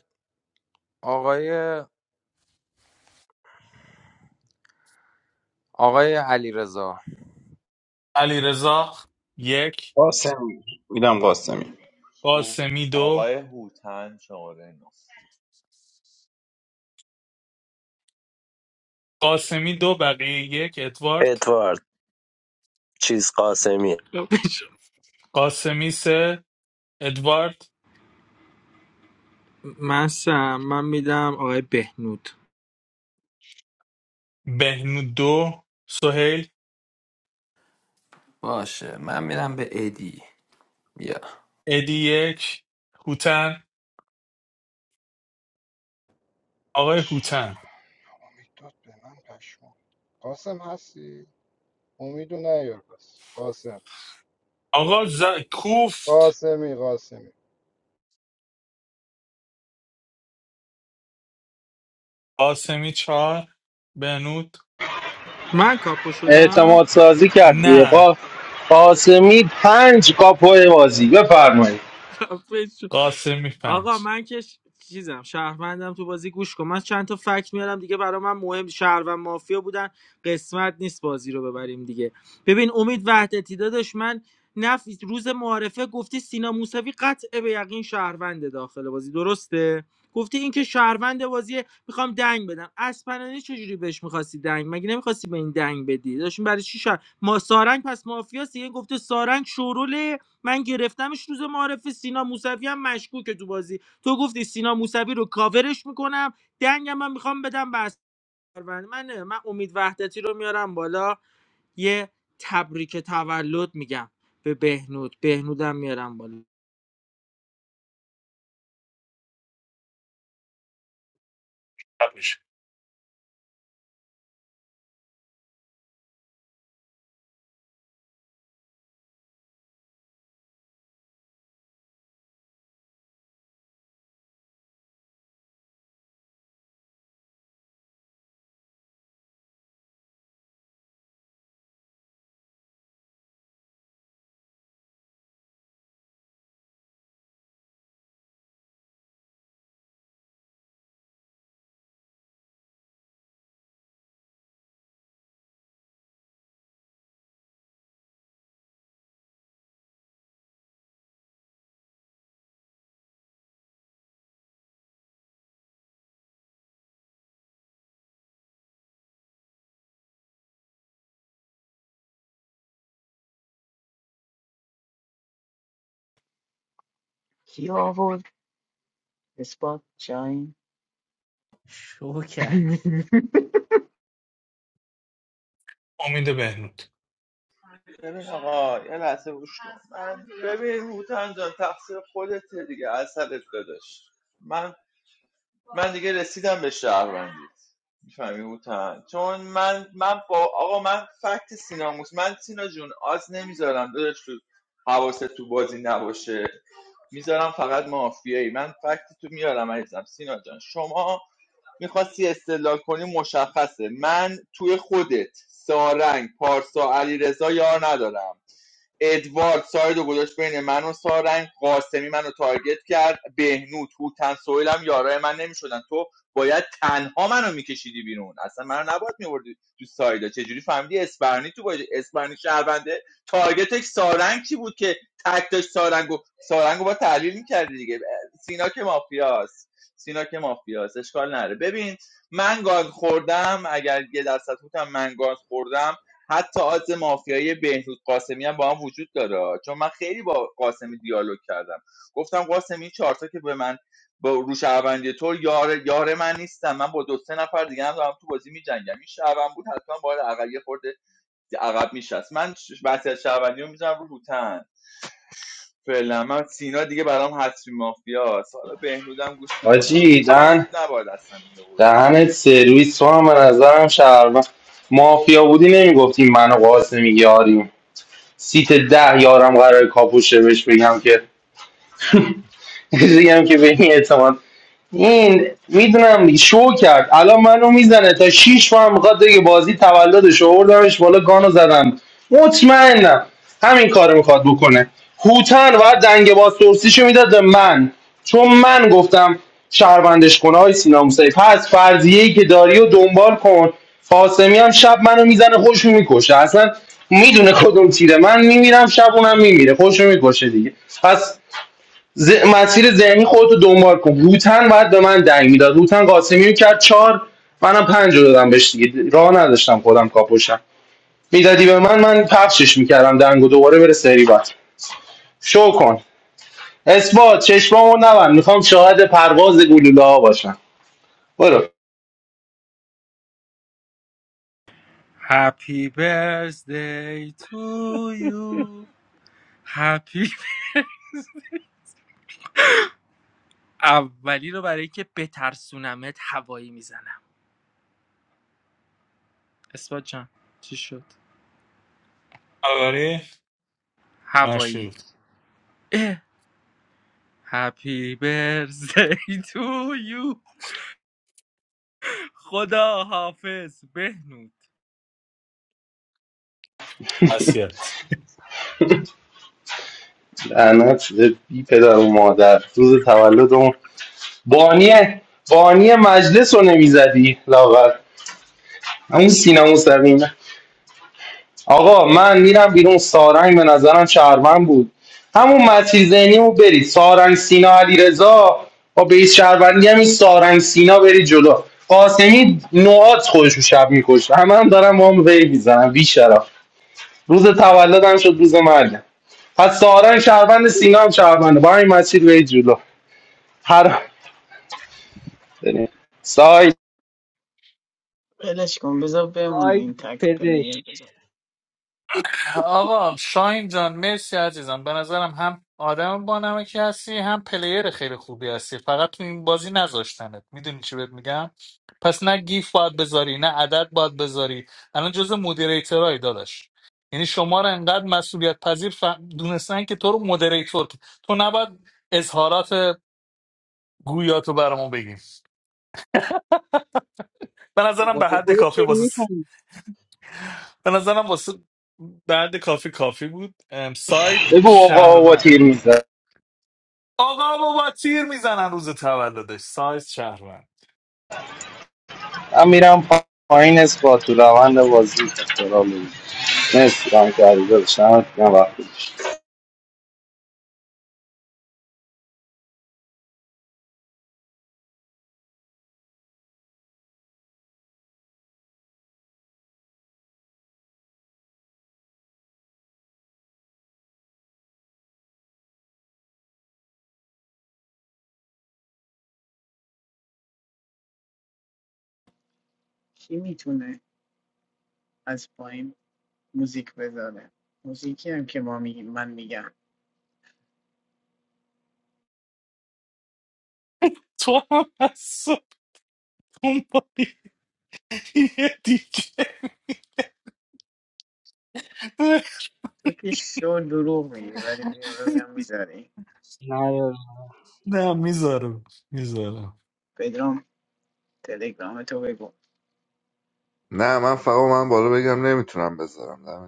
Speaker 9: آقای آقای علیرضا
Speaker 4: علی رضا یک
Speaker 8: قاسم میدم قاسمی
Speaker 17: تو
Speaker 4: قاسمی دو
Speaker 17: آقای هوتن شماره نو
Speaker 4: قاسمی دو بقیه یک ادوارد
Speaker 11: ادوارد چیز قاسمی
Speaker 4: قاسمی سه ادوارد
Speaker 5: من سم من میدم آقای بهنود
Speaker 4: بهنود دو سهیل
Speaker 14: باشه من میرم به ادی بیا
Speaker 4: ادی یک هوتن آقای هوتن
Speaker 16: امید داد به من پشمام قاسم هستی امیدو نیار پس قاسم
Speaker 4: آقا ز... کوفت
Speaker 16: قاسمی قاسمی
Speaker 4: قاسمی چهار بهنود
Speaker 5: من کاپو شدم
Speaker 1: اعتماد سازی کرد دیگه قا-
Speaker 4: نه
Speaker 1: قاسمی پنج کاپو بازی بفرمایید
Speaker 5: خفه شو.
Speaker 4: قاسمی
Speaker 5: آقا
Speaker 4: پنج
Speaker 5: من که ش- چیزم شهروندم تو بازی گوش کن من چند تا فکت میارم دیگه برای من مهم شهروند مافیا بودن قسمت نیست بازی رو ببریم دیگه ببین امید وحدتی داداش من نف روز معارفه گفتی سینا موسوی قطع به یقین شهرونده داخل بازی درسته گفتی اینکه شهروند بازی میخوام دنگ بدم اسپنانی چجوری بهش میخواستی دنگ مگه نمیخواستی به این دنگ بدی داشتین برای چی شهر ما سارنگ پس مافیاست دیگه گفته سارنگ شورول من گرفتمش روز معارف سینا موسوی هم مشکوکه تو بازی تو گفتی سینا موسوی رو کاورش میکنم دنگم من میخوام بدم به اسپروند من نه، من امید وحدتی رو میارم بالا یه تبریک تولد میگم به بهنود بهنودم میارم بالا
Speaker 4: قبلش
Speaker 2: کی آورد اثبات شاین
Speaker 13: شو کردی
Speaker 4: امید بهنود
Speaker 17: ببین آقا یه لحظه گوش کن ببین هوتن جان تقصیر خودته دیگه اثرت داداش من من دیگه رسیدم به شهروندی میفهمی هوتن چون من من با آقا من فکت سیناموس من سینا جون آز نمیذارم داداش تو حواست تو بازی نباشه میذارم فقط مافیایی من فکت تو میارم عزیزم سینا جان شما میخواستی استدلال کنی مشخصه من توی خودت سارنگ پارسا علیرضا یار ندارم ادوارد ساید و گذاشت بین من و سارنگ قاسمی منو تارگت کرد بهنود هوتن سویل هم یارای من نمیشدن تو باید تنها منو میکشیدی بیرون اصلا منو نباید میوردی تو سایدا چجوری فهمیدی اسپرنی تو باید اسپرنی شهرونده تارگتش سارنگ کی بود که تک داشت سارنگو سارنگو با تحلیل میکردی دیگه سینا که مافیاست سینا که مافیاست اشکال نره ببین من گاز خوردم اگر یه درصد هوتم من گاز خوردم حتی آز مافیایی بهروز قاسمی هم با هم وجود داره چون من خیلی با قاسمی دیالوگ کردم گفتم قاسمی این چهارتا که به من با روش شهروندی تو یار یار من نیستم من با دو سه نفر دیگه هم دارم تو بازی می‌جنگم. این شهروند بود حتما باید عقب یه خورده عقب میشست من ش- وصیت رو میزنم رو هوتن فعلا من سینا دیگه برام حتمی مافیاست حالا بهنودم گوش میکنم
Speaker 1: حاجی
Speaker 17: دیگه من
Speaker 1: دهن
Speaker 17: نباید اصلا میآوردی
Speaker 1: دهنت سرویس تو هم به نظرم شهروند مافیا بودی نمیگفتی من و قاسمی یاریم سیت ده یارم قرار کاپوشه بهش بگم که چیزی هم که به این اعتماد این میدونم دیگه شو کرد الان منو میزنه تا 6 ماه میخواد دیگه بازی تولدش رو آوردمش بالا گانو زدم مطمئنم همین کارو میخواد بکنه هوتن و دنگ بازپرسیشو میداد به من چون من گفتم شهروندش کن های سینا موسوی پس فرضیه که داری و دنبال کن قاسمی هم شب منو میزنه خوش میکشه اصلا میدونه کدوم تیره من میمیرم شب اونم میمیره خوش میکشه دیگه پس ز... مسیر ذهنی خودتو دنبال کن هوتن باید به من دنگ میداد هوتن قاسمی رو کرد چهار منم پنج رو دادم بهش دیگه راه نداشتم خودم کاپوشم میدادی به من من پخشش میکردم دنگ دوباره بره سری بعد شو کن اثبات چشمامو نبند میخوام شاهد پرواز گلوله ها باشم برو
Speaker 5: Happy birthday to you. Happy. اولی رو برای که بترسونمت هوایی میزنم اثبات جان چی شد
Speaker 4: برای
Speaker 5: هوایی
Speaker 4: مرشد
Speaker 5: هپی برزی تو یو خدا حافظ بهنود
Speaker 4: وسیعت
Speaker 1: لعنت به بی پدر و مادر روز تولدمون بانی بانی مجلس رو نمیزدی لاغر همون سینه مستقیم آقا من میرم بیرون سارنگ به نظرم شهروند بود همون مسیر ذهنی رو برید سارنگ سینا علیرضا با بیس شهروندی هم این سارنگ سینا برید جلو قاسمی نوعات خودش رو شب میکشه همه هم دارم با هم وی میزنم بی شرف روز تولدم شد روز مرگم پس سارنگ شهروند سینا هم شهرونده با همین مسیر وی جلو هر سای
Speaker 2: ولش کن بذار بمونه
Speaker 13: سایت
Speaker 2: این تک پلیر
Speaker 13: پزشک
Speaker 2: بذار
Speaker 4: آقا شاین جان مرسی عزیزم به نظرم هم آدم با نمکی هستی هم پلیر خیلی خوبی هستی فقط تو این بازی نذاشتنت میدونی چی بهت میگم پس نه گیف باید بذاری نه عدد باید بذاری الان جزء مدیریترهای داداش یعنی شما رو انقدر مسئولیت پذیر ف... دونستن که تو رو مدیریتور که- تو نباید اظهارات گویاتو برامون بگیم به نظرم
Speaker 13: خود
Speaker 4: به حد
Speaker 13: خودت
Speaker 4: کافی
Speaker 13: چرا
Speaker 4: واسه
Speaker 13: میفهمی
Speaker 4: به نظرم واسه بعد کافی کافی بود ام، سایت
Speaker 1: بگو آقا آقا
Speaker 4: شهروند
Speaker 1: تیر میزن
Speaker 4: آقا بابا تیر میزنن روز تولدش سایز شهروند
Speaker 1: من میرم پایین اسپاتو روند بازی اخترام. مرسی رنگ کردی داداش نمت میگم وقت گذاشت
Speaker 2: کی میتونه از پایین موزیک بذاره موزیکی هم که ما میگیم من میگم
Speaker 4: تو هم از صبح دنبالی یه دیگه
Speaker 2: تو که شو دروغ میگی ولی بیا ببینم میذاری
Speaker 13: نه.
Speaker 4: نه میذارم میذارم
Speaker 2: پدرام تلگرام تو بگو
Speaker 18: نه من فقط من بالا بگم نمیتونم بذارم دمتون گرم.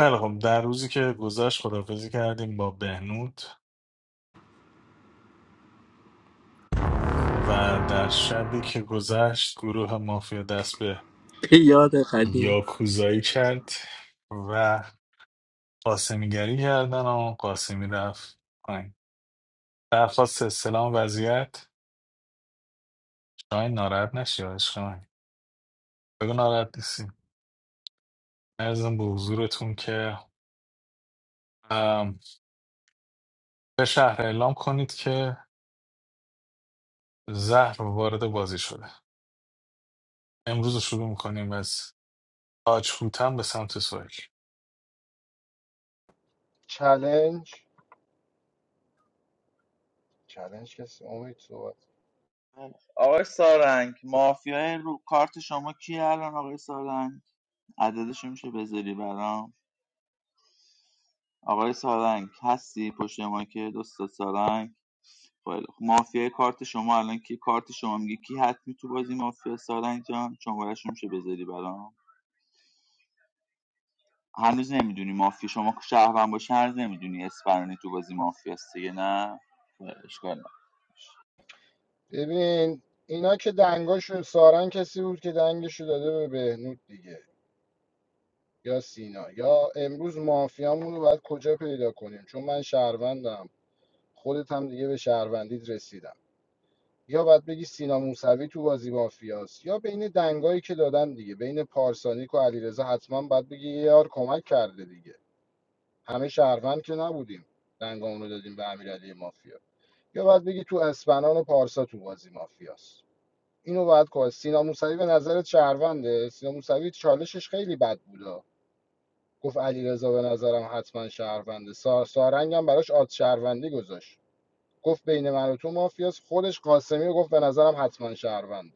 Speaker 4: خیلی خب در روزی که گذشت خدافزی کردیم با بهنود و در شبی که گذشت گروه مافیا دست به
Speaker 5: یاد قدیم
Speaker 4: یاکوزایی کرد و قاسمیگری کردن و قاسمی رفت پایین درخواست استلام وضعیت شاین ناراحت نشی یا عشق من بگو ناراحت نیستی ارزم به حضورتون که ام، به شهر اعلام کنید که زهر وارد بازی شده امروز رو شروع میکنیم از تاج هوتن به سمت سویل
Speaker 16: چلنج چلنج کسی امید صحبت
Speaker 17: آقای سارنگ مافیای رو کارت شما کیه الان آقای سارنگ عددشو میشه بذاری برام آقای سارنگ هستی پشت که دوست سارنگ خیلی خوب مافیای کارت شما الان کی کارت شما میگه کی حتمی تو بازی مافیا سارنگ جان شمارهشو میشه بذاری برام هنوز نمیدونی مافیا شما شهروند باشه هنوز نمیدونی اسپرانی تو بازی مافیاست دیگه نه خیلی اشکال نداره.
Speaker 16: ببین اینا که دنگاشو سارنگ کسی بود که دنگشو داده به بهنود دیگه یا سینا یا امروز مافیامون رو باید کجا پیدا کنیم چون من شهروندم خودت هم دیگه به شهروندیت رسیدم یا باید بگی سینا موسوی تو بازی مافیاست یا بین دنگایی که دادن دیگه بین پارسانیک و علیرضا حتما باید بگی یه یار کمک کرده دیگه همه شهروند که نبودیم دنگامون رو دادیم به امیرعلی مافیا یا باید بگی تو اسپنان و پارسا تو بازی مافیاست اینو باید که سینا موسوی به نظرت شهرونده سینا موسوی چالشش خیلی بد بودا گفت علیرضا به نظرم حتما شهرونده سا... سارنگم براش آد شهروندی گذاشت گفت بین من و تو مافیاس خودش قاسمی رو گفت به نظرم حتما شهرونده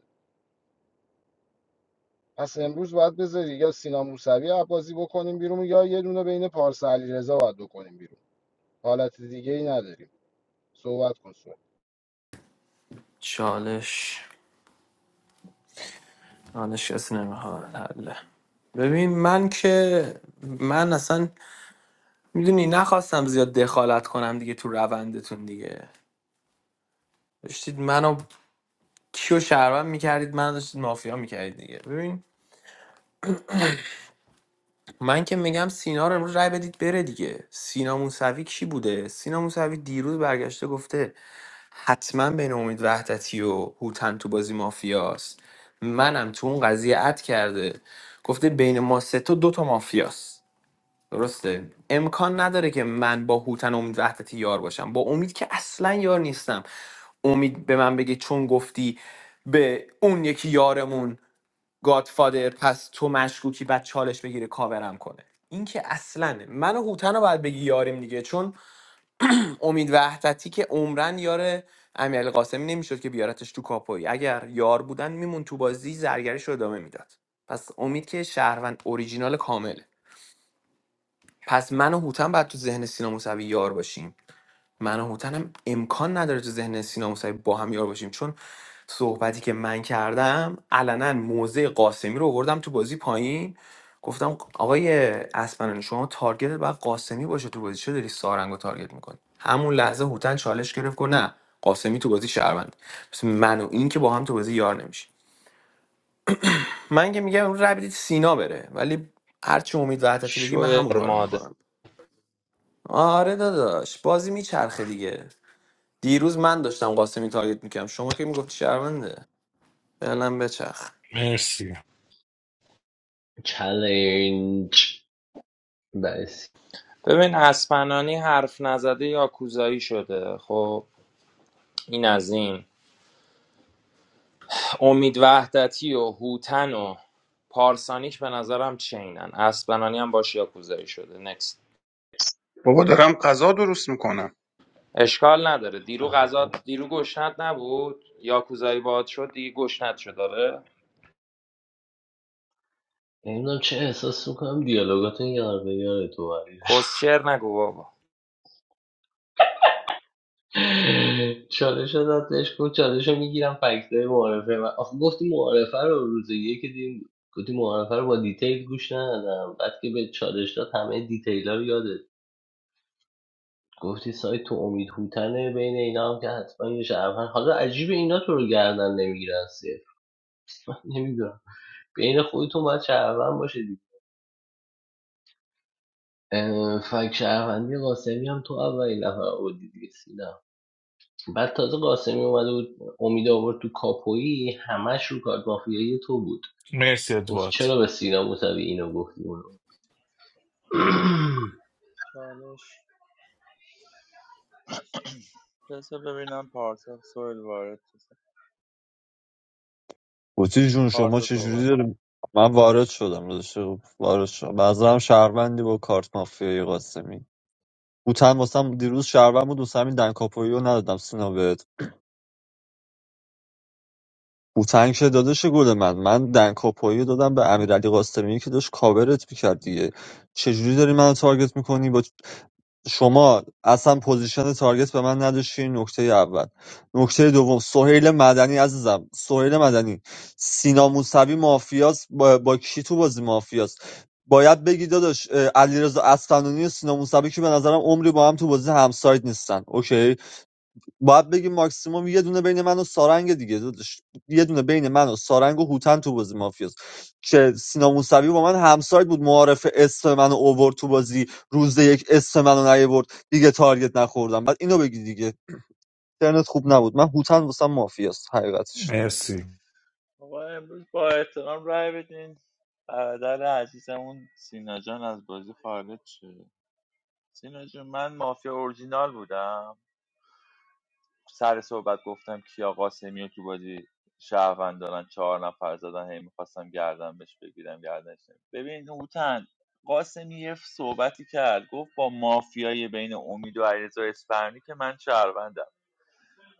Speaker 16: پس امروز باید بذاری یا سینام موسوی رو بکنیم بیرون یا یه دونه بین پارسا علیرضا باید بکنیم بیرون حالت دیگه ای نداریم صحبت کن صحبت.
Speaker 14: چالش چالش کسی نمیخواد حله ببین من که من اصلا میدونی نخواستم زیاد دخالت کنم دیگه تو روندتون دیگه داشتید منو کیو شهروند میکردید من داشتید مافیا میکردید دیگه ببین من که میگم سینا رو امروز رای بدید بره دیگه سینا موسوی کی بوده سینا موسوی دیروز برگشته گفته حتما بین امید وحدتی و هوتن تو بازی مافیاست منم تو اون قضیه اد کرده گفته بین ما سه تا دو تا مافیاست درسته امکان نداره که من با هوتن و امید وحدتی یار باشم با امید که اصلا یار نیستم امید به من بگه چون گفتی به اون یکی یارمون گادفادر پس تو مشکوکی بعد چالش بگیره کاورم کنه این که اصلا من و هوتن رو باید بگی یاریم دیگه چون امید وحدتی که عمرن یار امیرعلی قاسمی نمیشد که بیارتش تو کاپوی اگر یار بودن میمون تو بازی زرگریش رو ادامه میداد پس امید که شهروند اوریجینال کامله پس من و هوتن باید تو ذهن سینا موسوی یار باشیم من و هوتن هم امکان نداره تو ذهن سینا موسوی با هم یار باشیم چون صحبتی که من کردم علنا موضع قاسمی رو آوردم تو بازی پایین گفتم آقای اسپنان شما تارگت باید قاسمی باشه تو بازی چه داری سارنگ تارگت میکنی همون لحظه هوتن چالش گرفت گفت نه قاسمی تو بازی شهروند پس من و این که با هم تو بازی یار نمیشه من که میگم امروز رای بدید سینا بره ولی هرچی امید وحدتی بگی من
Speaker 9: شوی
Speaker 14: همون
Speaker 9: خار
Speaker 14: کارو
Speaker 9: مادر
Speaker 14: میکنم آره داداش بازی میچرخه دیگه دیروز من داشتم قاسمی تارگت میکردم شما که میگفتی شرمنده فعلا بچخ
Speaker 4: مرسی
Speaker 11: چلنج بس
Speaker 9: ببین اسپنانی حرف نزده یا کوزایی شده خب این از این امید وحدتی و هوتن و پارسانیک به نظرم چینن اسبنانی هم باش یاکوزایی شده نکست
Speaker 8: بابا دارم غذا درست میکنم
Speaker 9: اشکال نداره دیرو غذا دیرو گشنت نبود یاکوزایی باد شد دیگه گشنت شد داره
Speaker 11: نمیدونم چه احساس میکنم دیالوگاتون یار به یار تو ولی
Speaker 9: کسشر نگو بابا
Speaker 11: چالش رو داد بهش گفت چالش رو میگیرم فکتای معارفه و آخه گفتی معارفه رو روز یک دیم گفتی معارفه رو با دیتیل گوش ندادم بعد که به چالش داد همه دیتیل ها رو یادت گفتی سایت تو امید هوتنه بین اینا هم که حتما یه شهروند حالا عجیب اینا تو رو گردن نمیگیرن صفر نمیدونم بین خودتون باید شهروند باشه دیگه اه، فک شهروندی قاسمی هم تو اولین نفر آوردی دیگه سینا بعد تازه قاسمی اومده بود امید آورد تو کاپویی همش رو کارت مافیایی تو بود
Speaker 4: مرسی
Speaker 11: گفت
Speaker 4: ادوارد
Speaker 11: چرا به سینا موسوی اینو گفتی اونو
Speaker 17: چالش بذار ببینم پارسا سوال وارد شده.
Speaker 10: بوتی جون شما
Speaker 17: پارسا صحبت
Speaker 10: چجوری داری من وارد شدم داداش، وارد شدم بعضا هم شهروندی با کارت مافیای قاسمی بوتن واسم دیروز شهروند بود دوست همین دنکاپویی رو ندادم سینا بهت هوتنگ که داداش گل من من دنکاپویی دادم به امیرعلی قاسمی که داشت کاورت میکرد دیگه چجوری داری منو تارگت میکنی با شما اصلا پوزیشن تارگت به من نداشتی این نکته اول نکته دوم سهیل مدنی عزیزم سهیل مدنی سینا موسوی مافیاس با, با کی تو بازی مافیاس باید بگی داداش اه، علیرضا اصفهانی و سینا موسوی که به نظرم عمری با هم تو بازی همسایت نیستن اوکی باید بگی ماکسیموم یه دونه بین من و سارنگه دیگه داداش یه دونه بین من و سارنگ و هوتن تو بازی مافیاست که سینا موسوی با من همسایت بود معارف اسم منو اوورد تو بازی روز یک اسم منو نیورد دیگه تارگت نخوردم بعد اینو بگی دیگه اینترنت خوب نبود من هوتن واسم مافیاست حقیقتش
Speaker 4: مرسی
Speaker 17: آقا امروز با احترام رای بدین برادر عزیزمون سینا جان از بازی خارج شد سینا جان من مافیا اورجینال بودم سر صحبت گفتم کیا قاسمی رو تو بازی شهروند دارن چهار نفر زدن هی میخواستم گردنش بگیرم گردنش نمی‌گیرم. ببین هوتن قاسمی یه صحبتی کرد گفت با مافیای بین امید و علیرضا اسفرانی که من شهروندم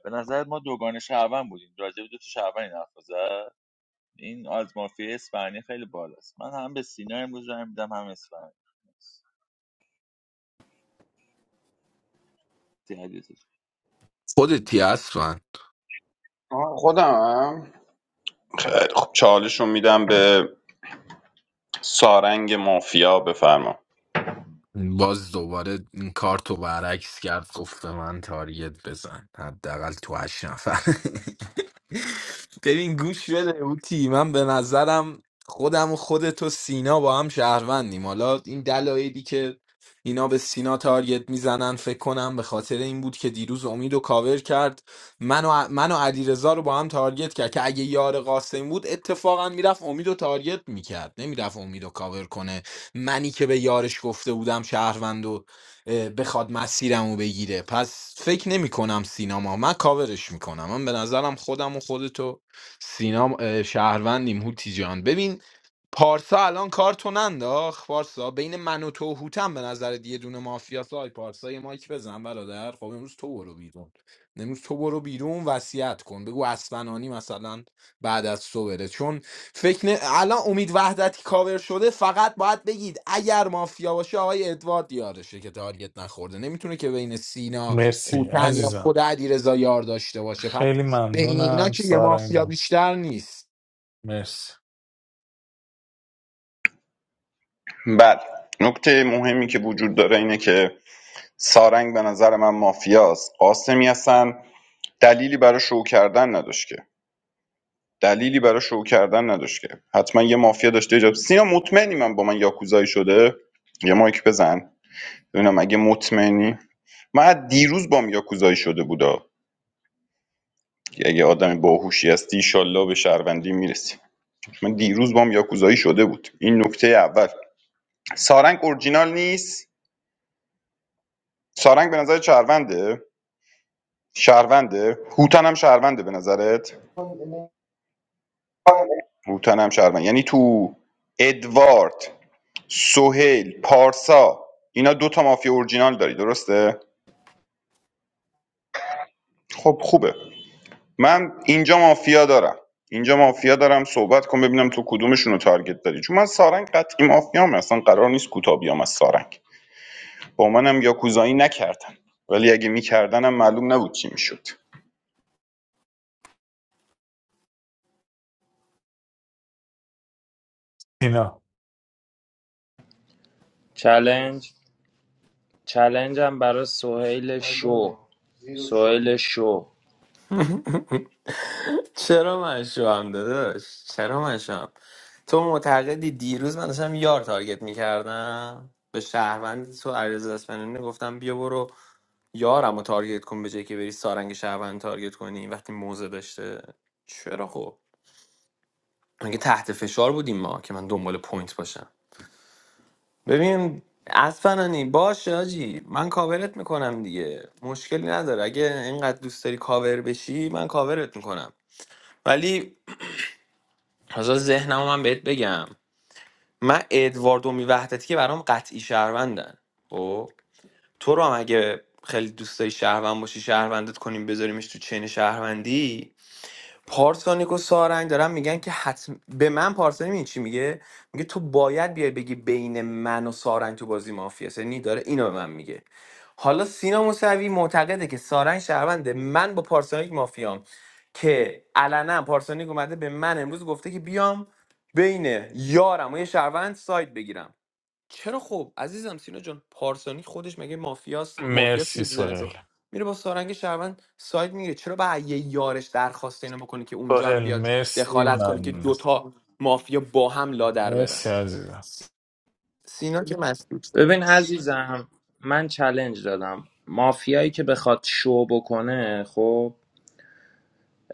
Speaker 17: به نظر ما دوگانه شهروند بودیم راجع به دو تا شهروند این حرف زد؟ این از مافیا اسپانیا خیلی بالاست من هم به سینا امروز رای میدم هم اسپانیا
Speaker 3: خودتی اصلا
Speaker 8: خودم خیلی خب چالش رو میدم به سارنگ مافیا بفرما
Speaker 3: باز دوباره این کارت رو برعکس کرد گفت به من تارگت بزن حداقل تو هشت نفر ببین گوش بده اوتی من به نظرم خودم و خودت و سینا با هم شهروندیم حالا این دلایلی که اینا به سینا تارگت میزنن فکر کنم به خاطر این بود که دیروز امید و کاور کرد من و, من و علیرضا رو با هم تارگت کرد که اگه یار قاسم بود اتفاقا میرفت امید و تارگت میکرد نمیرفت امید و کاور کنه منی که به یارش گفته بودم شهروند و اه، بخواد مسیرمو بگیره پس فکر نمی کنم سینما من کاورش میکنم من به نظرم خودم و خودتو سینا اه، شهروندیم هوتی جان ببین پارسا الان کار تو ننداخت پارسا بین من و تو و هوتم به نظر یه دونه مافیاس آی پارسا یه مایک بزن برادر خب امروز تو برو بیرون امروز تو برو بیرون وصیت کن بگو اسفنانی مثلا بعد از تو بره چون فکر نه... الان امید وحدتی کاور شده فقط باید بگید اگر مافیا باشه آقای ادوارد یارشه که تارگت نخورده نمیتونه که بین سینا
Speaker 4: مرسی
Speaker 3: هوتن یا
Speaker 4: عزیزم
Speaker 3: خود علیرضا یار داشته باشه پس
Speaker 4: خیلی
Speaker 3: بین اینا
Speaker 4: ممنونم
Speaker 3: که یه
Speaker 4: سارنگ
Speaker 3: مافیا
Speaker 4: جون
Speaker 3: بیشتر نیست
Speaker 4: مرسی
Speaker 8: بله نکته مهمی که وجود داره اینه که سارنگ به نظر من مافیاست قاسمی اصلا دلیلی برای شو کردن نداشت که دلیلی برای شو کردن نداشت که حتما یه مافیا داشته ایجاب سینا مطمئنی من با من یاکوزایی شده یه مایک بزن ببینم اگه مطمئنی من از دیروز با من یاکوزایی شده بودا اگه آدم باهوشی هستی ایشالله به شهروندی میرسی من دیروز با من یاکوزایی شده بود این نکته اول سارنگ اورجینال نیست سارنگ به نظر شهرونده شهرونده هوتن هم شهرونده به نظرت هوتن هم شهروند یعنی تو ادوارد سهیل پارسا اینا دوتا مافیا اورجینال داری درسته خب خوبه من اینجا مافیا دارم اینجا مافیا دارم صحبت کن ببینم تو کدومشون رو تارگت داری چون من سارنگ قطعی مافیام اصلا قرار نیست کوتاه بیام از سارنگ با منم یاکوزایی نکردن ولی اگه میکردنم معلوم نبود چی میشد
Speaker 4: اینا
Speaker 9: چلنج چلنج هم برای سهیل شو سهیل شو
Speaker 14: چرا من شوام داداش چرا من شوام تو معتقدی دیروز من داشتم یار تارگت میکردم به شهروند تو علیرضا اصفهانی گفتم بیا برو یارم رو تارگت کن به جای که بری سارنگ شهروند تارگت کنی وقتی موزه داشته چرا خب مگه تحت فشار بودیم ما که من دنبال پوینت باشم ببین اسفنانی باش آجی من کاورت میکنم دیگه مشکلی نداره اگه اینقدر دوست داری کاور بشی من کاورت میکنم ولی حالا ذهنم من بهت بگم من ادوارد و میوحدتی که برام قطعی شهروندن خب تو رو هم اگه خیلی دوست داری شهروند باشی شهروندت کنیم بذاریمش تو چین شهروندی پارسانیک و سارنگ دارن میگن که حتم به من پارسانی میگه چی میگه میگه تو باید بیای بگی بین من و سارنگ تو بازی مافیا یعنی داره اینو به من میگه حالا سینا موسوی معتقده که سارنگ شهرونده من با پارسانیک مافیام که علنا پارسانیک اومده به من امروز گفته که بیام بین یارم و یه شهروند ساید بگیرم چرا خب عزیزم سینا جان پارسانی خودش مگه مافیاس مافیاس
Speaker 4: مرسی
Speaker 14: دیگه تو ذهن تو
Speaker 4: سوهل
Speaker 14: میره با سارنگ شهروند ساید میگه چرا با یه یارش درخواست اینو بکنه که اونجا هم
Speaker 4: سوهل
Speaker 14: بیاد
Speaker 4: مرسی
Speaker 14: دخالت کنه که
Speaker 4: ممنونم
Speaker 14: دوتا مافیا با هم لادر برن
Speaker 4: مرسی عزیزم
Speaker 14: سینا که مستی
Speaker 9: ببین عزیزم من چلنج دادم مافیایی که بخواد شو بکنه خب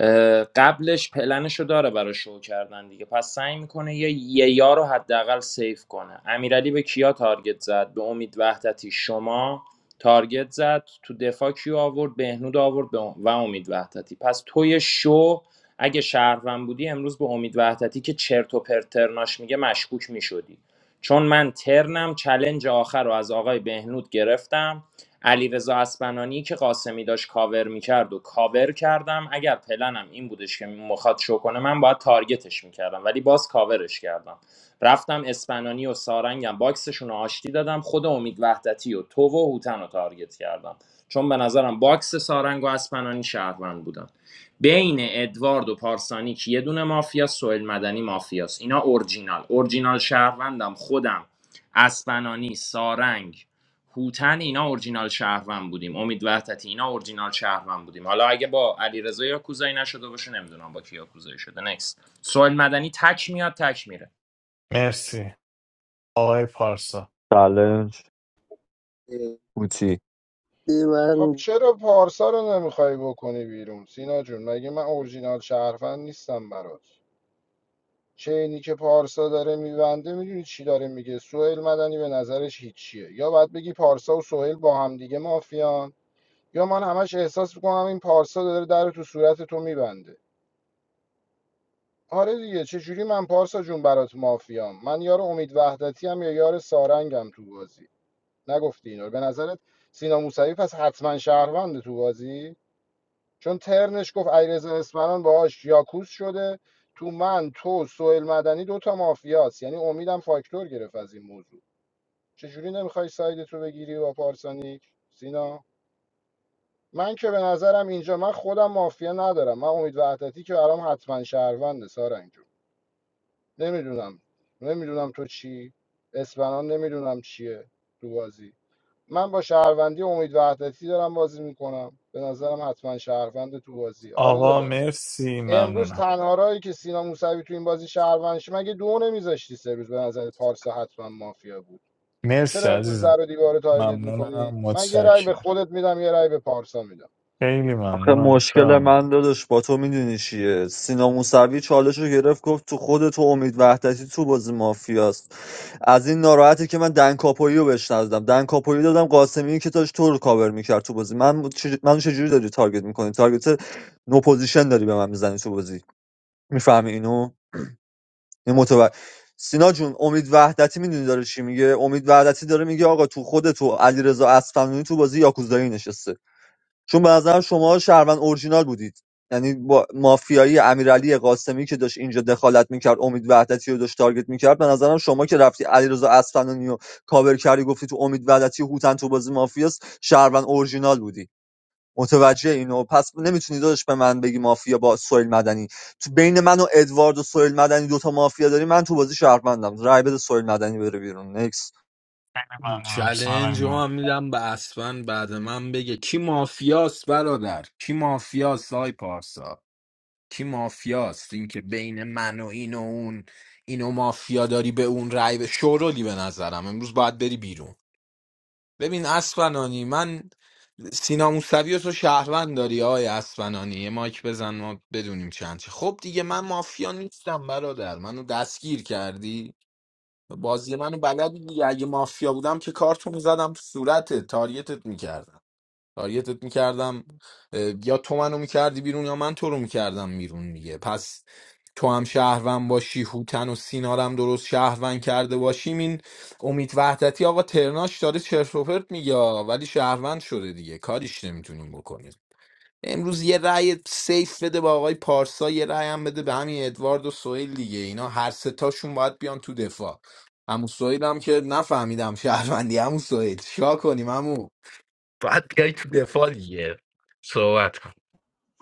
Speaker 9: اه، قبلش پلنشو داره برای شو کردن دیگه پس سعی میکنه یه یه یا رو حداقل سیف کنه امیرعلی به کیا تارگت زد به امید وحدتی شما تارگت زد تو دفاع کیو آورد بهنود آورد به و امید وحدتی پس توی شو اگه شهروند بودی امروز به امید وحدتی که چرت و پرترناش میگه مشکوک میشدی چون من ترنم چلنج آخر رو از آقای بهنود گرفتم علیرضا اسپنانی که قاسمی داشت کاور میکرد و کاور کردم اگر پلنم این بودش که مخاط شو کنه من باید تارگتش میکردم ولی باز کاورش کردم رفتم اسپنانی و سارنگم باکسشون رو آشتی دادم خود امید وحدتی و تو و هوتن رو تارگت کردم چون به نظرم باکس سارنگ و اسپنانی شهروند بودن بین ادوارد و پارسانیک یه دونه مافیا سوئل مدنی مافیاست اینا اورجینال اورجینال شهروندم خودم اسپنانی سارنگ هوتن اینا اورجینال شهروند بودیم امید وحدتی اینا اورجینال شهروند بودیم حالا اگه با علیرضا یا کوزایی نشده باشه نمیدونم با کی یا کوزایی شده نکست سوئل مدنی تک میاد تک میره
Speaker 4: مرسی آقای پارسا
Speaker 10: چالش هوتی
Speaker 16: خب
Speaker 11: من
Speaker 16: چرا پارسا رو نمیخوای بکنی بیرون سینا جون مگه من اورجینال شهروند نیستم برات چینی که پارسا داره میبنده میدونی چی داره میگه سوهل مدنی به نظرش هیچیه یا باید بگی پارسا و سوهل با هم دیگه مافیان یا من همش احساس میکنم این پارسا داره در رو تو صورت تو میبنده آره دیگه چجوری من پارسا جون برات مافیام من یار امید وحدتی هم یا یار سارنگم تو بازی نگفتی اینو به نظرت سینا موسوی پس حتما شهروند تو بازی چون ترنش گفت ایرزا اسمران باهاش یاکوس شده تو من تو سوئیل مدنی دوتا مافیاست یعنی امیدم فاکتور گرفت از این موضوع چجوری نمیخوای سایدت رو بگیری با پارسانیک سینا من که به نظرم اینجا من خودم مافیا ندارم من امید وحدتی که برام حتما شهرونده سارنگ جون نمیدونم نمیدونم تو چی اسپنان نمیدونم چیه تو بازی من با شهروندی امید وحدتی دارم بازی میکنم به نظرم حتما شهروند تو بازی آره
Speaker 4: آقا
Speaker 16: داداش
Speaker 4: مرسی
Speaker 16: امروز
Speaker 4: ممنونم
Speaker 16: تنها راهی که سینا موسوی تو این بازی شهروند شه- مگه دو نمیذاشتی سه روز به نظر پارسا حتما مافیا بود چرا
Speaker 4: مرسی
Speaker 16: امروز
Speaker 4: عزیزم
Speaker 16: در و دیوار تارگت میکنی
Speaker 4: ممنونم
Speaker 16: من یه رای به
Speaker 4: متشکر
Speaker 16: خودت میدم یه رای به پارسا میدم
Speaker 4: خیلی
Speaker 10: آخه
Speaker 4: ممنونم
Speaker 10: مشکل من
Speaker 4: دارم
Speaker 10: داداش با تو میدونی چیه سینا موسوی چالش رو گرفت گفت تو خود تو امید وحدتی تو بازی مافیاست از این ناراحتی که من دن کاپویی رو بهش ندادم دن کاپویی دادم قاسمی که داشت تو رو کاور میکرد تو بازی من چج... منو چجوری داری تارگت میکنی تارگت نو پوزیشن داری به من میزنی تو بازی میفهمی اینو این متوجه سینا جون امید وحدتی میدونی داره چی میگه امید وحدتی داره میگه آقا تو خود تو علیرضا اصفهانی تو بازی یاکوزایی نشسته چون به نظر شما شهروند اورجینال بودید یعنی با مافیایی امیرعلی قاسمی که داشت اینجا دخالت میکرد امید وحدتی رو داشت تارگت میکرد به نظرم شما که رفتی علیرضا اصفهانی و کاور کردی گفتی تو امید وحدتی و هوتن تو بازی مافیاست شهروند اورجینال بودی متوجه اینو پس نمیتونی داداش به من بگی مافیا با سویل مدنی تو بین من و ادوارد و سویل مدنی دوتا مافیا داری من تو بازی شهروندم رای بده سویل مدنی بره بیرون نکس
Speaker 4: خیلی ممنونم
Speaker 3: چلنج
Speaker 4: سارنگ
Speaker 3: رو
Speaker 4: جان.
Speaker 3: هم میدم به اسفن بعد من بگه کی مافیاست برادر کی مافیاست آی پارسا کی مافیاست اینکه بین من و این و اون اینو مافیا داری به اون رای به شورولی به نظرم امروز باید بری بیرون ببین اسفنانی من سینا موسوی رو تو شهروند داری آی اسفنانی یه مایک بزن ما بدونیم چند چی. خب دیگه من مافیا نیستم برادر منو دستگیر کردی بازی منو بلدی دیگه اگه مافیا بودم که کارتون زدم تو صورتت تاریتت میکردم تاریتت میکردم یا تو منو میکردی بیرون یا من تو رو میکردم بیرون دیگه پس تو هم شهروند باشی هوتن و سینارم درست شهروند کرده باشیم این امید وحدتی آقا ترناش داره چرت و پرت میگه ولی شهروند شده دیگه کاریش نمیتونیم بکنیم امروز یه رأی سیف بده با آقای پارسا یه رأی هم بده به همین ادوارد و سهیل دیگه اینا هر سه تاشون باید بیان تو دفاع عمو سهیل هم که نفهمیدم شهروندی عمو سهیل چیکار کنیم عمو باید بیای تو دفاع دیگه صحبت کن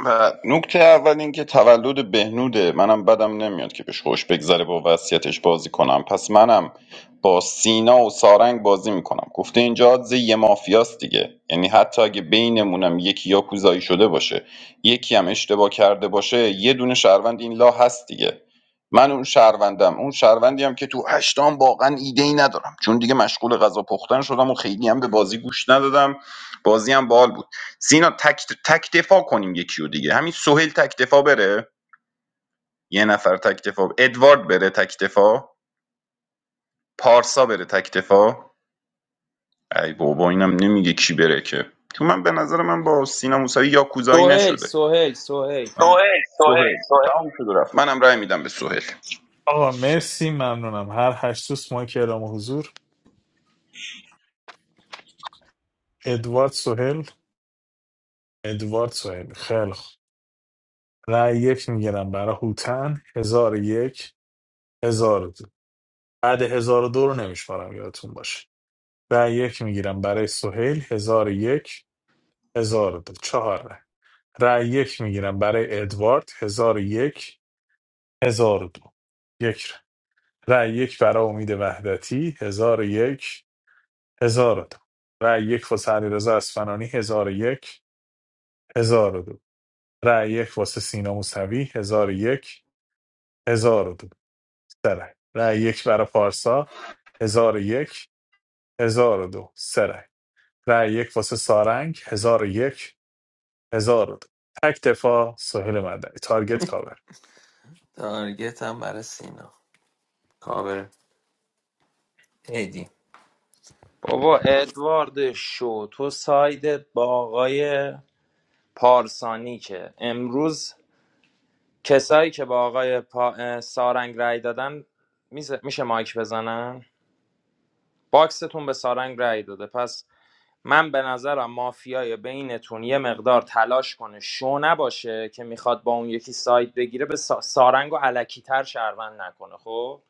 Speaker 8: و نکته اول اینکه تولد بهنوده منم بدم نمیاد که بهش خوش بگذره با وصیتش بازی کنم پس منم با سینا و سارنگ بازی میکنم گفته اینجا آدز یه مافیاست دیگه یعنی حتی اگه بینمونم یکی یا کوزایی شده باشه یکی هم اشتباه کرده باشه یه دونه شهروند این لا هست دیگه من اون شهروندم اون شهروندی هم که تو هشتم واقعا ایده ای ندارم چون دیگه مشغول غذا پختن شدم و خیلی هم به بازی گوش ندادم بازی هم باحال بود. سینا تک تک دفاع کنیم یکی و دیگه همین سهیل تک دفاع بره یه نفر تک دفاع ادوارد بره تک دفاع پارسا بره تک دفاع ای بابا اینم نمیگه کی بره که تو من به نظر من با سینا موسوی یاکوزایی
Speaker 9: سوهل
Speaker 8: نشده
Speaker 9: سوهل سوهل
Speaker 8: من سوهل سوهل سهیل سوهل تمام شد و رفت منم رأی میدم به سهیل
Speaker 4: آقا مرسی ممنونم هر هشت دوست ما که اعلام حضور ادوارد سوهل ادوارد سوهل خیلی خوب رأی یک میگیرم برای هوتن هزار و یک هزار و دو بعد هزار و دو رو نمیشمارم یادتون باشه رأی یک میگیرم برای سوهل هزار و یک هزار و دو چهار رأی رأی یک میگیرم برای ادوارد هزار و یک هزار و دو یک رای یک برای امید وحدتی هزار و یک هزار و دو رای یک واسه علیرضا اصفهانی هزار و یک هزار و دو رای یک واسه سینا موسوی هزار و یک هزار و دو سه رای رأی یک برای پارسا هزار و یک هزار و دو سه رای رأی یک واسه سارنگ هزار و یک هزار و دو تک دفاع سهیل مدنی تارگت کاور
Speaker 14: تارگت هم برای سینا کابره هدی
Speaker 9: بابا ادوارد شو تو سایدت با آقای پارسانی که امروز کسایی که با آقای پا... سارنگ رای دادن میز- میشه مایک بزنن باکستون به سارنگ رأی داده پس من به نظرم مافیای بینتون یه مقدار تلاش کنه شو نباشه که میخواد با اون یکی سایت بگیره به سا- سارنگ و علکی تر شهروند نکنه خب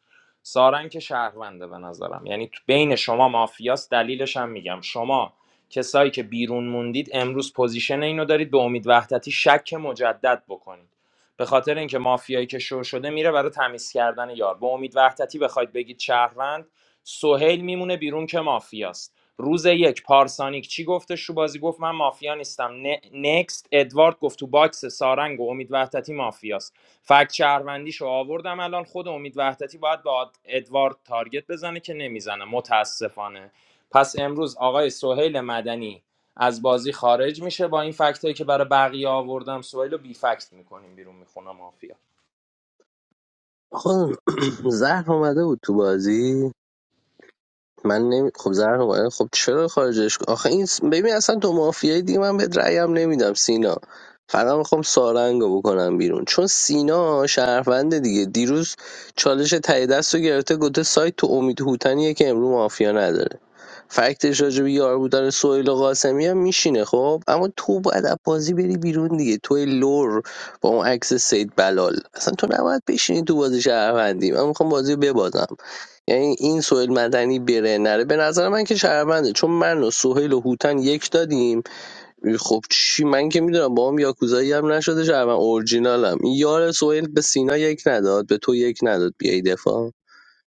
Speaker 9: سارنگ که شهرونده به نظرم یعنی تو بین شما مافیاست دلیلش هم میگم شما کسایی که بیرون موندید امروز پوزیشن اینو دارید به امید وحدتی شک مجدد بکنید به خاطر اینکه مافیایی که شو شده میره برای تمیز کردن یار به امید وحدتی بخواید بگید شهروند سهیل میمونه بیرون که مافیاست روز یک پارسانیک چی گفتش تو بازی گفت من مافیا نیستم ن- نکست ادوارد گفت تو باکس سارنگ و امید وحدتی مافیاست فکت شهروندیشو آوردم الان خود امید وحدتی باید با ادوارد تارگت بزنه که نمیزنه متاسفانه پس امروز آقای سهیل مدنی از بازی خارج میشه با این فکتایی که برای بقیه آوردم سهیل رو بی فکت میکنیم بیرون میخونه مافیا
Speaker 11: خودم زهر اومده بود تو بازی من نمی... خب زهر اومده. خب چرا خارجش آخه این ببین اصلا تو مافیای دیگه من به رأیم نمیدم سینا فقط میخوام سارنگو بکنم بیرون چون سینا شهروند دیگه دیروز چالش تای دست رو گرفته گفته سایت تو امید هوتنیه که امرو مافیا نداره فکتش راجع به یار بودن سهیل و قاسمی هم میشینه خب اما تو باید از بازی بری بیرون دیگه توی لور با اون عکس سید بلال اصلا تو نباید بشینی تو بازی شهروندی من میخوام بازی رو ببازم یعنی این سوهیل مدنی بره نره به نظر من که شهرونده چون من و سوهیل و هوتن یک دادیم خب چی من که میدونم با هم یاکوزایی هم نشده شهروند اورجینالم این یار سوهیل به سینا یک نداد به تو یک نداد بیای دفاع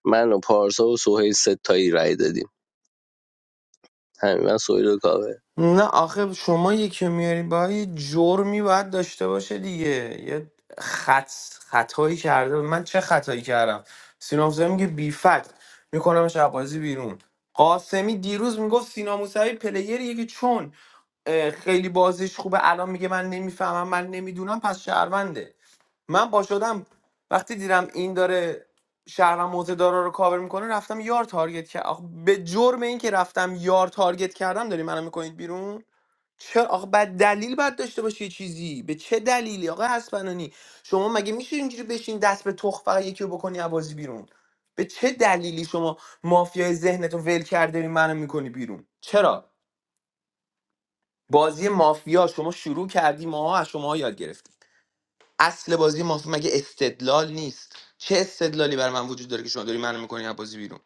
Speaker 11: من و پارسا و سوهیل ستایی رای دادیم همین من سوهیل و کاوه
Speaker 14: نه آخه شما یکی رو میاری با یه جرمی باید داشته باشه دیگه یه خط خطایی کرده من چه خطایی کردم سینا موسوی میگه بی فکت میکنمش از بازی بیرون قاسمی دیروز میگفت سینا موسوی پلیریه که چون اه، خیلی بازیش خوبه الان میگه من نمیفهمم من نمیدونم پس شهرونده من با شدم وقتی دیدم این داره شهروند موزه دارا رو کاور میکنه رفتم یار تارگت کرد آخه به جرم این که رفتم یار تارگت کردم داری منو میکنید بیرون چرا آخه بعد دلیل باید داشته باشه یه چیزی به چه دلیلی آقا اسپنانی شما مگه میشه اینجوری بشین دست به تخ فقط یکی رو بکنی عبازی بیرون به چه دلیلی شما مافیای ذهنت رو ول کرده داری منو میکنی بیرون چرا بازی مافیا شما شروع کردی ماها از شما یاد گرفتیم اصل بازی مافیا مگه استدلال نیست چه استدلالی برای من وجود داره که شما داری منو میکنی از بازی بیرون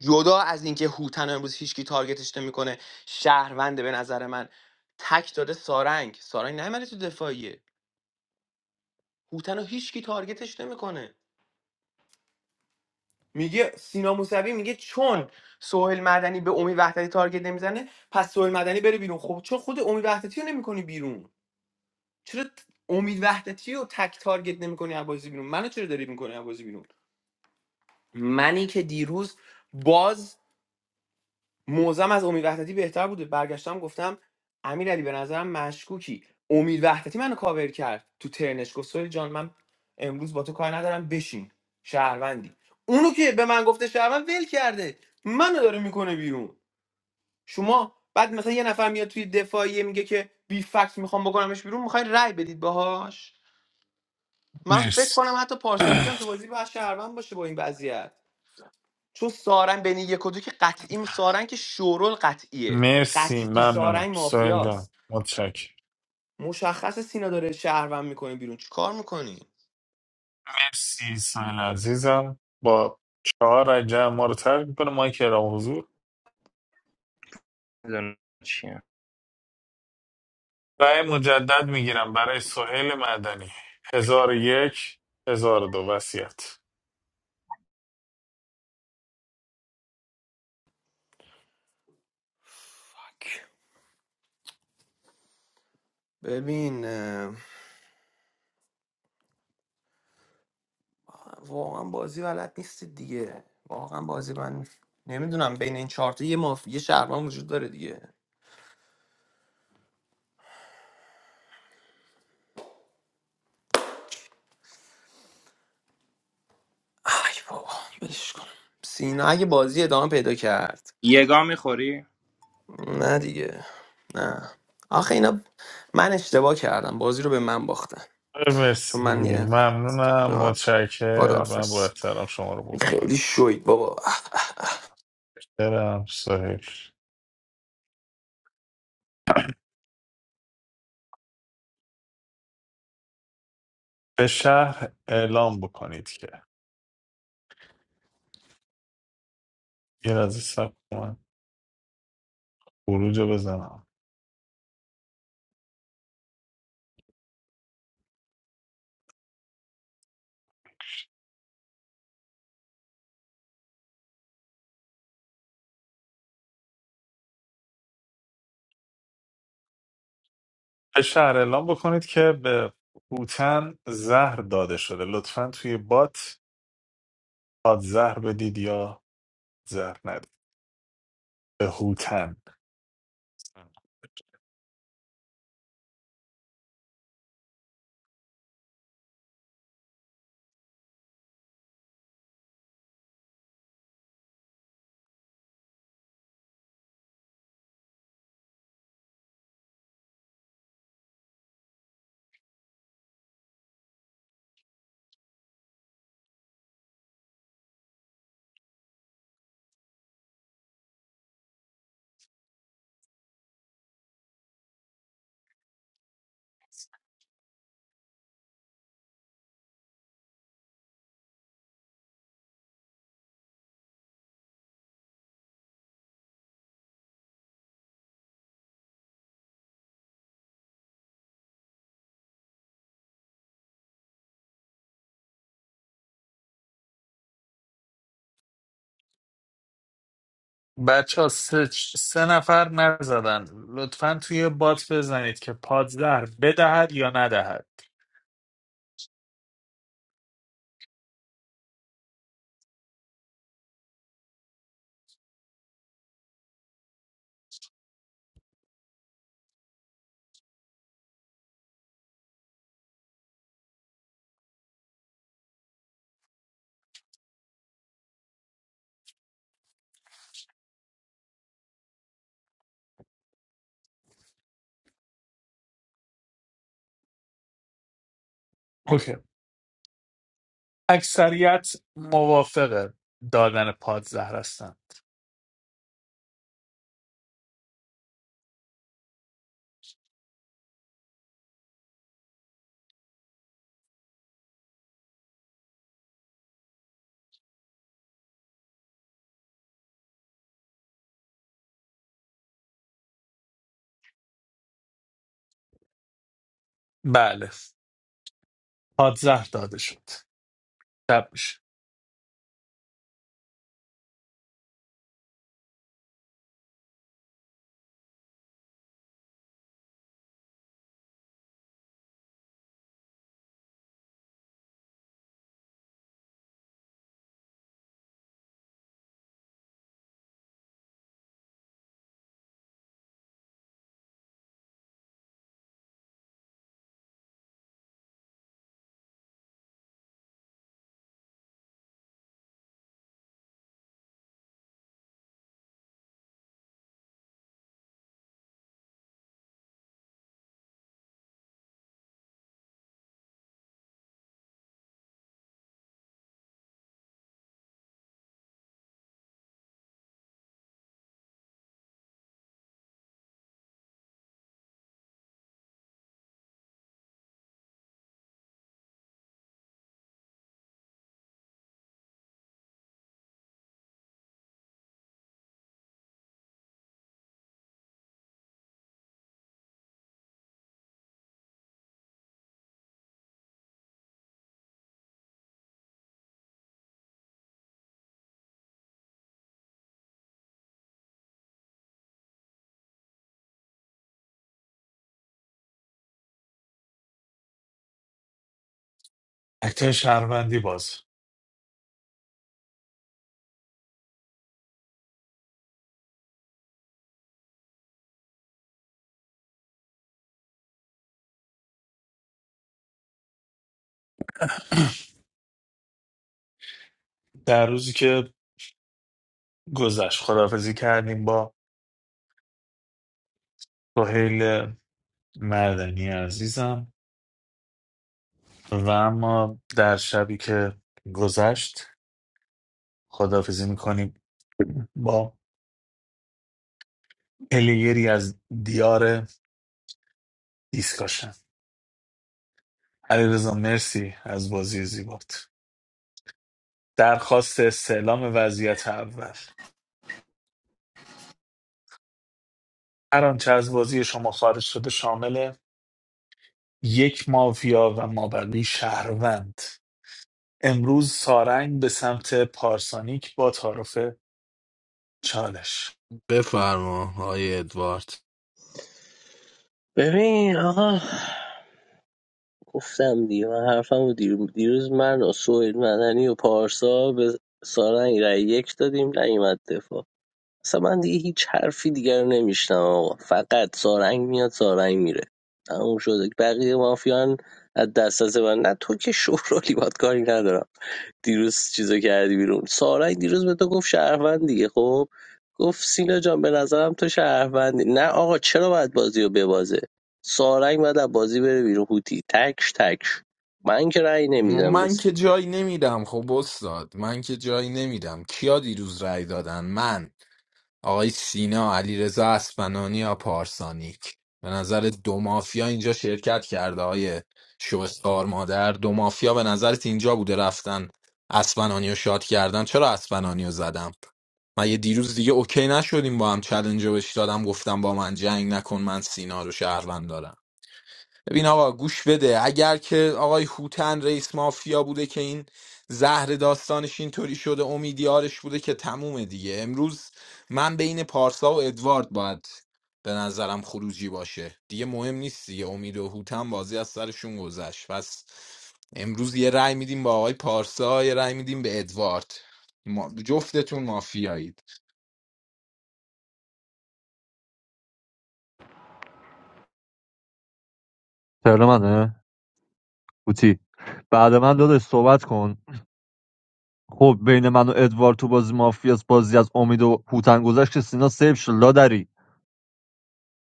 Speaker 14: جدا از اینکه هوتن امروز هیچکی تارگتش نمیکنه شهرونده به نظر من تک داده سارنگ سارنگ نیومده تو دفاعیه هوتن رو هیچکی تارگتش نمیکنه میگه سینا موسوی میگه چون سهیل مدنی به امید وحدتی تارگت نمیزنه پس سهیل مدنی بره بیرون خب چون خود امید وحدتی رو نمیکنی بیرون چرا ت- امید وحدتی رو تک تارگت نمیکنی بازی بیرون منو چرا داری میکنی بازی بیرون منی که دیروز باز موضعم از امید وحدتی بهتر بود برگشتم گفتم امیرعلی علی به نظرم مشکوکی امید وحدتی منو کاور کرد تو ترنش گفت سوری جان من امروز با تو کار ندارم بشین شهروندی اونو که به من گفته شهروند ول کرده منو داره میکنه بیرون شما بعد مثلا یه نفر میاد توی دفاعیه میگه که بی فکت میخوام بکنمش بیرون میخوای رأی بدید باهاش من فکر
Speaker 4: مرسی
Speaker 14: کنم حتی پارسانی که هم تو بازی باید شهروند باشه با این وضعیت چون سارنگ بین یک و دو که قطعی سارنگ که شورول قطعیه
Speaker 4: مرسی
Speaker 14: قطعی
Speaker 4: ممنونم
Speaker 14: سارنگ
Speaker 4: سهیل جان
Speaker 14: مافیاست
Speaker 4: متشکرم
Speaker 14: مشخص سینا داره شهروند میکنه بیرون چیکار میکنی
Speaker 4: مرسی سهیل عزیزم با چهار رجب ما رو ترک میکنه ما کرام حضور
Speaker 9: می‌دونم چیه.
Speaker 4: رأی مجدد میگیرم برای سهیل مدنی هزار و یک هزار و دو وسیعت
Speaker 14: فاک. ببین اه، واقعا بازی بلد نیست دیگه واقعا بازی من نمیدونم بین این چهار تا یه ماف... یه شهروند وجود داره دیگه ای بابا ولش کن سینا اگه بازی ادامه پیدا کرد
Speaker 9: یگا میخوری
Speaker 14: نه دیگه نه آخه اینا من اشتباه کردم بازی رو به من باختن چون
Speaker 4: مرسی
Speaker 14: من یه
Speaker 4: ممنونم
Speaker 14: آره.
Speaker 4: متشکر من با
Speaker 14: خداحافظ
Speaker 4: احترام شما رو
Speaker 14: خیلی
Speaker 4: بفتاد
Speaker 14: شوید بابا
Speaker 4: برم سهیل به شهر اعلام بکنید که یه از سب من خروج رو بزنم به شهر اعلام بکنید که به هوتن زهر داده شده لطفا توی بات آد زهر بدید یا زهر ندید به هوتن بچه ها سه, سه نفر نزدن لطفا توی بات بزنید که پادزهر بدهد یا ندهد اوکی اکثریت موافق دادن پادزهر هستن بله پادزهر داده شد شب میشه اکته شهروندی باز در روزی که گذشت خدافزی کردیم با سهیل مردنی عزیزم و اما در شبی که گذشت خداحافظی میکنیم با پلیری از دیار دیسکاشن علیرضا مرسی از بازی زیبات درخواست استعلام وضعیت اول هر آنچه از بازی شما خارج شده شامل یک مافیا و مابقی شهروند امروز سارنگ به سمت پارسانیک با تعارف چالش
Speaker 3: بفرما آقای ادوارد
Speaker 11: ببین آقا گفتم دیگه من حرفم رو دیر بود دیروز من و سوهیل مدنی و پارسا به سارنگ رای یک دادیم نیومد دفاع اصلا من دیگه هیچ حرفی دیگر رو نمیشنم آقا فقط سارنگ میاد سارنگ میره تموم شده بقیه مافیان از دست از من نه تو که شورالی باد کاری ندارم دیروز چیزو کردی بیرون سارنگ دیروز به تو گفت شهروند دیگه خب گفت سینا جان به نظرم تو شهروندی نه آقا چرا باید بازی رو ببازه سارنگ باید از بازی بره بیرون هوتی تکش تکش من که رأی نمیدم
Speaker 3: من
Speaker 11: بسی
Speaker 3: که جایی نمیدم خب استاد من که جایی نمیدم کیا دیروز رأی دادن من آقای سینا علیرضا اسفنانی یا پارسانیک به نظر دو مافیا اینجا شرکت کرده های شوستار مادر دو مافیا به نظرت اینجا بوده رفتن اسفنانی رو شاد کردن چرا اسفنانی رو زدم من یه دیروز دیگه اوکی نشدیم با هم چلنج رو بهش دادم گفتم با من جنگ نکن من سینا رو شهروند دارم ببین آقا گوش بده اگر که آقای هوتن رئیس مافیا بوده که این زهر داستانش اینطوری شده امیدیارش بوده که تمومه دیگه امروز من بین پارسا و ادوارد باید به نظرم خروجی باشه دیگه مهم نیست دیگه امید و هوتن بازی از سرشون گذشت پس امروز یه رأی میدیم با آقای پارسا یه رأی میدیم به ادوارد ما جفتتون مافیایید
Speaker 10: ترن منه؟ قوطی. بعد من داداش صحبت کن خب بین من و ادوارد تو بازی مافیاس بازی از امید و هوتن گذشت که سینا سیف شد لادری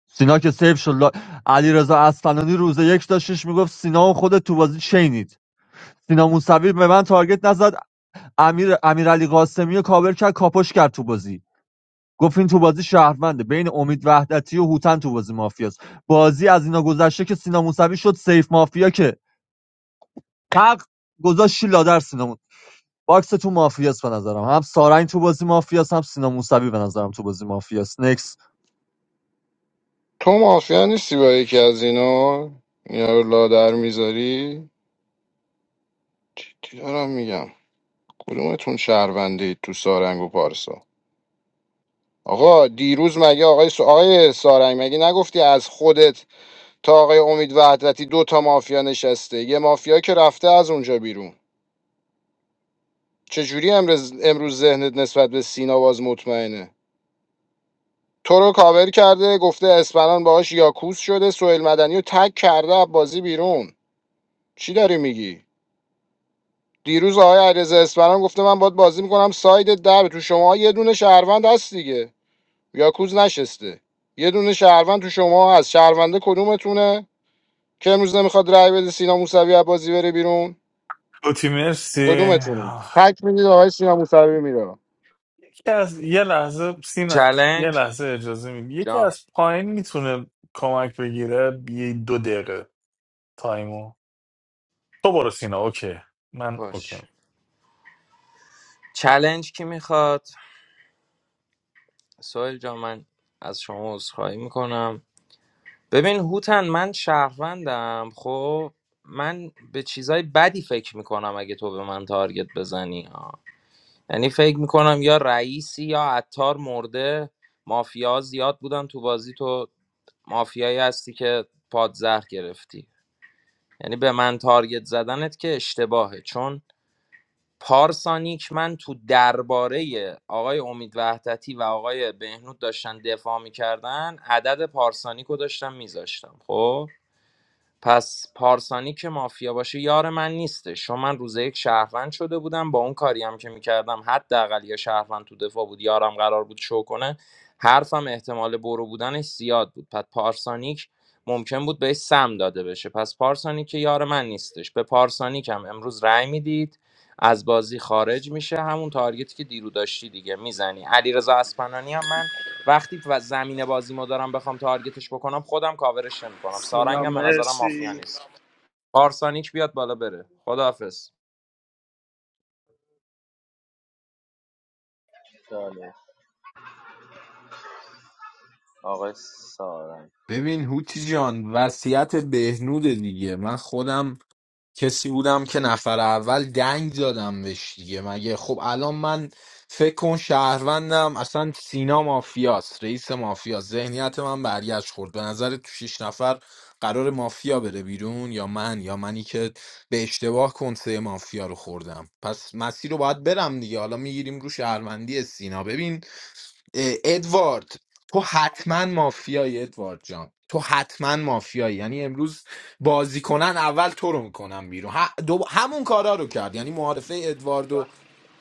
Speaker 10: سینا که سیف شد لا... علیرضا اصفهانی روز یک داشتش میگفت سینا و خود تو بازی چینید سینا موسوی به من تارگت نزد امیر امیرعلی قاسمی و کابر کرد کاپش کرد تو بازی گفت این تو بازی شهرونده بین امید وحدتی و هوتن تو بازی مافیاس بازی از اینا گذشته که سینا موسوی شد سیف مافیا که حق گذاشت لادر سینا باکس تو مافیاس به نظرم هم سارنگ تو بازی مافیاس هم سینا موسوی به نظرم تو بازی مافیاس نکس
Speaker 16: تو مافیا نیستی با یکی از اینا اینا رو لادر میذاری چی چی دارم میگم کدومتون شهرونده اید تو سارنگ و پارسا آقا دیروز مگه آقای س... آقای سارنگ مگه نگفتی از خودت تا آقای امید وحدتی دو تا مافیا نشسته یه مافیا که رفته از اونجا بیرون چجوری امروز امروز ذهنت نسبت به سینا باز مطمئنه تو رو کاور کرده گفته اسپنان باهاش یاکوس شده سوئیل مدنی رو تک کرده از بازی بیرون چی داری میگی دیروز آقای علیرضا اسپرم گفته من باید بازی میکنم ساید در تو شما یه دونه شهروند هست دیگه یاکوز نشسته یه دونه شهروند تو شما هست شهرونده کدومتونه که امروز نمیخواد رای بده سینا موسوی از بازی بره بیرون
Speaker 4: اوتی مرسی
Speaker 16: کدومتون تک میدید آقای سینا موسوی میره
Speaker 4: یکی از یه لحظه سینا یه
Speaker 9: چلنج
Speaker 4: لحظه اجازه میدی یکی
Speaker 9: جان
Speaker 4: از پایین میتونه کمک بگیره یه دو دقیقه تایمو تو برو سینا اوکی من اوکی
Speaker 9: باش چلنج کی میخواد سوهل جان من از شما عذرخواهی میکنم ببین هوتن من شهروندم خب من به چیزای بدی فکر میکنم اگه تو به من تارگت بزنی ها. یعنی فکر میکنم یا رئیسی یا عطار مرده مافیا زیاد بودن تو بازی تو مافیایی هستی که پادزهر گرفتی یعنی به من تارگت زدنت که اشتباهه چون پارسانیک من تو درباره آقای امید وحدتی و آقای بهنود داشتن دفاع میکردن عدد پارسانیک رو داشتم میذاشتم خب پس پارسانی که مافیا باشه یار من نیستش چون من روز یک شهروند شده بودم با اون کاری هم که میکردم حداقل یه شهروند تو دفاع بود یارم قرار بود شو کنه حرفم احتمال برو بودنش زیاد بود پس پارسانیک ممکن بود بهش سم داده بشه پس پارسانیک که یار من نیستش به پارسانیک هم امروز رأی میدید از بازی خارج میشه همون تارگتی که دیرو داشتی دیگه میزنی علیرضا اسپنانی هم من وقتی و زمین بازی ما دارم بخوام تارگتش بکنم خودم کاورش نمیکنم
Speaker 19: Suna
Speaker 9: سارنگم به نظرم مافیا
Speaker 19: Messi,
Speaker 9: نیست پارسانیک بیاد بالا بره خداحافظ
Speaker 17: چالش آقای سارنگ
Speaker 3: ببین هوتی جان وصیت بهنود دیگه من خودم کسی بودم که نفر اول دنگ دادم بهش دیگه مگه خب الان من فکر کن شهروندم اصلا سینا مافیاست رئیس مافیاست ذهنیت من برگشت خورد به نظر تو شیش نفر قرار مافیا بره بیرون یا من یا منی که به اشتباه کنسه مافیا رو خوردم پس مسیر رو باید برم دیگه حالا میگیریم رو شهروندی سینا ببین اه، ادوارد تو حتما مافیایی ادوارد جان تو حتما مافیایی یعنی امروز بازی کنن اول تو رو میکنن بیرون ه- دو... همون کارا رو کرد یعنی معارفه ادواردو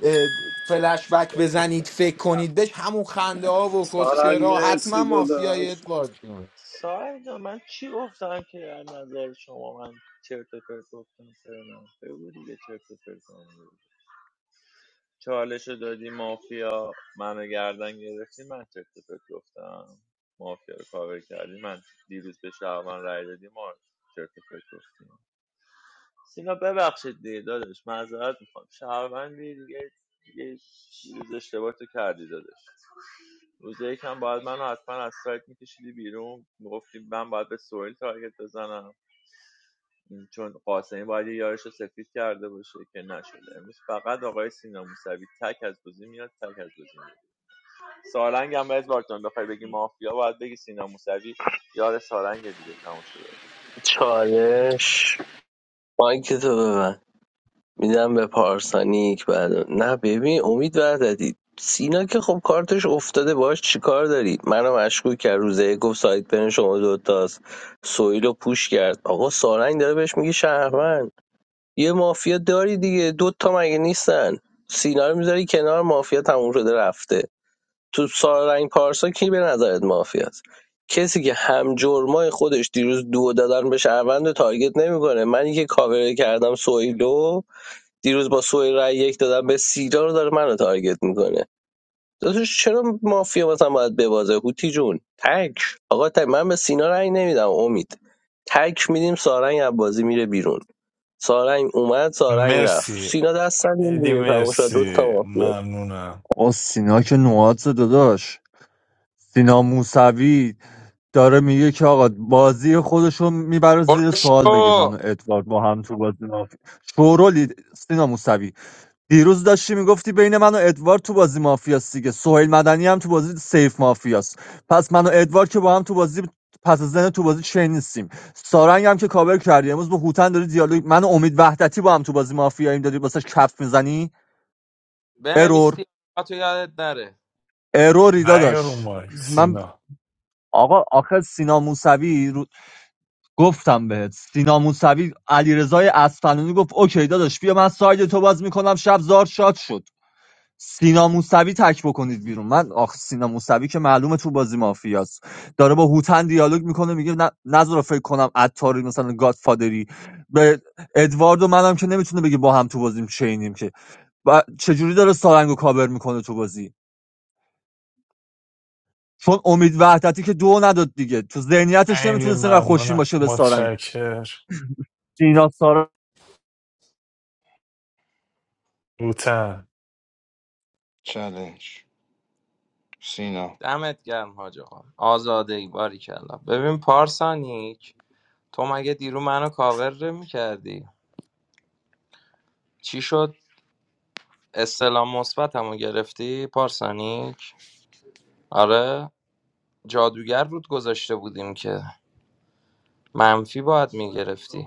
Speaker 3: اه، فلش بک بزنید فکر کنید بهش همون خنده ها و
Speaker 19: Sada
Speaker 3: کسچرا حتما
Speaker 19: Messi,
Speaker 3: مافیای
Speaker 19: Dadash.
Speaker 3: ادوارد
Speaker 17: سارا جان من چی گفتم که از نظر شما من چرت و پرت گفتم سرنا بگو دیگه چرت و پرت کنم. چالش دادی مافیا منو گردن گرفتی من چرت و پرت گفتم مافیا رو کاور کردی من دیروز به شهرمن رای دادی ما چرت و پرت گفتیم سینا ببخشید دیگه داداش معذرت میخوام شهروندی دیگه یه روز اشتباه تو کردی داداش روز یکم باید منو حتما از سایت میکشیدی بیرون میگفتی من باید به سویل تارگت بزنم چون قاسمی باید یه یارش رو سفید کرده باشه که نشده امروز فقط آقای سینا موسوی تک از بازی میاد تک از بازی میاد سالنگ هم باید بارتون بخوای بگی مافیا باید بگی سینا موسوی یار سالنگ دیگه تموم شده
Speaker 11: چالش مایک تو ببند. میدم به پارسانیک بعد نه ببین امید وحدتی سینا که خب کارتش افتاده باش چیکار داری منو مشکوک کرد روزه یک گفت سایت بین شما دوتاست سویل رو پوش کرد آقا سارنگ داره بهش میگه شهروند یه مافیا داری دیگه دوتا مگه نیستن سینا رو میذاری کنار مافیا تموم شده رفته تو سارنگ پارسا کی به نظرت مافیاست کسی که هم جرمای خودش دیروز دو دادن به شهروند رو تارگت نمیکنه منی که کاور کردم سویلو دیروز با سوی رای یک دادن به سیرا رو داره منو تارگت میکنه داداش چرا مافیا مثلا باید ببازه هوتی جون تک آقا تک من به سینا رای نمیدم امید تک میدیم سارنگ عبازی میره بیرون سارنگ اومد سارنگ رفت
Speaker 4: مرسی
Speaker 11: سینا دست نمیدیم
Speaker 4: ایدی
Speaker 11: دیگه تمام شد دو تا
Speaker 4: مرسی
Speaker 11: مافیا
Speaker 4: ممنونم
Speaker 10: آ سینا که نوادز داداش سینا موسوی داره میگه که آقا بازی خودشو میبره
Speaker 9: برو
Speaker 10: زیر سوال بگه منو
Speaker 9: شو
Speaker 10: ادوارد با هم تو بازی مافیا شورولید سینا موسوی دیروز داشتی میگفتی بین من و ادوارد تو بازی مافیاست دیگه سهیل مدنی هم تو بازی سیف مافیاست پس من و ادوارد که با هم تو بازی پس از زن تو بازی چین نیستیم سارنگ هم که کاور کردی امروز با هوتن داری دیالوگ من و امید وحدتی با هم تو بازی مافیاییم داری واسش کف میزنی
Speaker 9: بنویس
Speaker 10: ارور
Speaker 9: تو یادت نره
Speaker 10: اروری
Speaker 4: نه یارو
Speaker 10: داداش
Speaker 4: مایک
Speaker 10: من
Speaker 4: سینا
Speaker 10: آقا آخر سینا موسوی رو... گفتم بهت سینا موسوی علیرضای اصفهانی گفت اوکی داداش بیا من ساید تو باز میکنم شب زار شاد شد سینا موسوی تک بکنید بیرون من آخ سینا موسوی که معلومه تو بازی مافیاست داره با هوتن دیالوگ میکنه میگه نه نذار فکر کنم عطاری مثلا گادفادری به ادواردو و منم که نمیتونه بگه با هم تو بازیم چینیم که و چجوری داره سارنگو کاور میکنه تو بازی چون امید وحدتی که دو نداد دیگه تو ذهنیتش
Speaker 4: خیلی
Speaker 10: نمیتونه اینقدر خوشین
Speaker 4: ممنونم
Speaker 10: باشه به سارنگ
Speaker 4: متشکر
Speaker 10: سینا سارنگ
Speaker 4: بوتن
Speaker 16: چالش سینا
Speaker 9: دمت گرم حاج آقا آزاده ای باریکلا ببین پارسانیک تو مگه دیرو منو کاور میکردی چی شد استلام مثبتمو گرفتی پارسانیک آره جادوگر رود گذاشته بودیم که منفی باید میگرفتی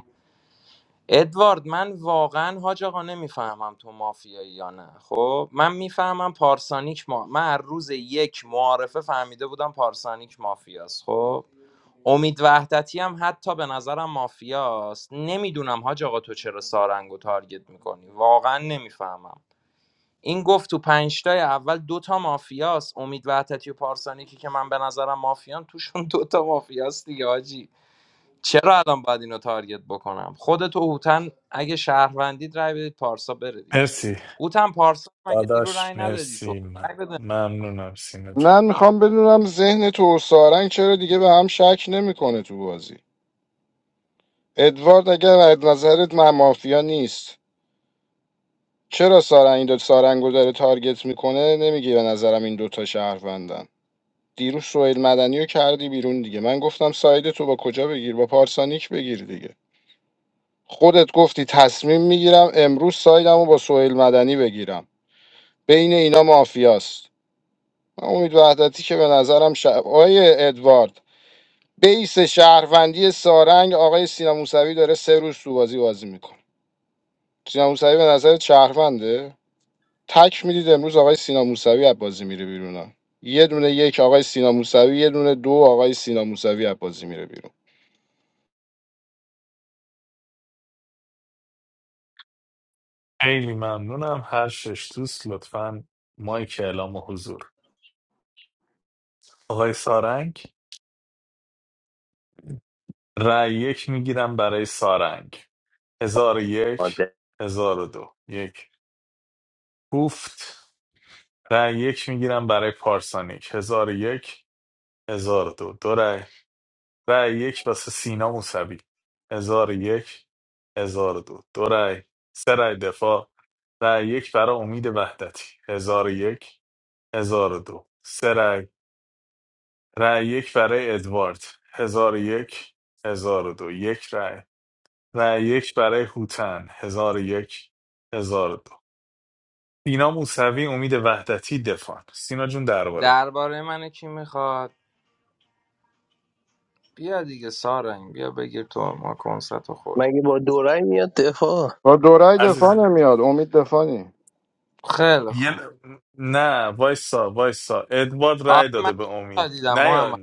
Speaker 9: ادوارد من واقعا حاج آقا نمیفهمم تو مافیایی یا نه خب من میفهمم پارسانیک ما من از روز یک معارفه فهمیده بودم پارسانیک مافیاست خب امید وحدتی هم حتی به نظرم مافیاست نمیدونم حاج آقا تو چرا سارنگو تارگت میکنی واقعا نمیفهمم این گفت تو پنجتای اول دوتا مافیاست امید وحدتی و پارسانیکی که من به نظرم مافیان توشون دوتا مافیاست دیگه حاجی چرا الان باید اینو تارگت بکنم خودت و هوتن اگه شهروندید رای بدید پارسا بره دیگه
Speaker 4: مرسی
Speaker 9: هوتن پارسا مگه دیرو رای
Speaker 4: داداش
Speaker 9: ندادی تو
Speaker 4: مرسی من
Speaker 9: رای بده
Speaker 4: ممنونم سینا جان
Speaker 16: من میخوام بدونم ذهن تو و سارنگ چرا دیگه به هم شک نمیکنه تو بازی ادوارد اگر از نظرت من مافیا نیست چرا سارنگ این دو سارنگو داره تارگت میکنه نمیگی به نظرم این دوتا شهروندن دیروز سوئیل مدنی رو کردی بیرون دیگه من گفتم ساید تو با کجا بگیر با پارسانیک بگیر دیگه خودت گفتی تصمیم میگیرم امروز سایدم با سوئیل مدنی بگیرم بین اینا مافیاست من امید وحدتی که به نظرم ش... آقای ادوارد بیس شهروندی سارنگ آقای سینا موسوی داره سه روز تو بازی بازی میکنه سینا موسوی به نظر شهرونده تک میدید امروز آقای سینا موسوی از بازی میره بیرون ها. یه دونه یک آقای سینا موسوی یه دونه دو آقای سینا موسوی از بازی میره بیرون
Speaker 4: خیلی ممنونم هر شش دوست لطفا مایک اعلام حضور آقای سارنگ رأی یک میگیرم برای سارنگ هزار و یک
Speaker 11: آده.
Speaker 4: هزار و دو یک گفت رأی یک میگیرم برای پارسانیک هزار و یک هزار و دو دو رأی رأی یک واسه سینا موسوی هزار و یک هزار و دو دو رأی سه رأی دفاع رأی یک برای امید وحدتی هزار و یک هزار و دو سه رأی رأی یک برای ادوارد هزار و یک هزار و دو یک رأی و یک برای هوتن هزار و یک هزار و دو سینا موسوی امید وحدتی دفاع سینا جون درباره
Speaker 9: درباره من کی میخواد بیا دیگه سارنگ بیا بگیر تو ما کنسرت خورد
Speaker 11: مگه با دو رای میاد دفاع
Speaker 16: با دو رای دفاع
Speaker 4: عزیز من.
Speaker 16: نمیاد امید دفاعی
Speaker 9: خیلی
Speaker 4: یه
Speaker 9: خوب
Speaker 4: نه وایسا وایسا ادوارد
Speaker 9: آره
Speaker 4: رای
Speaker 9: من
Speaker 4: داده به امید
Speaker 9: دیدم
Speaker 4: نه یا-
Speaker 9: محمد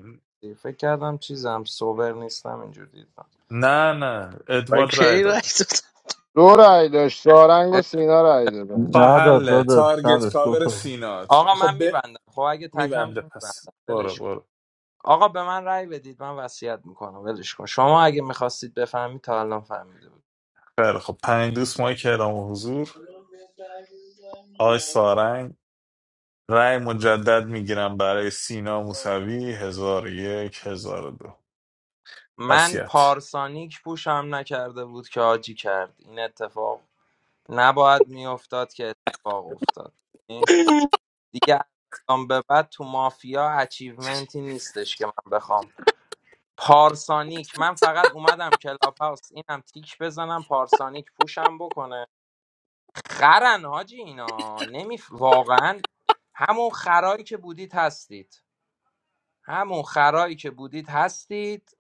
Speaker 9: فکر کردم چیزم سوبر نیستم اینجور دیدم
Speaker 4: نه نه
Speaker 11: من
Speaker 4: ادوارد رای
Speaker 11: کی رای
Speaker 4: داده
Speaker 11: دادم
Speaker 16: دو رای داشت سارنگ و
Speaker 9: اه،
Speaker 16: سینا رای
Speaker 4: خب
Speaker 16: دادن
Speaker 10: نداد
Speaker 4: حله
Speaker 10: داداش
Speaker 4: تارگت
Speaker 10: نداشت دو
Speaker 4: کاور
Speaker 10: تا
Speaker 4: سینا
Speaker 9: آقا
Speaker 4: خب
Speaker 9: من
Speaker 4: به
Speaker 9: میبندم خب اگه تکم
Speaker 4: میبنده
Speaker 9: که
Speaker 4: پس
Speaker 9: میبندم
Speaker 4: برو برو
Speaker 9: آقا به من رأی بدید من وصیت میکنم ولش کن شما اگه میخواستید بفهمید تا الان فهمیده بود
Speaker 4: خیلی خب پنج دوست ماه که اعلام حضور آقای سارنگ رای مجدد میگیرم برای سینا موسوی هزار و یک هزار و دو
Speaker 9: من
Speaker 4: وسیعت
Speaker 9: پارسانیک پوشم نکرده بود که آجی کرد این اتفاق نباید میافتاد که اتفاق افتاد یعنی دیگه از الان به بعد تو مافیا اچیومنتی نیستش که من بخوام پارسانیک من فقط اومدم کلاب هاوس اینم تیک بزنم پارسانیک پوشم بکنه خرن حاجی اینا نمی واقعا همون خرایی که بودید هستید همون خرایی که بودید هستید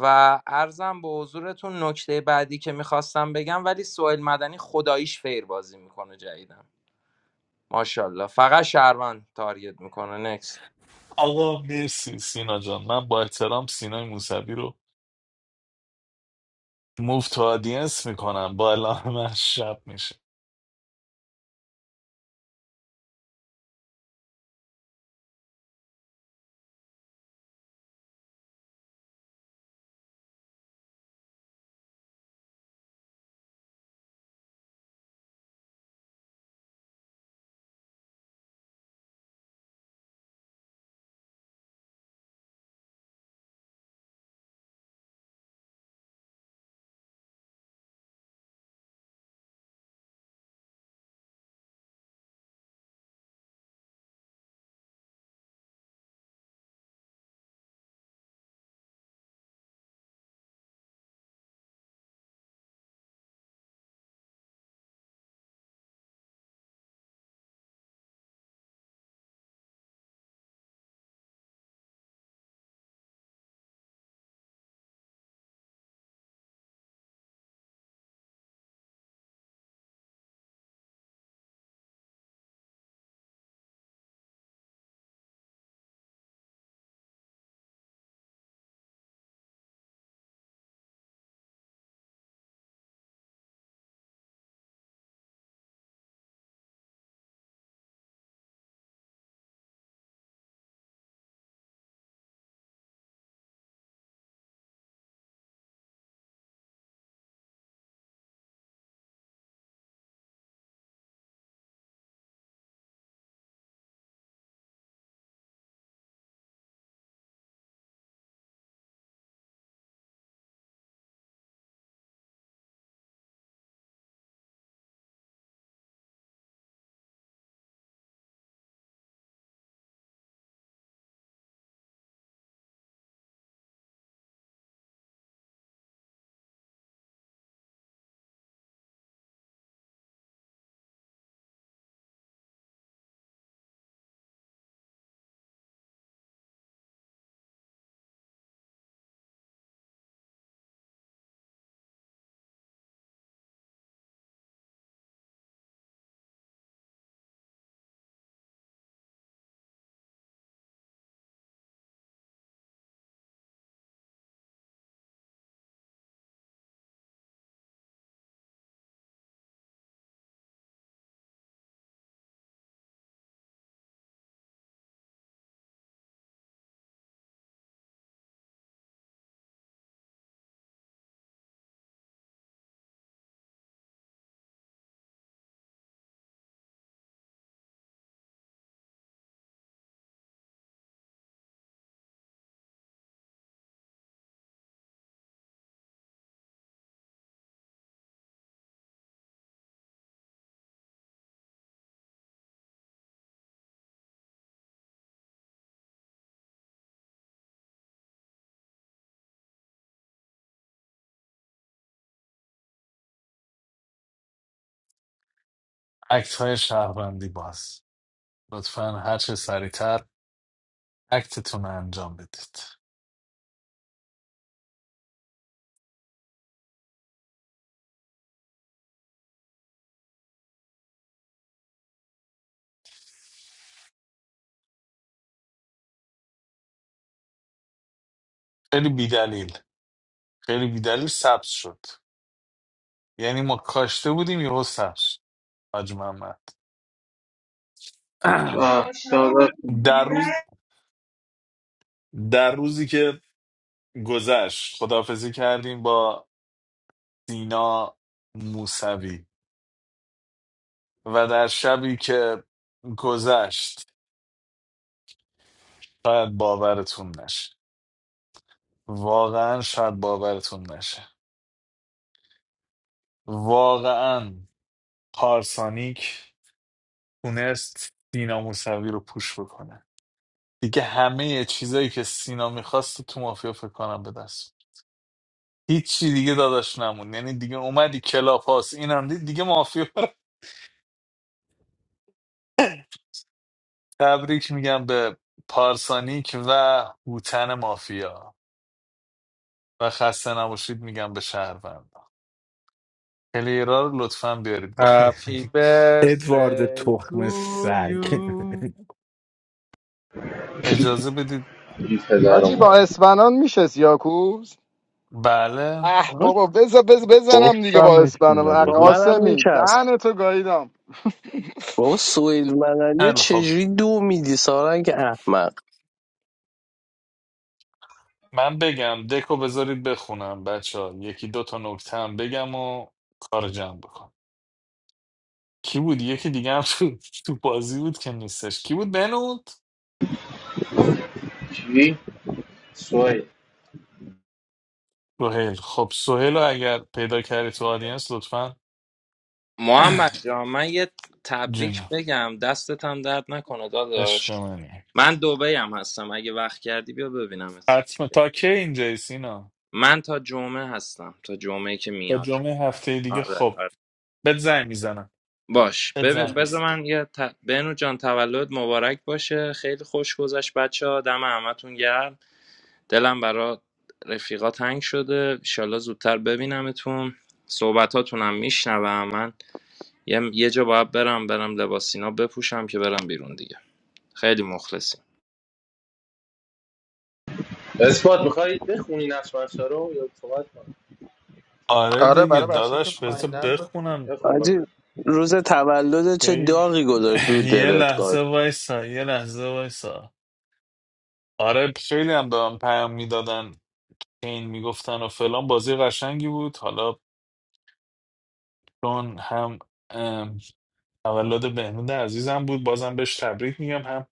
Speaker 9: و ارزم به حضورتون نکته بعدی که میخواستم بگم ولی سوئیل مدنی خداییش فیر بازی میکنه جدیدن ماشاءالله فقط شهروند تارگت میکنه نکست
Speaker 4: آقا مرسی سینا جان من با احترام سینای موسوی رو موف تو آدینس میکنم با اعلام من شب میشه اکت های شهروندی باز لطفا هر چه سریعتر اکتتون رو انجام بدید خیلی بیدلیل خیلی بیدلیل سبز شد یعنی ما کاشته بودیم یهو سبز شد. حاج محمد
Speaker 20: Ah, the other
Speaker 4: در
Speaker 20: thing.
Speaker 4: روز در روزی که گذشت خداحافظی کردیم با سینا موسوی و در شبی که گذشت شاید باورتون نشه واقعا شاید باورتون نشه واقعا پارسانیک تونست سینا موسوی رو پوش بکنه دیگه همه چیزایی که سینا میخواست تو مافیا فکر کنم به دست بود. هیچی دیگه داداش نمون یعنی دیگه اومدی کلاب هاست اینم دید دیگه مافیا رو- تبریک میگم به پارسانیک و هوتن مافیا و خسته نباشید میگم به شهروند پلیرها رو لطفا بیارید با
Speaker 5: هپی
Speaker 3: ادوارد
Speaker 5: برزی
Speaker 3: تخم
Speaker 5: تو
Speaker 3: سگ
Speaker 5: یو
Speaker 4: اجازه بدید
Speaker 1: این پدر
Speaker 16: آجی با
Speaker 1: ما
Speaker 16: اسپنان میشه سیاکوز
Speaker 4: بله
Speaker 16: اه
Speaker 11: آقا
Speaker 16: بابا بز بز بزنم دیگه
Speaker 10: گفتم
Speaker 16: با اسپنان
Speaker 10: میشین
Speaker 16: اه،
Speaker 11: با
Speaker 10: داداش
Speaker 11: منم
Speaker 16: قاسمی
Speaker 11: میچست
Speaker 16: دهنتو گاییدم
Speaker 11: بابا سویل مدنی رو
Speaker 4: خیلی خب
Speaker 11: چجوری دو میدی سارنگ احمق
Speaker 4: من بگم دکو بذارید بخونم بچه ها یکی دو تا نکته هم بگم و کار جمع بکن کی بود یکی دیگه هم تو, تو بازی بود که نیستش کی بود بنود
Speaker 1: چی؟ سوی
Speaker 4: سهیل خب سهیل رو اگر پیدا کردی تو آدینس لطفا
Speaker 9: محمد جان من یه تبریک
Speaker 4: جونم
Speaker 9: بگم دستت هم درد نکنه داداش
Speaker 4: عشق منی
Speaker 9: من دبی هم هستم اگه وقت کردی بیا ببینمت
Speaker 4: حتما تا کی اینجایی سینا
Speaker 9: من تا جمعه هستم تا جمعه که
Speaker 4: تا
Speaker 9: میاد
Speaker 4: جمعه هفته دیگه
Speaker 9: آره
Speaker 4: خب
Speaker 9: آره.
Speaker 4: بهت زنگ میزنم
Speaker 9: باش
Speaker 4: بهت
Speaker 9: ببین
Speaker 4: زنگ
Speaker 9: بذار
Speaker 4: میزنم
Speaker 9: من یه ت... بنو جان تولد مبارک باشه خیلی خوش گذشت بچه ها دم همتون گرم دلم برا رفیقا تنگ شده ایشالله زودتر ببینمتون صحبتاتون هم میشنوم من یه... یه جا باید برم برم لباسینا بپوشم که برم بیرون دیگه خیلی مخلصیم
Speaker 1: اثبات میخوای بخونی نقش بخشا رو یا صحبت کنی
Speaker 4: آره
Speaker 5: آره
Speaker 4: دیگه
Speaker 5: برای بچه که
Speaker 4: داداش بذار
Speaker 5: پایینن
Speaker 4: بخونم
Speaker 1: بخون
Speaker 11: حاجی
Speaker 1: بخون
Speaker 11: روز تولد چه
Speaker 4: خیلی
Speaker 11: داغی گذاشت رو
Speaker 4: یه
Speaker 11: دلت قاد
Speaker 4: لحظه وایسا یه لحظه وایسا آره خیلی هم به من پیام میدادن این میگفتن و فلان بازی قشنگی بود حالا چون هم ام، تولد بهنود عزیزم بود بازم بهش تبریک میگم هم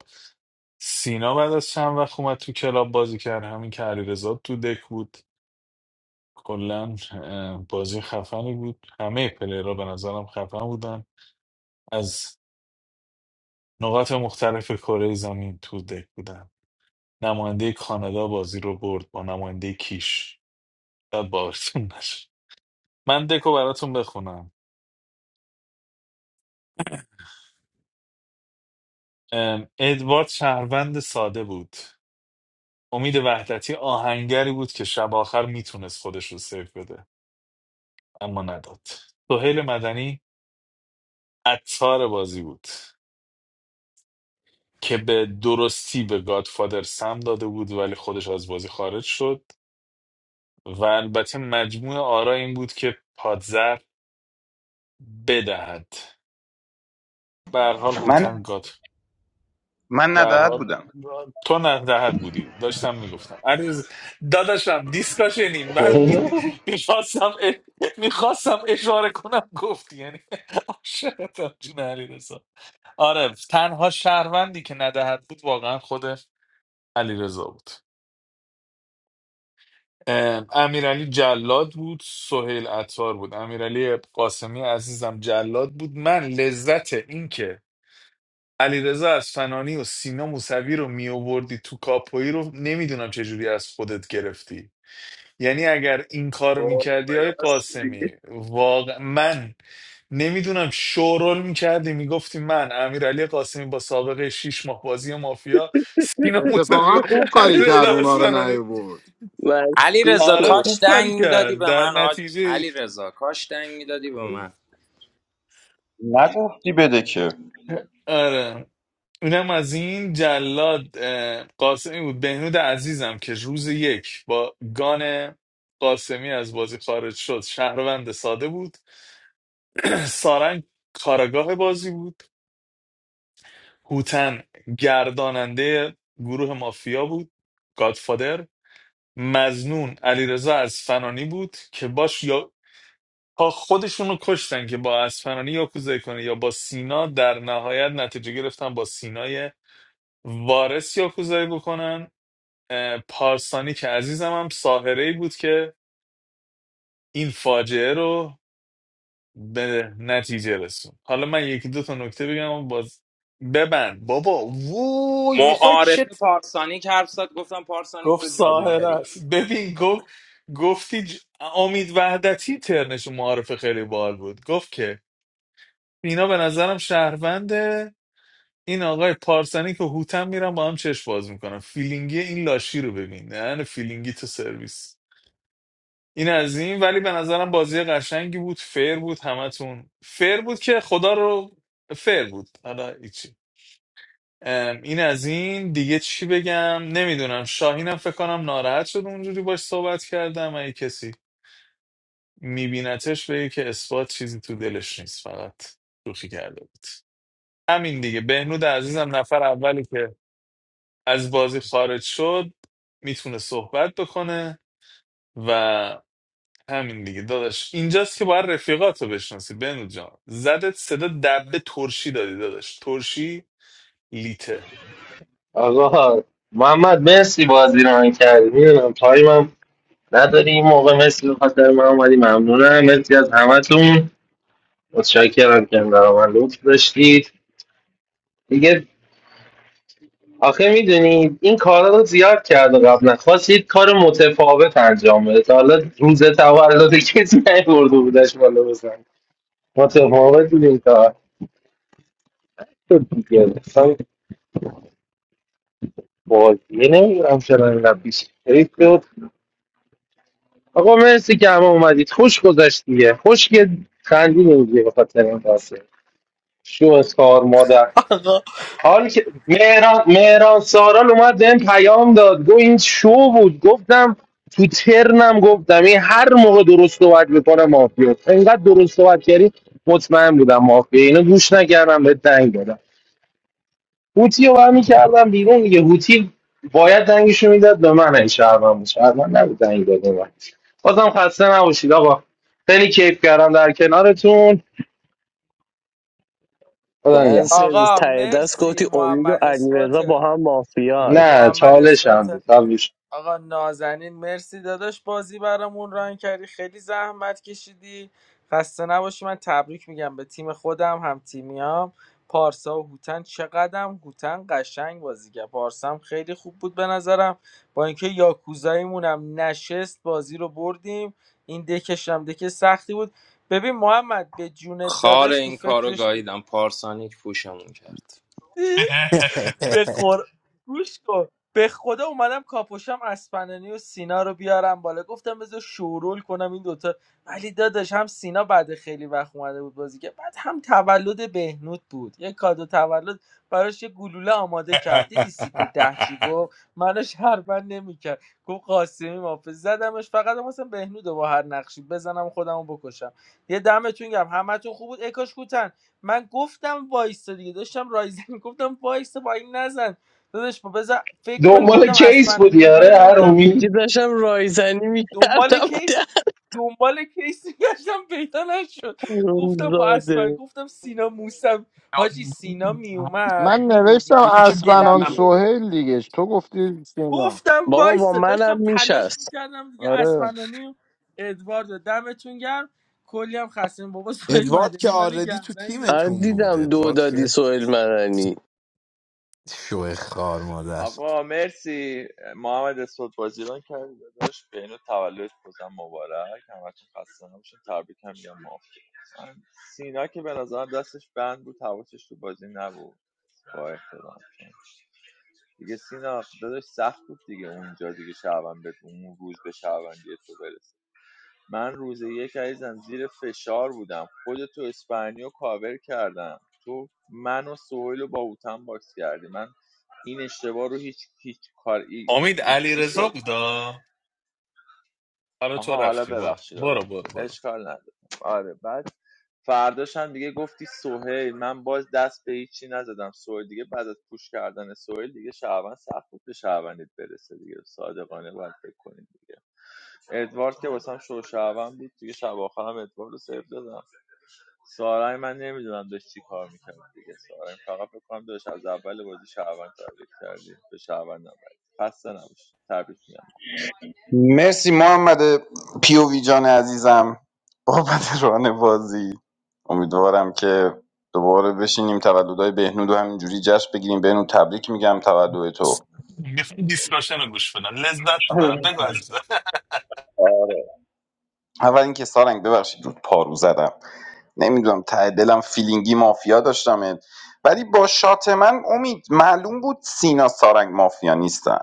Speaker 4: سینا بعد از چند وقت اومد تو کلاب بازی کرد همین که علیرضا تو دک بود کلا ام، بازی خفنی بود همه پلیرها به نظرم خفن بودن از نقاط مختلف کره زمین تو دک بودن نماینده کانادا بازی رو برد با نماینده کیش شاید باورتون نشه من دکو براتون بخونم ام، ادوارد شهروند ساده بود امید وحدتی آهنگری بود که شب آخر میتونست خودش رو سیف بده اما نداد سهیل مدنی عطار بازی بود که به درستی به گادفادر سم داده بود ولی خودش از بازی خارج شد و البته مجموع آرا این بود که پادزر بدهد به هر حال
Speaker 8: من
Speaker 4: هوتن
Speaker 8: من
Speaker 4: به هر
Speaker 8: نداد
Speaker 4: حال
Speaker 8: بودم
Speaker 4: تو ندهد بودی داشتم میگفتم عرض داداشم دیسکاشنی من می- میخواستم میخواستم اشاره کنم گفتی یعنی عاشقتم جون علی آره تنها شهروندی که ندهد بود واقعا خود علی بود ام، امیرعلی جلاد بود سهیل عطار بود امیرعلی قاسمی عزیزم جلاد بود من لذت این که علیرضا اصفهانی و سینا موسوی رو می آوردی تو کاپویی رو نمیدونم چجوری از خودت گرفتی یعنی اگر این کار رو
Speaker 11: وای،
Speaker 4: میکردی آقای
Speaker 11: راست
Speaker 4: قاسمی
Speaker 11: میگی.
Speaker 4: واقع من نمیدونم شورول میکردی میگفتی من امیرعلی قاسمی با سابقه 6 ماه بازی مافیا سینا موسوی
Speaker 16: اتفاقا
Speaker 4: و
Speaker 16: خوب کاری کرد
Speaker 4: علیرضا
Speaker 16: اونا رو
Speaker 4: اصفهانی
Speaker 16: نیورد
Speaker 9: علی
Speaker 11: مشکوک
Speaker 9: رضا
Speaker 4: آره
Speaker 11: شده
Speaker 4: خوب
Speaker 9: کاش
Speaker 4: کاری
Speaker 9: دنگ میدادی
Speaker 4: کرد
Speaker 9: به
Speaker 4: در
Speaker 9: من حاج...
Speaker 4: نتیجه
Speaker 9: علی رضا کاش دنگ میدادی به من
Speaker 8: نگفتی بده که
Speaker 4: آره اونم از این جلاد اه، قاسمی بود بهنود عزیزم که روز یک با گان قاسمی از بازی خارج شد شهروند ساده بود سارنگ کاراگاه بازی بود هوتن گرداننده گروه مافیا بود گادفادر مزنون علیرضا اصفهانی بود که باش یا تا خودشون رو کشتن که با اصفهانی یا کوزه کنه یا با سینا در نهایت نتیجه گرفتن با سینای وارث یا کوزه بکنن اه، پارسانی که عزیزم هم ساهره ای بود که این فاجعه رو به نتیجه رسون حالا من یکی دو تا نکته بگم و باز ببند بابا وای میخوای
Speaker 9: معارفه
Speaker 4: چت
Speaker 9: پارسانیک حرف زد گفتم پارسانیک تو
Speaker 4: گفت ساهره
Speaker 9: جادوگری
Speaker 4: است ببین گفت گفتی ج- امید وحدتی ترنش و معارف خیلی بال بود گفت که اینا به نظرم شهرونده این آقای پارسانی که هوتم میرن با هم چشم باز میکنن فیلینگی این لاشی رو ببین نه فیلینگی تو سرویس این از این ولی به نظرم بازی قشنگی بود فیر بود همتون فیر بود که خدا رو فیر بود حالا هیچی ام، این از این دیگه چی بگم نمیدونم شاهینم فکر کنم ناراحت شد اونجوری باش صحبت کردم اگه کسی میبینتش بگه که اثبات چیزی تو دلش نیست فقط شوخی کرده بود همین دیگه بهنود عزیزم نفر اولی که از بازی خارج شد میتونه صحبت بکنه و همین دیگه داداش اینجاست که باید رفیقات رو بشناسی بنو جان زدت صدا دبه ترشی دادی داداش ترشی لیته
Speaker 1: آقا محمد مرسی بازی رو رنگ کردی میدونم تایمم نداری این موقع مرسی به خاطر من اومدی ممنونم مرسی از همتون متشکرم که در من لطف داشتید دیگه آخه میدونید این کارا رو زیاد کرده قبلا خواست یک کار متفاوت انجام بده تا حالا روز تولد کسی نیورده بودش بالا بزن متفاوت بود این کار تو دیگه اصلا بازیه نمیدونم چرا اینقدر پیش ریخت بود آقا مرسی که همه اومدید خوش گذشت دیگه خوش که خندیدیم دیگه به خاطر این قصه شو از کار مادر
Speaker 5: آقا
Speaker 1: حال که مهران, مهران سارال اومد بهم پیام داد گو این شو بود گفتم تو ترنم گفتم این هر موقع درست صحبت میکنه مافیا انقدر درست صحبت کردی مطمئن بودم مافیا اینو گوش نکردم به دنگ دادم هوتی رو برمی کردم بیرون دیگه هوتی باید دنگشو میداد به من این شهرمن بود شهرمن نبود دنگ داد به من بازم خسته نباشید آقا خیلی کیف کردم در کنارتون خدا
Speaker 11: دن
Speaker 1: نگهدار.
Speaker 11: سرویس
Speaker 5: آقا
Speaker 11: ته دست
Speaker 5: مرسی
Speaker 11: گفتی امید و
Speaker 5: محمد
Speaker 11: علیرضا با
Speaker 5: اثبات
Speaker 11: هم مافیان
Speaker 1: نه
Speaker 5: محمد
Speaker 1: چالش هم
Speaker 5: اثبات
Speaker 1: بود
Speaker 5: آقا نازنین مرسی داداش بازی برامون ران کردی خیلی زحمت کشیدی خسته نباشی من تبریک میگم به تیم خودم هم تیمیام پارسا و هوتن چقدرم هوتن قشنگ بازی کرد پارسا هم خیلی خوب بود به نظرم با اینکه یاکوزاییمون هم نشست بازی رو بردیم این دکش هم دک سختی بود ببین محمد به جونت
Speaker 9: خار
Speaker 5: داداش تو
Speaker 9: این کارو
Speaker 5: فکرش بود
Speaker 9: گاییدم پارسانیک پوشمون کرد
Speaker 5: به قر... گوش کن به خدا اومدم کاپوشم اسپنانی و سینا رو بیارم بالا گفتم بذار شورول کنم این دوتا ولی داداش هم سینا بعد خیلی وقت اومده بود بازی که بعد هم تولد بهنود بود یه کادو تولد براش یه گلوله آماده کرد دیدی سیت ده چی گفت منو شربن نمیکرد گفت قاسمی مافظ زدمش فقط مثلا بهنود رو با هر نقشی بزنم خودم رو بکشم یه دمتون گم همتون خوب بود اکاش کوتن من گفتم وایسا دیگه داشتم رایزن گفتم وایسا با این نزن داداش با بذار فکر کنیم
Speaker 1: دنبال
Speaker 5: گفتم
Speaker 1: کیس
Speaker 5: اسفندانی
Speaker 1: بودی
Speaker 5: رو بیار
Speaker 1: آره
Speaker 5: یهو دیدم
Speaker 11: میگی
Speaker 1: هرومی
Speaker 11: داشتم رایزنی
Speaker 5: دنبال
Speaker 11: میکردم
Speaker 5: کیس دنبال کیس گشتم پیدا نشد گفتم با اسفند
Speaker 11: زاده
Speaker 5: گفتم سینا موسم حاجی سینا میومد
Speaker 16: من
Speaker 5: میبردیم
Speaker 16: نوشتم
Speaker 5: ولی به دلم
Speaker 16: اسپنان
Speaker 5: بود
Speaker 16: سهیل دیگه تو گفتی سینا
Speaker 5: گفتم
Speaker 11: بابا با
Speaker 5: وایسا
Speaker 11: منم
Speaker 5: داشتم تلاش
Speaker 11: میشست
Speaker 5: میکردم دیگه
Speaker 16: آره
Speaker 5: اسفندانی و ادوارد رو. دمتون گرم کلی هم خسته بابا سویل
Speaker 3: ادوارد که
Speaker 5: مدنی منو
Speaker 3: آردی تو
Speaker 5: گردن گرفت.
Speaker 11: آره
Speaker 3: تیمتون بود
Speaker 11: دیدم دو
Speaker 3: ادوارد
Speaker 11: دادی
Speaker 3: که
Speaker 11: سوئیل مدنی
Speaker 3: شوه خار مادر
Speaker 17: آقا مرسی محمد اسفاد بازیران کردی داداش به اینو تولد بازم مبارک همتون خسته نباشین تبریک هم میگم موافقم. من سینا که به نظرم دستش بند بود حواسش تو بازی نبود با احترام دیگه سینا داداش سخت بود دیگه اونجا دیگه شعبان به اون روز به شعبان تو برسی من روز یک عزیزم زیر فشار بودم خودتو اسپانیا کاور کردم تو من و سویل رو با اوتن باکس کردی من این اشتباه رو هیچ هیچ کار
Speaker 4: امید
Speaker 17: هیچ
Speaker 4: علی
Speaker 17: چی
Speaker 4: رضا
Speaker 17: شد
Speaker 4: بودا حالا تو
Speaker 17: آها حالا
Speaker 4: رفتی برو
Speaker 17: ببخشید حالا
Speaker 4: برو برو برو
Speaker 17: اشکال نداره آره بعد فرداش هم دیگه گفتی سوهیل من باز دست به هیچی نزدم سوهیل دیگه بعد از پوش کردن سوهیل دیگه شعبان سخت بود به شعبانیت برسه دیگه صادقانه باید فکر کنید دیگه ادوارد که واسم شو شعبان بود دیگه شب آخر ادوارد رو سیف دادم سارای من نمیدونم داشت چی کار میکرد دیگه سارای فقط فکر کنم داشت از اول بازی شهروند تبریک کردی به شهروند نبرد خسته نباش تبریک میگم
Speaker 8: مرسی محمد پیووی جان عزیزم بابت ران بازی امیدوارم که دوباره بشینیم تولدهای بهنود و همینجوری جشن بگیریم بهنود تبریک میگم تولد تو
Speaker 4: میخوام دیسکاشن رو گوش بدم لذت ببرم بگو عزیزم
Speaker 8: اول اینکه سارنگ ببخشید رود پارو زدم نمیدونم ته دلم فیلینگی مافیا داشتم ولی با شات من امید معلوم بود سینا سارنگ مافیا نیستن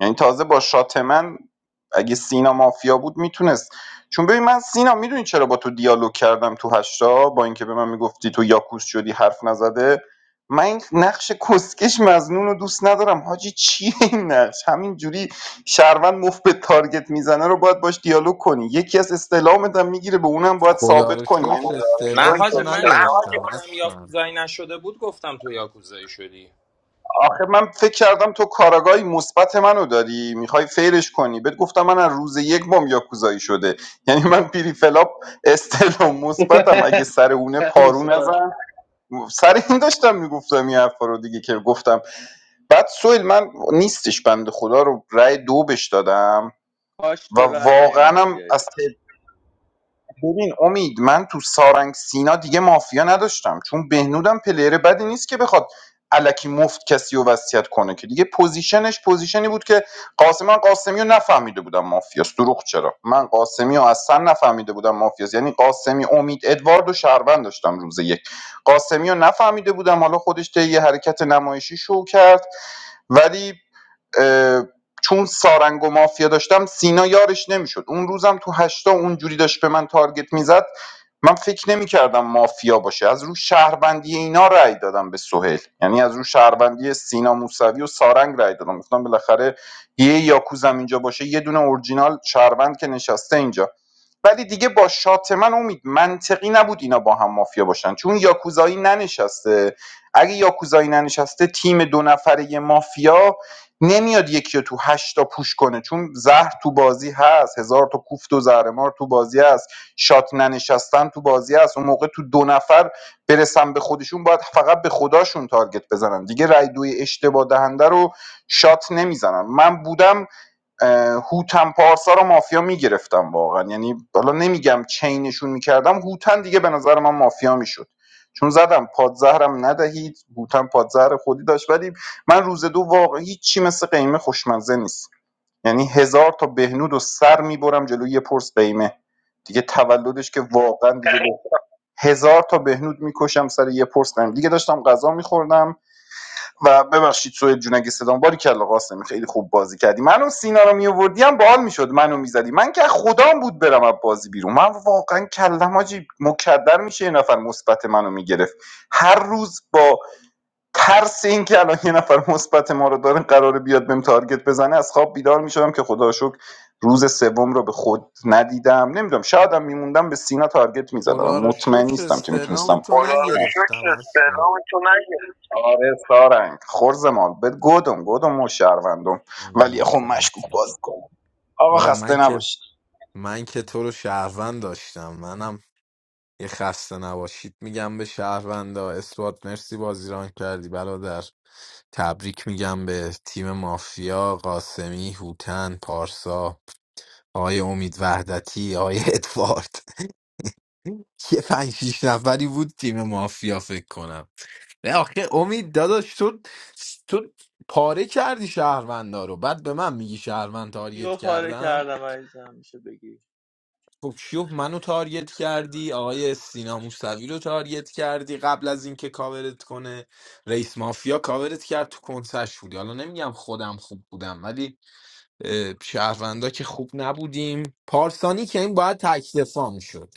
Speaker 8: یعنی تازه با شات من اگه سینا مافیا بود میتونست چون ببین من سینا میدونی چرا با تو دیالوگ کردم تو هشتا با اینکه به من میگفتی تو یاکوس شدی حرف نزده من این نقش کسکش مزنون رو دوست ندارم حاجی چیه این نقش همینجوری شهروند مفت به تارگت میزنه رو باید باش دیالوگ کنی یکی از استعلامت هم میگیره به اونم باید
Speaker 3: خدا
Speaker 8: ثابت
Speaker 3: رو
Speaker 8: کنی یعنی
Speaker 3: شکر
Speaker 9: نه
Speaker 3: استعلام تو
Speaker 9: حاجی من چون با
Speaker 3: نگرفتم
Speaker 9: خودم
Speaker 3: اصلا
Speaker 9: یاکوزایی نشده بود گفتم تو یاکوزایی شدی
Speaker 8: آخه من فکر کردم تو کاراگاهی مثبت منو داری میخوای فیرش کنی بهت گفتم من از روز یک بام یاکوزایی شده یعنی من پیری فلاپ استلام مثبتم اگه سر اونه پارو
Speaker 1: هرومزاد.
Speaker 8: نزن سر این داشتم میگفتم این حرفا رو دیگه که گفتم بعد سویل من نیستش بنده خدا رو رأی دو بش دادم
Speaker 17: کاش
Speaker 8: و
Speaker 17: تو رأی
Speaker 8: واقعا
Speaker 17: نمیدادی
Speaker 8: هم از
Speaker 17: ایرز
Speaker 8: ببین امید من تو سارنگ سینا دیگه مافیا نداشتم چون بهنودم پلیر بدی نیست که بخواد الکی مفت کسی رو وصیت کنه که دیگه پوزیشنش پوزیشنی بود که قاسم من قاسمی رو نفهمیده بودم مافیاست دروغ چرا من قاسمی رو اصلا نفهمیده بودم مافیاست یعنی قاسمی امید ادوارد و شهروند داشتم روز یک قاسمی رو نفهمیده بودم حالا خودش طی یه حرکت نمایشی شو کرد ولی چون سارنگ و مافیا داشتم سینا یارش نمیشد اون روزم تو هشتا اونجوری داشت به من تارگت میزد من فکر نمیکردم مافیا باشه از رو شهروندی اینا رأی دادم به سهیل یعنی از رو شهروندی سینا موسوی و سارنگ رأی دادم گفتم بالاخره یه یاکوزم اینجا باشه یه دونه اورجینال شهروند که نشسته اینجا ولی دیگه با شات من امید منطقی نبود اینا با هم مافیا باشن چون یاکوزایی ننشسته اگه یاکوزایی ننشسته تیم دو نفره مافیا نمیاد یکی رو تو هشتا پوش کنه چون زهر تو بازی هست هزار تا کوفت و زهرمار تو بازی هست شات ننشستن تو بازی هست اون موقع تو دو نفر برسن به خودشون باید فقط به خداشون تارگت بزنن دیگه رای دوی اشتباه دهنده رو شات نمیزنن من بودم اه، هوتن پارسا رو مافیا میگرفتم واقعا یعنی حالا نمیگم چینشون میکردم هوتن دیگه به نظر من مافیا میشد چون زدم پادزهرم ندهید هوتن پادزهر خودی داشت ولی من روز دو واقعا هیچی مثل قیمه خوشمزه نیست یعنی هزار تا بهنود و سر میبرم جلوی یه پرس قیمه دیگه تولدش که واقعا دیگه هزار تا بهنود میکشم سر یه پرس قیمه دیگه داشتم غذا میخوردم و ببخشید سوید جون اگه صدام باری کلا قاسمی خیلی خوب بازی کردی منو سینا رو میآوردی باحال میشد منو میزدی من که از خدام بود برم از بازی بیرون من واقعا کلم حاجی مکدر میشه یه نفر مثبت منو میگرفت هر روز با ترس این که الان یه نفر مثبت ما رو داره قراره بیاد بهم تارگت بزنه از خواب بیدار میشدم که خدا رو شکر روز سوم رو به خود ندیدم نمیدونم شایدم میموندم به سینا تارگت میزدم
Speaker 3: خدا رو
Speaker 8: مطمئن
Speaker 3: شکر
Speaker 8: نیستم که
Speaker 3: استعلام
Speaker 8: میتونستم
Speaker 3: تو
Speaker 8: خدا رو
Speaker 3: نگرفتم
Speaker 8: شکر
Speaker 3: اصلا
Speaker 8: سلام تو نگرفت آره سارنگ خرز مال بد گودم گودم و شهروندم ولی خب مشکوک باز کنم آقا
Speaker 3: و
Speaker 8: خسته
Speaker 3: من که
Speaker 8: نباشید
Speaker 3: من که تو رو شهروند داشتم منم یه خسته نباشید میگم به شهروندا اثبات مرسی بازیران کردی برادر تبریک میگم به تیم مافیا قاسمی هوتن پارسا آقای امید وحدتی آقای ادوارد یه پنج شیش نفری بود تیم مافیا فکر کنم نه آخه امید داداش تو تو پاره کردی شهروندا رو بعد به من میگی شهروند تارگت
Speaker 17: یو پاره
Speaker 3: کردم
Speaker 17: کردم عزیزم میشه بگی
Speaker 3: خب کیو منو تارگت کردی آقای سینا موسوی رو تارگت کردی قبل از اینکه کاورت کنه رئیس مافیا کاورت کرد تو کنسش بودی حالا نمیگم خودم خوب بودم ولی اه، شهروندا که خوب نبودیم پارسانی که این باید تکدفاع میشد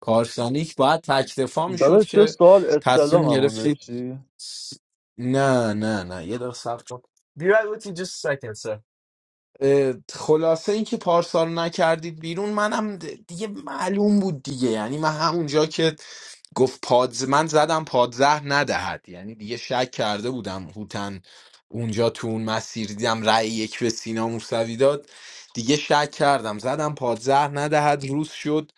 Speaker 3: پارسانیک باید تکدفاع میشد
Speaker 10: داداش یه
Speaker 3: که
Speaker 10: سوال
Speaker 3: تصمیم
Speaker 10: استلاممو
Speaker 3: گرفتید
Speaker 10: داشتی
Speaker 3: نه نه نه یه دقیقه صبر کن. Be right with you just a second, sir. اه، خلاصه اینکه پارسا رو نکردید بیرون منم د- دیگه معلوم بود دیگه یعنی من همونجا که گفت پادز من زدم پادزهر ندهد یعنی دیگه شک کرده بودم هوتن اونجا تو اون مسیر دیدم رأی یک به سینا موسوی داد دیگه شک کردم زدم پادزهر ندهد روز شد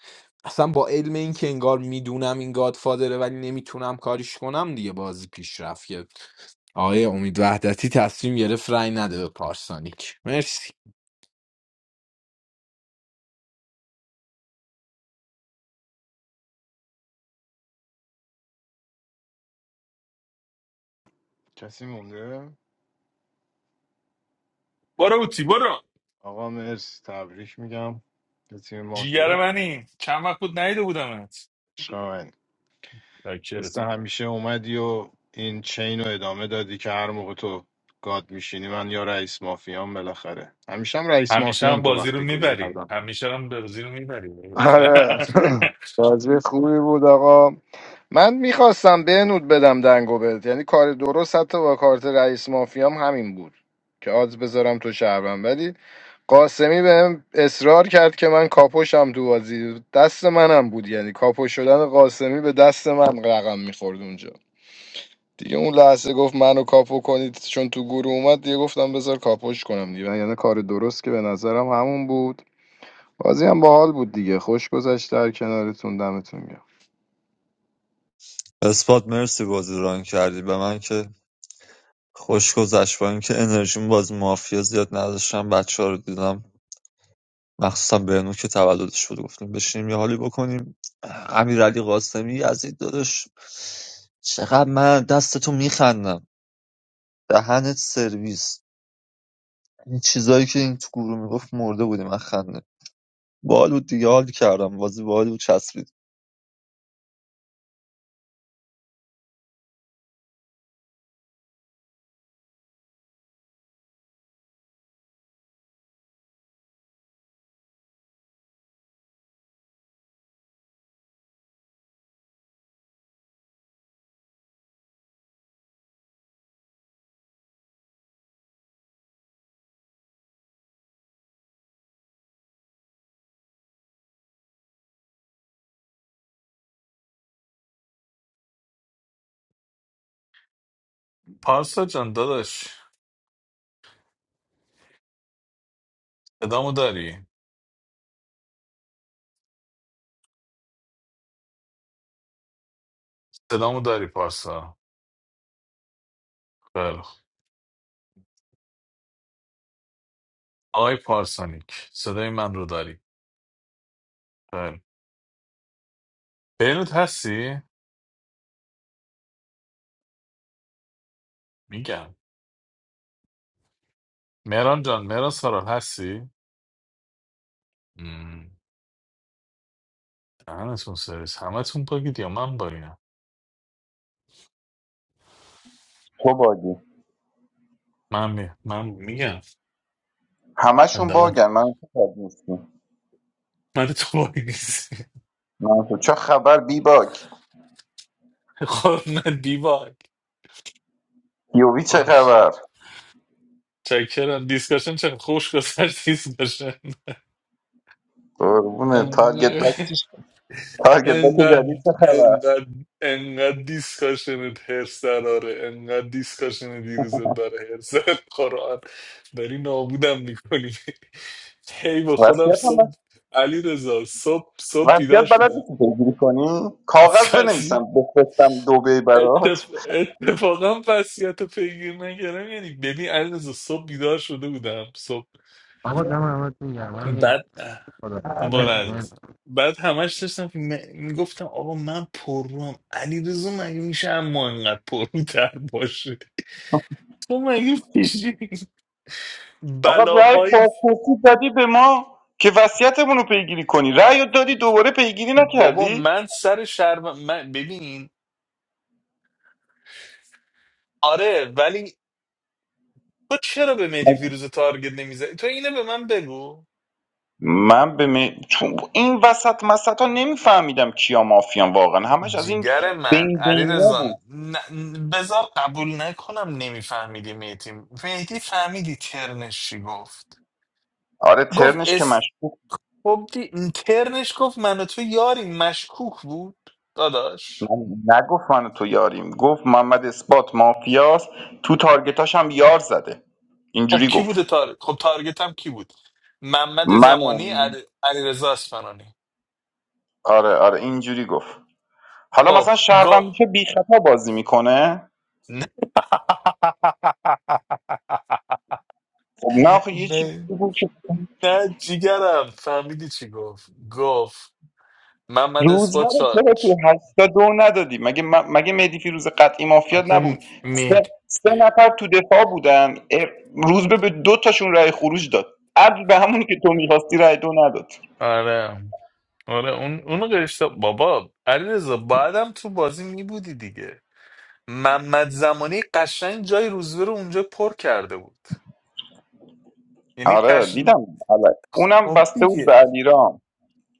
Speaker 3: اصلا با علم اینکه انگار میدونم این گادفادره ولی نمیتونم کاریش کنم دیگه بازی پیش رفت که آقای امید وحدتی تصمیم گرفت رأی نده به پارسانیک مرسی
Speaker 16: کسی مونده؟
Speaker 4: برو اوتی برو
Speaker 16: آقا مرسی تبریک میگم به تیم
Speaker 4: جیگر
Speaker 16: مافیا
Speaker 4: منی چند وقت بود نیده بودمت
Speaker 16: شاین مثل همیشه اومدی و این چین رو ادامه دادی که هر موقع تو گاد میشینی من یا رئیس مافیام بالاخره همیشه هم رئیس
Speaker 4: همیشه
Speaker 16: مافیام
Speaker 4: هم
Speaker 16: تو
Speaker 4: بازی رو
Speaker 16: وقتی گویی
Speaker 4: میبری
Speaker 16: کردم
Speaker 4: همیشه هم بازی رو میبری
Speaker 16: آره بازی خوبی بود آقا من میخواستم بهنود بدم دنگو بهت یعنی کار درست حتی با کارت رئیس مافیام همین بود که آدز بذارم تو شهرم ولی قاسمی بهم اصرار کرد که من کاپوشم تو بازی دست منم بود یعنی کاپو شدن قاسمی به دست من رقم میخورد اونجا دیگه اون لحظه گفت منو کاپو کنید چون تو گروه اومد دیگه گفتم بذار کاپوش کنم دیگه یعنی کار درست که به نظرم همون بود بازی هم باحال بود دیگه خوش گذشت در کنارتون دمتون گرم
Speaker 10: اثبات مرسی بازی ران کردی به من که خوش گذشت با اینکه انرژیم باز مافیا زیاد نداشتم بچه رو دیدم مخصوصا بهنو که تولدش بود گفتیم بشینیم یه حالی بکنیم امیرعلی قاسمی یزید دادش چقدر من دستتو میخندم دهنت سرویس این چیزایی که این تو گروه میگفت مرده بودی من خنده بال بود دیگه حال کردم بازی بال بود
Speaker 4: پارسا جان داداش صدامو داری صدامو داری پارسا خیلی خوب. آقای پارسانیک صدای من رو داری خیلی خوب. بینوت هستی میگم مهران جان مهران سارال هستی مم. دهنتون سرویس همتون باگید یا من باگم
Speaker 8: تو باگی
Speaker 4: من می... من میگم
Speaker 8: همشون
Speaker 4: حداقل
Speaker 8: باگن من تو باگ نیستم
Speaker 4: من تو باگ نیستی
Speaker 8: من تو چه خبر بی باگ
Speaker 4: خب من بی باگ
Speaker 8: یووی چه
Speaker 4: آخ.
Speaker 8: خبر
Speaker 4: چکرم دیسکشن چه خوش گذشت دیسکشن
Speaker 8: قربونه تارگت
Speaker 4: انقدر
Speaker 8: بک چیش- تارگت بک
Speaker 4: انقدر
Speaker 8: جدید چه خبر
Speaker 4: انقدر انقدر دیسکاشنت هرس دراره انقدر دیسکاشن دیروزت برای هرس در قرآن داری نابودم میکنی هی به خودم
Speaker 8: وصیت هم
Speaker 4: صبح
Speaker 8: بس-
Speaker 4: علی رضا صبح صبح بیدار
Speaker 8: وصیت بلد
Speaker 4: شدم
Speaker 8: نیستی پیگیری کنی کاغذ
Speaker 4: فصیح
Speaker 8: بنویسم بفرستم دبی
Speaker 4: اتف...
Speaker 8: برات
Speaker 4: اتفاقا وصیت رو پیگیر نکردم یعنی ببین علی رضا صبح بیدار شده بودم صبح بعد برو عزیزم بعد همش داشتم فیلم- میگفتم آقا من پرروم علی مگه میشه اما انقدر پرروتر باشه تو مگه میشه
Speaker 8: آقا رأی
Speaker 4: بلاهای
Speaker 8: بازپرسی دادی به ما که وصیتمون رو پیگیری کنی رأی رو دادی دوباره پیگیری
Speaker 4: بابا
Speaker 8: نکردی
Speaker 4: من سر شرم من ببین آره ولی تو چرا به مهدی
Speaker 8: من
Speaker 4: فیروز تارگت نمیزنی تو اینو به من بگو
Speaker 8: من به می- چون این وسط مسط ها نمیفهمیدم کیا مافیان واقعا همش از این
Speaker 4: جیگر من
Speaker 8: بین
Speaker 4: علی
Speaker 8: بینیا بود
Speaker 4: رزان بذار قبول نکنم نمیفهمیدی مهدی مهدی فهمیدی ترنش چی گفت
Speaker 8: آره ترنش که
Speaker 4: گفت
Speaker 8: مشکوک
Speaker 4: خب دی- ترنش گفت من و تو یاری مشکوک بود داداش
Speaker 8: من نگفت من و تو یاریم گفت محمد اثبات مافیاست تو تارگتاش هم یار زده
Speaker 4: خب
Speaker 8: اینجوری
Speaker 4: کی بوده
Speaker 8: گفت
Speaker 4: تارگت خب تارگت هم کی بود محمد
Speaker 8: منو
Speaker 4: زمانی علی علیرضا اصفهانی
Speaker 8: آره آره اینجوری گفت حالا مثلا
Speaker 4: خب
Speaker 8: شهروند
Speaker 4: گفت
Speaker 8: میشه بی خطا بازی میکنه
Speaker 4: نه
Speaker 8: خب نه آخه یه چیزی
Speaker 4: نه
Speaker 8: بود که
Speaker 4: نه جیگرم فهمیدی چی گفت گفت محمد
Speaker 8: روزبه
Speaker 4: اثبات
Speaker 8: رو چرا تو
Speaker 4: چالش
Speaker 8: هشتا دو ندادی مگه م- مگه مهدی فیروز قطعی مافیا نبود
Speaker 4: آخه می
Speaker 8: سه, سه نفر تو دفاع بودن اه، روزبه به دو تاشون رأی خروج داد عدل به همونی که تو میخواستی رأی دو نداد
Speaker 4: آره آره اون اون قشتا بابا علیرضا بعدم تو بازی می بودی دیگه محمد زمانی قشنگ جای روزبه رو اونجا پر کرده بود یعنی
Speaker 8: آره
Speaker 4: قشنگ
Speaker 8: دیدم آره. اونم
Speaker 4: خب
Speaker 8: بسته بود به
Speaker 4: دیگه
Speaker 8: علیرام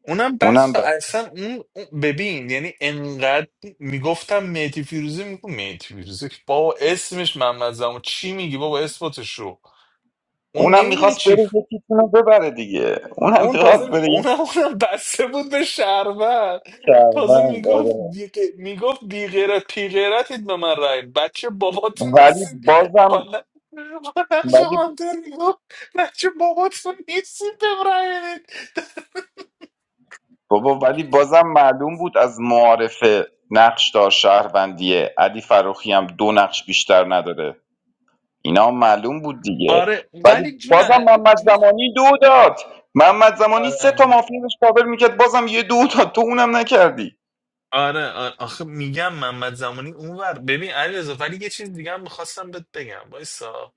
Speaker 4: اونم
Speaker 8: اونم
Speaker 4: بس
Speaker 8: ب...
Speaker 4: اصلا اون اون- ببین یعنی انقدر میگفتم مهدی فیروزی میگو مهدی فیروزی بابا اسمش محمد زمان چی میگی بابا اثباتش رو اون
Speaker 8: اونم
Speaker 4: نمیدونی
Speaker 8: میخواست
Speaker 4: چی.
Speaker 8: بره یکیتون رو ببره دیگه اونم
Speaker 4: اون تازه
Speaker 8: میخواست
Speaker 4: اون
Speaker 8: بره یک
Speaker 4: اونم بسته بود به شهرور تازه
Speaker 8: شهروند
Speaker 4: میگفت
Speaker 8: آره
Speaker 4: بی... میگفت بی غیرت پی غیرتید به من رای بچه باباتون
Speaker 8: ولی
Speaker 4: نیستید
Speaker 8: بازم
Speaker 4: حالا
Speaker 8: ولی
Speaker 4: شما میگفت بچه باباتون نیستید به من رای بدید.
Speaker 8: بابا ولی بازم معلوم بود از معارف نقشدار شهروندیه علی فروخی هم دو نقش بیشتر نداره اینا هم معلوم بود دیگه
Speaker 4: آره
Speaker 8: ولی
Speaker 4: ولی جون
Speaker 8: بازم محمد
Speaker 4: جون
Speaker 8: زمانی دو داد محمد زمانی سه
Speaker 4: آره
Speaker 8: تا مافیا داشت کاور میکرد بازم یه دو داد تو اونم نکردی
Speaker 4: آره, آره. آخه میگم محمد زمانی اونور ببین علیرضا ولی یه چیز دیگه هم میخواستم بهت بگم وایسا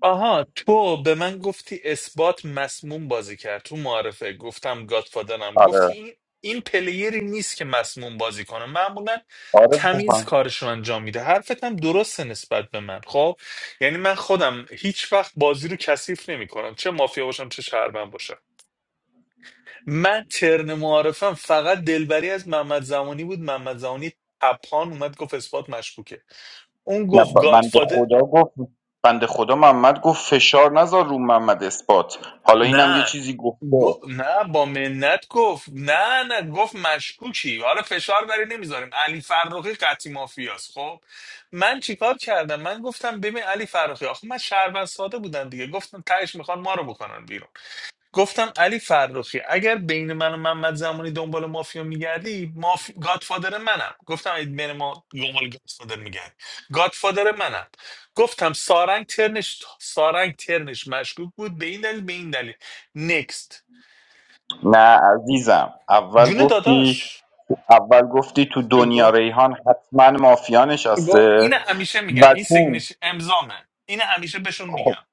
Speaker 4: آها تو به من گفتی اثبات مسموم بازی کرد تو معرفه گفتم گادفادرم گفتی
Speaker 8: آره
Speaker 4: این این پلیری نیست که مسموم بازی کنه معمولا
Speaker 8: آره
Speaker 4: تمیز کارش رو انجام میده حرفت هم درسته نسبت به من خب یعنی من خودم هیچ وقت بازی رو کثیف نمی کنم چه مافیا باشم چه شهروند باشم من ترن معارفم فقط دلبری از محمد زمانی بود محمد زمانی تپان اومد گفت اثبات مشکوکه اون
Speaker 8: نه ب- بنده
Speaker 4: گفت
Speaker 8: خدا گفت بنده خدا محمد گفت فشار نذار رو محمد اثبات حالا اینم یه
Speaker 4: نه
Speaker 8: چیزی
Speaker 4: گو...
Speaker 8: گفته
Speaker 4: نه با منت گفت نه نه گفت مشکوکی حالا فشار بری نمیذاریم علی فرخی قطعی مافیاست خب من چیکار کردم من گفتم ببین علی فرخی آخه من شهروند ساده بودم دیگه گفتم تهش میخوان ما رو بکنن بیرون گفتم علی فرخی اگر بین من و محمد زمانی دنبال مافیا میگردی ماف... گادفادر منم گفتم اگه بین ما دنبال گادفادر میگردی گادفادر منم گفتم سارنگ ترنش سارنگ ترنش مشکوک بود به این دلیل به این دلیل نکست
Speaker 8: نه عزیزم اول
Speaker 4: جون
Speaker 8: گفتی
Speaker 4: داداش
Speaker 8: اول گفتی تو دنیا
Speaker 4: بگو
Speaker 8: ریحان حتما مافیا
Speaker 4: با
Speaker 8: نشسته
Speaker 4: این همیشه میگم
Speaker 8: و
Speaker 4: این
Speaker 8: چون
Speaker 4: سیگنش امضامه این همیشه بهشون
Speaker 8: خب
Speaker 4: میگم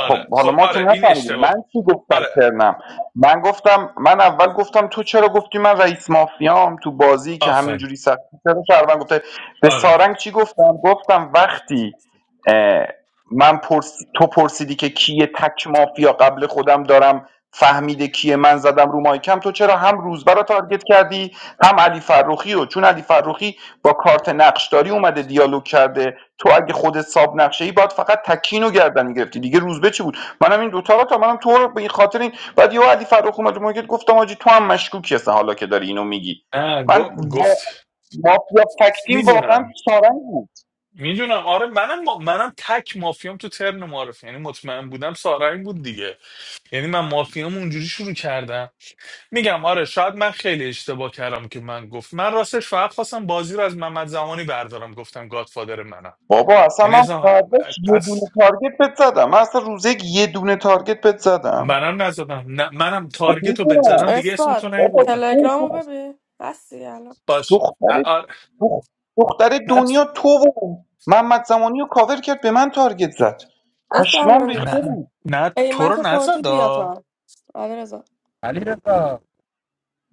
Speaker 8: خب حالا
Speaker 4: خب
Speaker 8: ما که
Speaker 4: آره این
Speaker 8: نفهمیدیم
Speaker 4: اشتباه
Speaker 8: من
Speaker 4: بود
Speaker 8: چی گفتم
Speaker 4: آره
Speaker 8: ترنم من گفتم من اول گفتم تو چرا گفتی من رئیس مافیام تو بازی که
Speaker 4: آفرین
Speaker 8: همینجوری سر چرا شهروند گفته به
Speaker 4: آره
Speaker 8: سارنگ چی گفتم گفتم وقتی اه، من پرس... تو پرسیدی که کیه تک مافیا قبل خودم دارم فهمیده کیه من زدم رو مایکم تو چرا هم روزبه رو تارگت کردی هم علی فروخی رو چون علی فروخی با کارت نقشداری اومده دیالوگ کرده تو اگه خودت ساب نقشه ای باید فقط تکین رو گردن میگرفتی دیگه روزبه چی بود منم این دو رو تا منم تو رو به این خاطر این بعد یه علی فرخ اومد مارکت گفتم آجی تو هم مشکوکی هستن حالا که داری اینو میگی
Speaker 4: نه،
Speaker 8: من
Speaker 4: گ-
Speaker 8: وا...
Speaker 4: گفت
Speaker 8: مافیا تکتیم واقعا
Speaker 4: میدونم
Speaker 8: سارنگ بود
Speaker 4: میدونم آره منم ما- منم تک مافیام تو ترن معرفی یعنی مطمئن بودم سارا این بود دیگه یعنی من مافیام اونجوری شروع کردم میگم آره شاید من خیلی اشتباه کردم که من گفت من راستش فقط خواستم بازی رو از محمد زمانی بردارم گفتم گادفادر منم
Speaker 8: بابا اصلا
Speaker 4: یعنی
Speaker 8: من
Speaker 4: اصلا
Speaker 8: فرداش یه
Speaker 4: پس
Speaker 8: دونه تارگت بهت زدم من اصلا روزه یک یه دونه تارگت بهت زدم
Speaker 4: منم نزدم نه منم
Speaker 8: خب
Speaker 4: تارگت رو بهت
Speaker 8: میدونم
Speaker 4: زدم دیگه اسم
Speaker 21: استاد
Speaker 4: تو
Speaker 8: بابا
Speaker 4: نیوردم
Speaker 8: تو
Speaker 21: تلگرامو
Speaker 8: تو
Speaker 21: ببین هستی الان
Speaker 4: باشه
Speaker 8: دختر
Speaker 4: آ- آ-
Speaker 8: دخ- دختر
Speaker 4: نه
Speaker 8: دنیا تو و محمد زمانی رو کاور کرد به من تارگت زد
Speaker 21: اسم
Speaker 8: پشمام
Speaker 21: الان
Speaker 8: ریخته بود
Speaker 4: نه نه تو رو
Speaker 21: پیمت خوردی بیا
Speaker 4: نزدا
Speaker 21: تا آره رضا
Speaker 1: علی رضا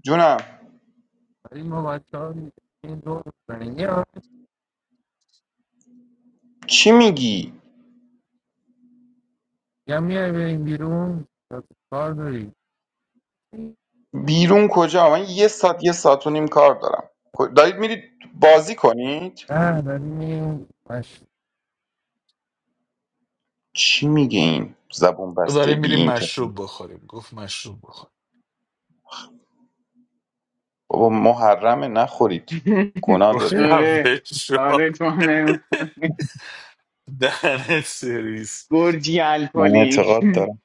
Speaker 8: جونم
Speaker 1: ولی ما بچه ها این دور بزنیم یا
Speaker 8: چی میگی
Speaker 1: یا میای بریم بیرون یا تو کار داری
Speaker 8: بیرون کجا من یه ساعت یه ساعت و نیم کار دارم کو- دارید میرید بازی کنید
Speaker 1: نه داریم این مش
Speaker 8: چی میگه این زبون بسته
Speaker 4: داریم
Speaker 8: بی
Speaker 4: میریم
Speaker 8: اینتر
Speaker 4: مشروب بخوریم گفت مشروب بخور
Speaker 8: بابا محرمه نخورید گناه داره
Speaker 2: آره آره تو هم نمی‌خوری.
Speaker 4: That is series.
Speaker 2: گرجی
Speaker 8: من
Speaker 2: الکلی
Speaker 8: اعتقاد دارم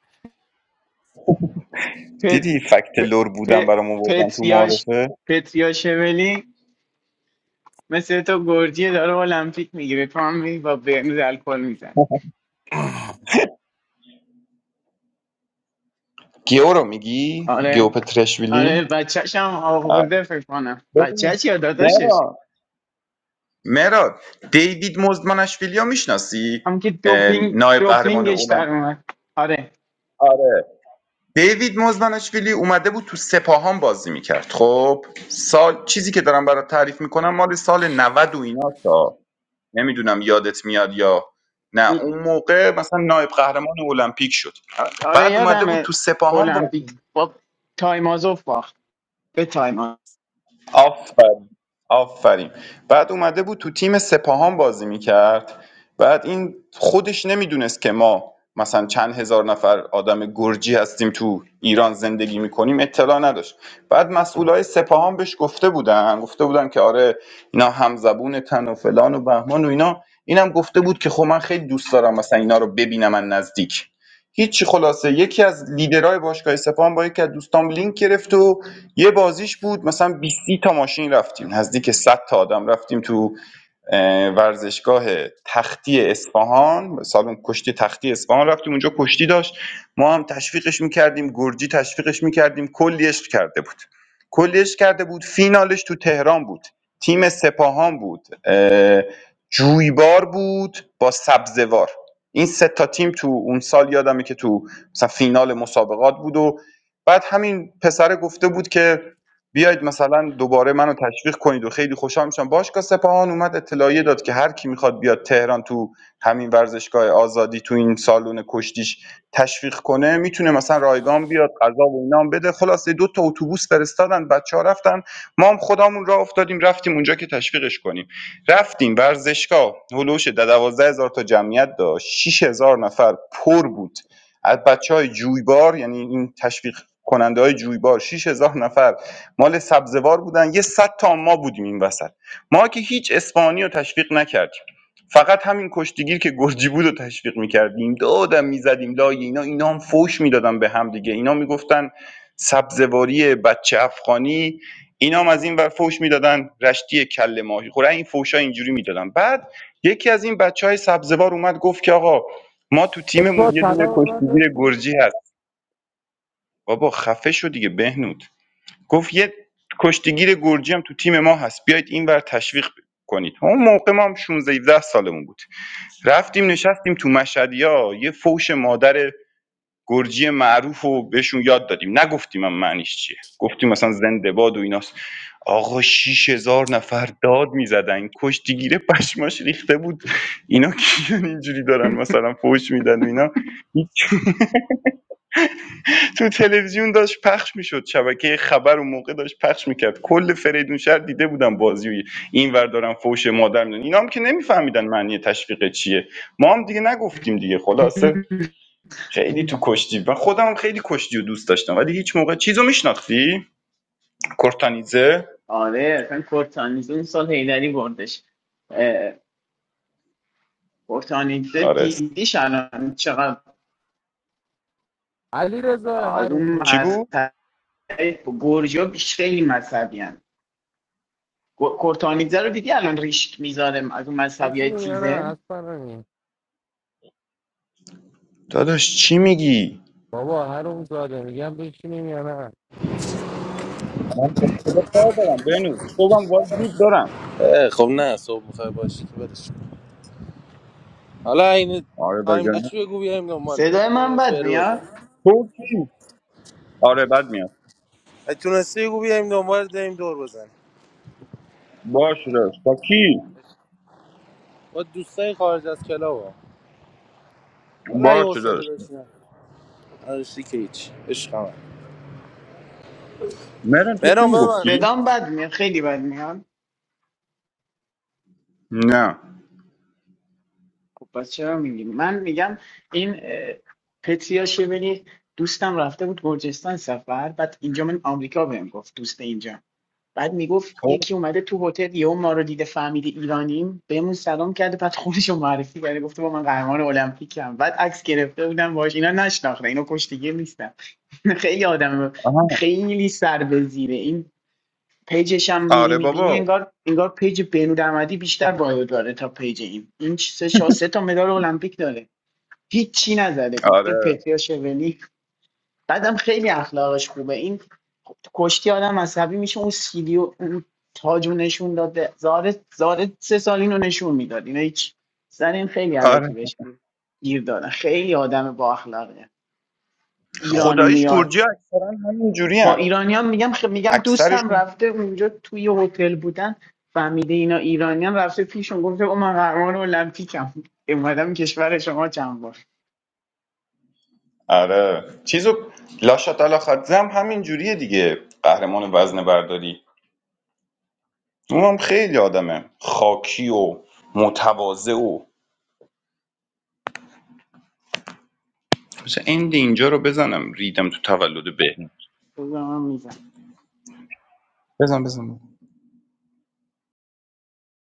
Speaker 2: پت
Speaker 8: دیدی فکت
Speaker 2: پ-
Speaker 8: لور بودن
Speaker 2: پ-
Speaker 8: برام آوردن تو
Speaker 2: پتریاش
Speaker 8: معارفه
Speaker 2: پتریاشولی مثل تو گرجی داره المپیک میگیره تو هم میری با برنز الکل میزنی
Speaker 8: گیو رو میگی گیو
Speaker 2: آره
Speaker 8: پترشویلی
Speaker 2: آره بچهش هم
Speaker 8: آه.
Speaker 2: آورده فکر کنم
Speaker 8: ببین،
Speaker 2: بچهش یا داداشش
Speaker 8: مهران مهران دیوید مزدمانشویلی رو میشناسی
Speaker 2: هم که دوپینگ
Speaker 8: نایب
Speaker 2: دوپینگش
Speaker 8: قهرمان
Speaker 2: در اومد آره
Speaker 8: دیوید مزدانشویلی اومده بود تو سپاهان بازی میکرد خب سال چیزی که دارم برات تعریف میکنم مال سال 90 و ایناست ها. نمیدونم یادت میاد یا نه اون موقع مثلا نایب قهرمان المپیک شد
Speaker 2: آره
Speaker 8: بعد اومده بود
Speaker 2: یادمه
Speaker 8: تو سپاهان
Speaker 2: المپیک
Speaker 8: بازی
Speaker 2: با تایمازوف باخت به تایما
Speaker 8: آفرین آفرین بعد اومده بود تو تیم سپاهان بازی میکرد بعد این خودش نمیدونست که ما مثلا چند هزار نفر آدم گرجی هستیم تو ایران زندگی میکنیم اطلاع نداشت بعد مسئولای سپاهان بهش گفته بودن گفته بودن که آره اینا همزبون تن و فلان و بهمان و اینا اینم گفته بود که خب من خیلی دوست دارم مثلا اینا رو ببینم من نزدیک هیچی خلاصه یکی از لیدرهای باشگاه سپاهان با یکی از دوستام لینک گرفت و یه بازیش بود مثلا 20 ی تا ماشین رفتیم نزدیک 100 تا آدم رفتیم تو ورزشگاه تختی اصفهان سالن کشتی تختی اصفهان رفتیم اونجا کشتی داشت ما هم تشویقش میکردیم گرجی تشویقش میکردیم کلی عشق کرده بود کلی عشق کرده بود فینالش تو تهران بود تیم سپاهان بود جویبار بود با سبزوار این سه تا تیم تو اون سال یادمه که تو مثلا فینال مسابقات بود و بعد همین پسره گفته بود که بیاید مثلا دوباره منو تشویق کنید و خیلی خوشحال میشم باشگاه سپاهان اومد اطلاعیه داد که هر کی میخواد بیاد تهران تو همین ورزشگاه آزادی تو این سالن کشتیش تشویق کنه میتونه مثلا رایگان بیاد غذا و اینا بده خلاصه دو تا اتوبوس فرستادن بچه‌ها رفتن ما هم خودمون راه افتادیم رفتیم اونجا که تشویقش کنیم رفتیم ورزشگاه هلوش 12000 تا جمعیت داشت 6000 نفر پر بود از بچهای جویبار یعنی این تشویق کننده های جویبار 6000 نفر مال سبزوار بودن یه صد تا ما بودیم این وسط ما که هیچ اسپانی رو تشویق نکردیم فقط همین کشتیگیر که گرجی بود رو تشویق میکردیم دادم میزدیم لای اینا اینا هم فوش میدادن به هم دیگه اینا میگفتن سبزواری بچه افغانی اینا هم از این ور فوش میدادن رشتی کله ماهی خوره این فوشا اینجوری میدادن بعد یکی از این بچه های سبزوار اومد گفت که آقا ما تو
Speaker 1: تو
Speaker 8: تیممون یه دونه
Speaker 1: طلا به من
Speaker 8: کشتیگیر
Speaker 1: دادی
Speaker 8: گرجی هست بابا خفه شو دیگه بهنود گفت یه کشتیگیر گرجی هم تو تیم ما هست بیاید این بر تشویق کنید اون موقع ما هم 16 17 سالمون بود رفتیم نشستیم تو مشهدیا یه فوش مادر گرجی معروف رو بهشون یاد دادیم نگفتیم هم معنیش چیه گفتیم مثلا زنده باد و ایناست آقا شیش هزار نفر داد میزدن کشتیگیره پشماش ریخته بود اینا کیان اینجوری دارن مثلا فوش میدن و اینا تو تلویزیون داشت پخش میشد شبکه خبر اون موقع داشت پخش میکرد کل فریدون شهر دیده بودم بازی و این ور دارن فوش مادر میدن اینا هم که نمیفهمیدن معنی تشویق چیه ما هم دیگه نگفتیم دیگه خلاصه خیلی تو کشتی و خودم هم خیلی کشتی رو دوست داشتم ولی هیچ موقع چیزو میشناختی کورتانیزه
Speaker 2: آره اصلا کورتانیزه این سال هیدری بردش اه، کورتانیزه
Speaker 8: آره
Speaker 2: دیدیش الان چقدر
Speaker 1: علی رضا
Speaker 2: از اون
Speaker 1: هرومی
Speaker 8: چی بود
Speaker 2: مذهب برجا بیش خیلی مذهبی هن. کورتانیزه رو دیدی الان ریشک میذاره از اون مذهبی های
Speaker 1: بشینیم یا نه
Speaker 2: تیزه
Speaker 1: اصلا نمی
Speaker 8: داداش چی میگی
Speaker 1: بابا هروم زاده میگم بشینیم یا نه
Speaker 8: من به خدا کار دارم بنو صبحم باید زود دارم
Speaker 1: اه، خب نه صبح میخوای باشی که بدش حالا
Speaker 8: آره بگم
Speaker 2: صدای من بد میاد
Speaker 8: تو کی آره بد میاد
Speaker 1: سیگو بیایم دنبال داریم دور بزنیم
Speaker 8: باشه داداش با کی
Speaker 1: با دوستای خارج از کلاب ها. حالا اگه
Speaker 8: باشه داداش.
Speaker 1: حوصله داشتین نداشتی که هیچ عشق همه
Speaker 8: مرن تو چی
Speaker 1: مهران ببند
Speaker 8: میگفتی؟
Speaker 2: صدام بد میاد خیلی بد میاد
Speaker 8: نه
Speaker 2: خب پس چرا میگی من میگم این اه، پتریا شبلی دوستم رفته بود گرجستان سفر بعد اینجا من آمریکا بهم گفت دوست اینجا بعد میگفت
Speaker 8: خب
Speaker 2: یکی اومده تو هتل یهو ما رو دیده فهمیده ایرانیم بهمون سلام کرده بعد خودش رو معرفی کرده گفته با من قهرمان المپیکم بعد عکس گرفته بودم باش اینا نشناخته اینا کشتیگیر نیستم خیلی آدم
Speaker 8: آها
Speaker 2: خیلی سر به زیره این پیجش هم میری
Speaker 8: آره
Speaker 2: میبینی
Speaker 8: بابا
Speaker 2: انگار انگار پیج بینود بیشتر وایو داره تا پیج این این سه شا- سه تا مدال المپیک داره هیچی نزده گفته
Speaker 8: آره
Speaker 2: پتریا شولی بعدم خیلی اخلاقش خوبه این کشتی آدم عصبی میشه اون سیلی و اون تاجو نشون داده زاره زاره سه سال اینو نشون میداد اینا هیچ سر این خیلی علکی
Speaker 8: آره
Speaker 2: بهش گیر دادن خیلی آدم با اخلاقه ایران
Speaker 8: خداییش
Speaker 2: میاد
Speaker 8: گرجی ها اکثرا همین جوری
Speaker 2: با
Speaker 8: هن.
Speaker 2: ایرانیان میگم خ... میگم دوستم
Speaker 8: اکثرشون
Speaker 2: رفته اونجا توی هتل بودن فهمیده اینا ایرانیان رفته پیشون گفته او من قهرمان المپیکم اومدم کشور شما چند بار
Speaker 8: آره چیزو لاشتالا خادزه هم همین جوریه دیگه قهرمان وزن برداری اونم خیلی آدمه خاکی و متواضع و مثلا این اینجا رو بزنم ریدم تو تولد بهنام
Speaker 2: گفتم من می‌زنم.
Speaker 8: بزن بزن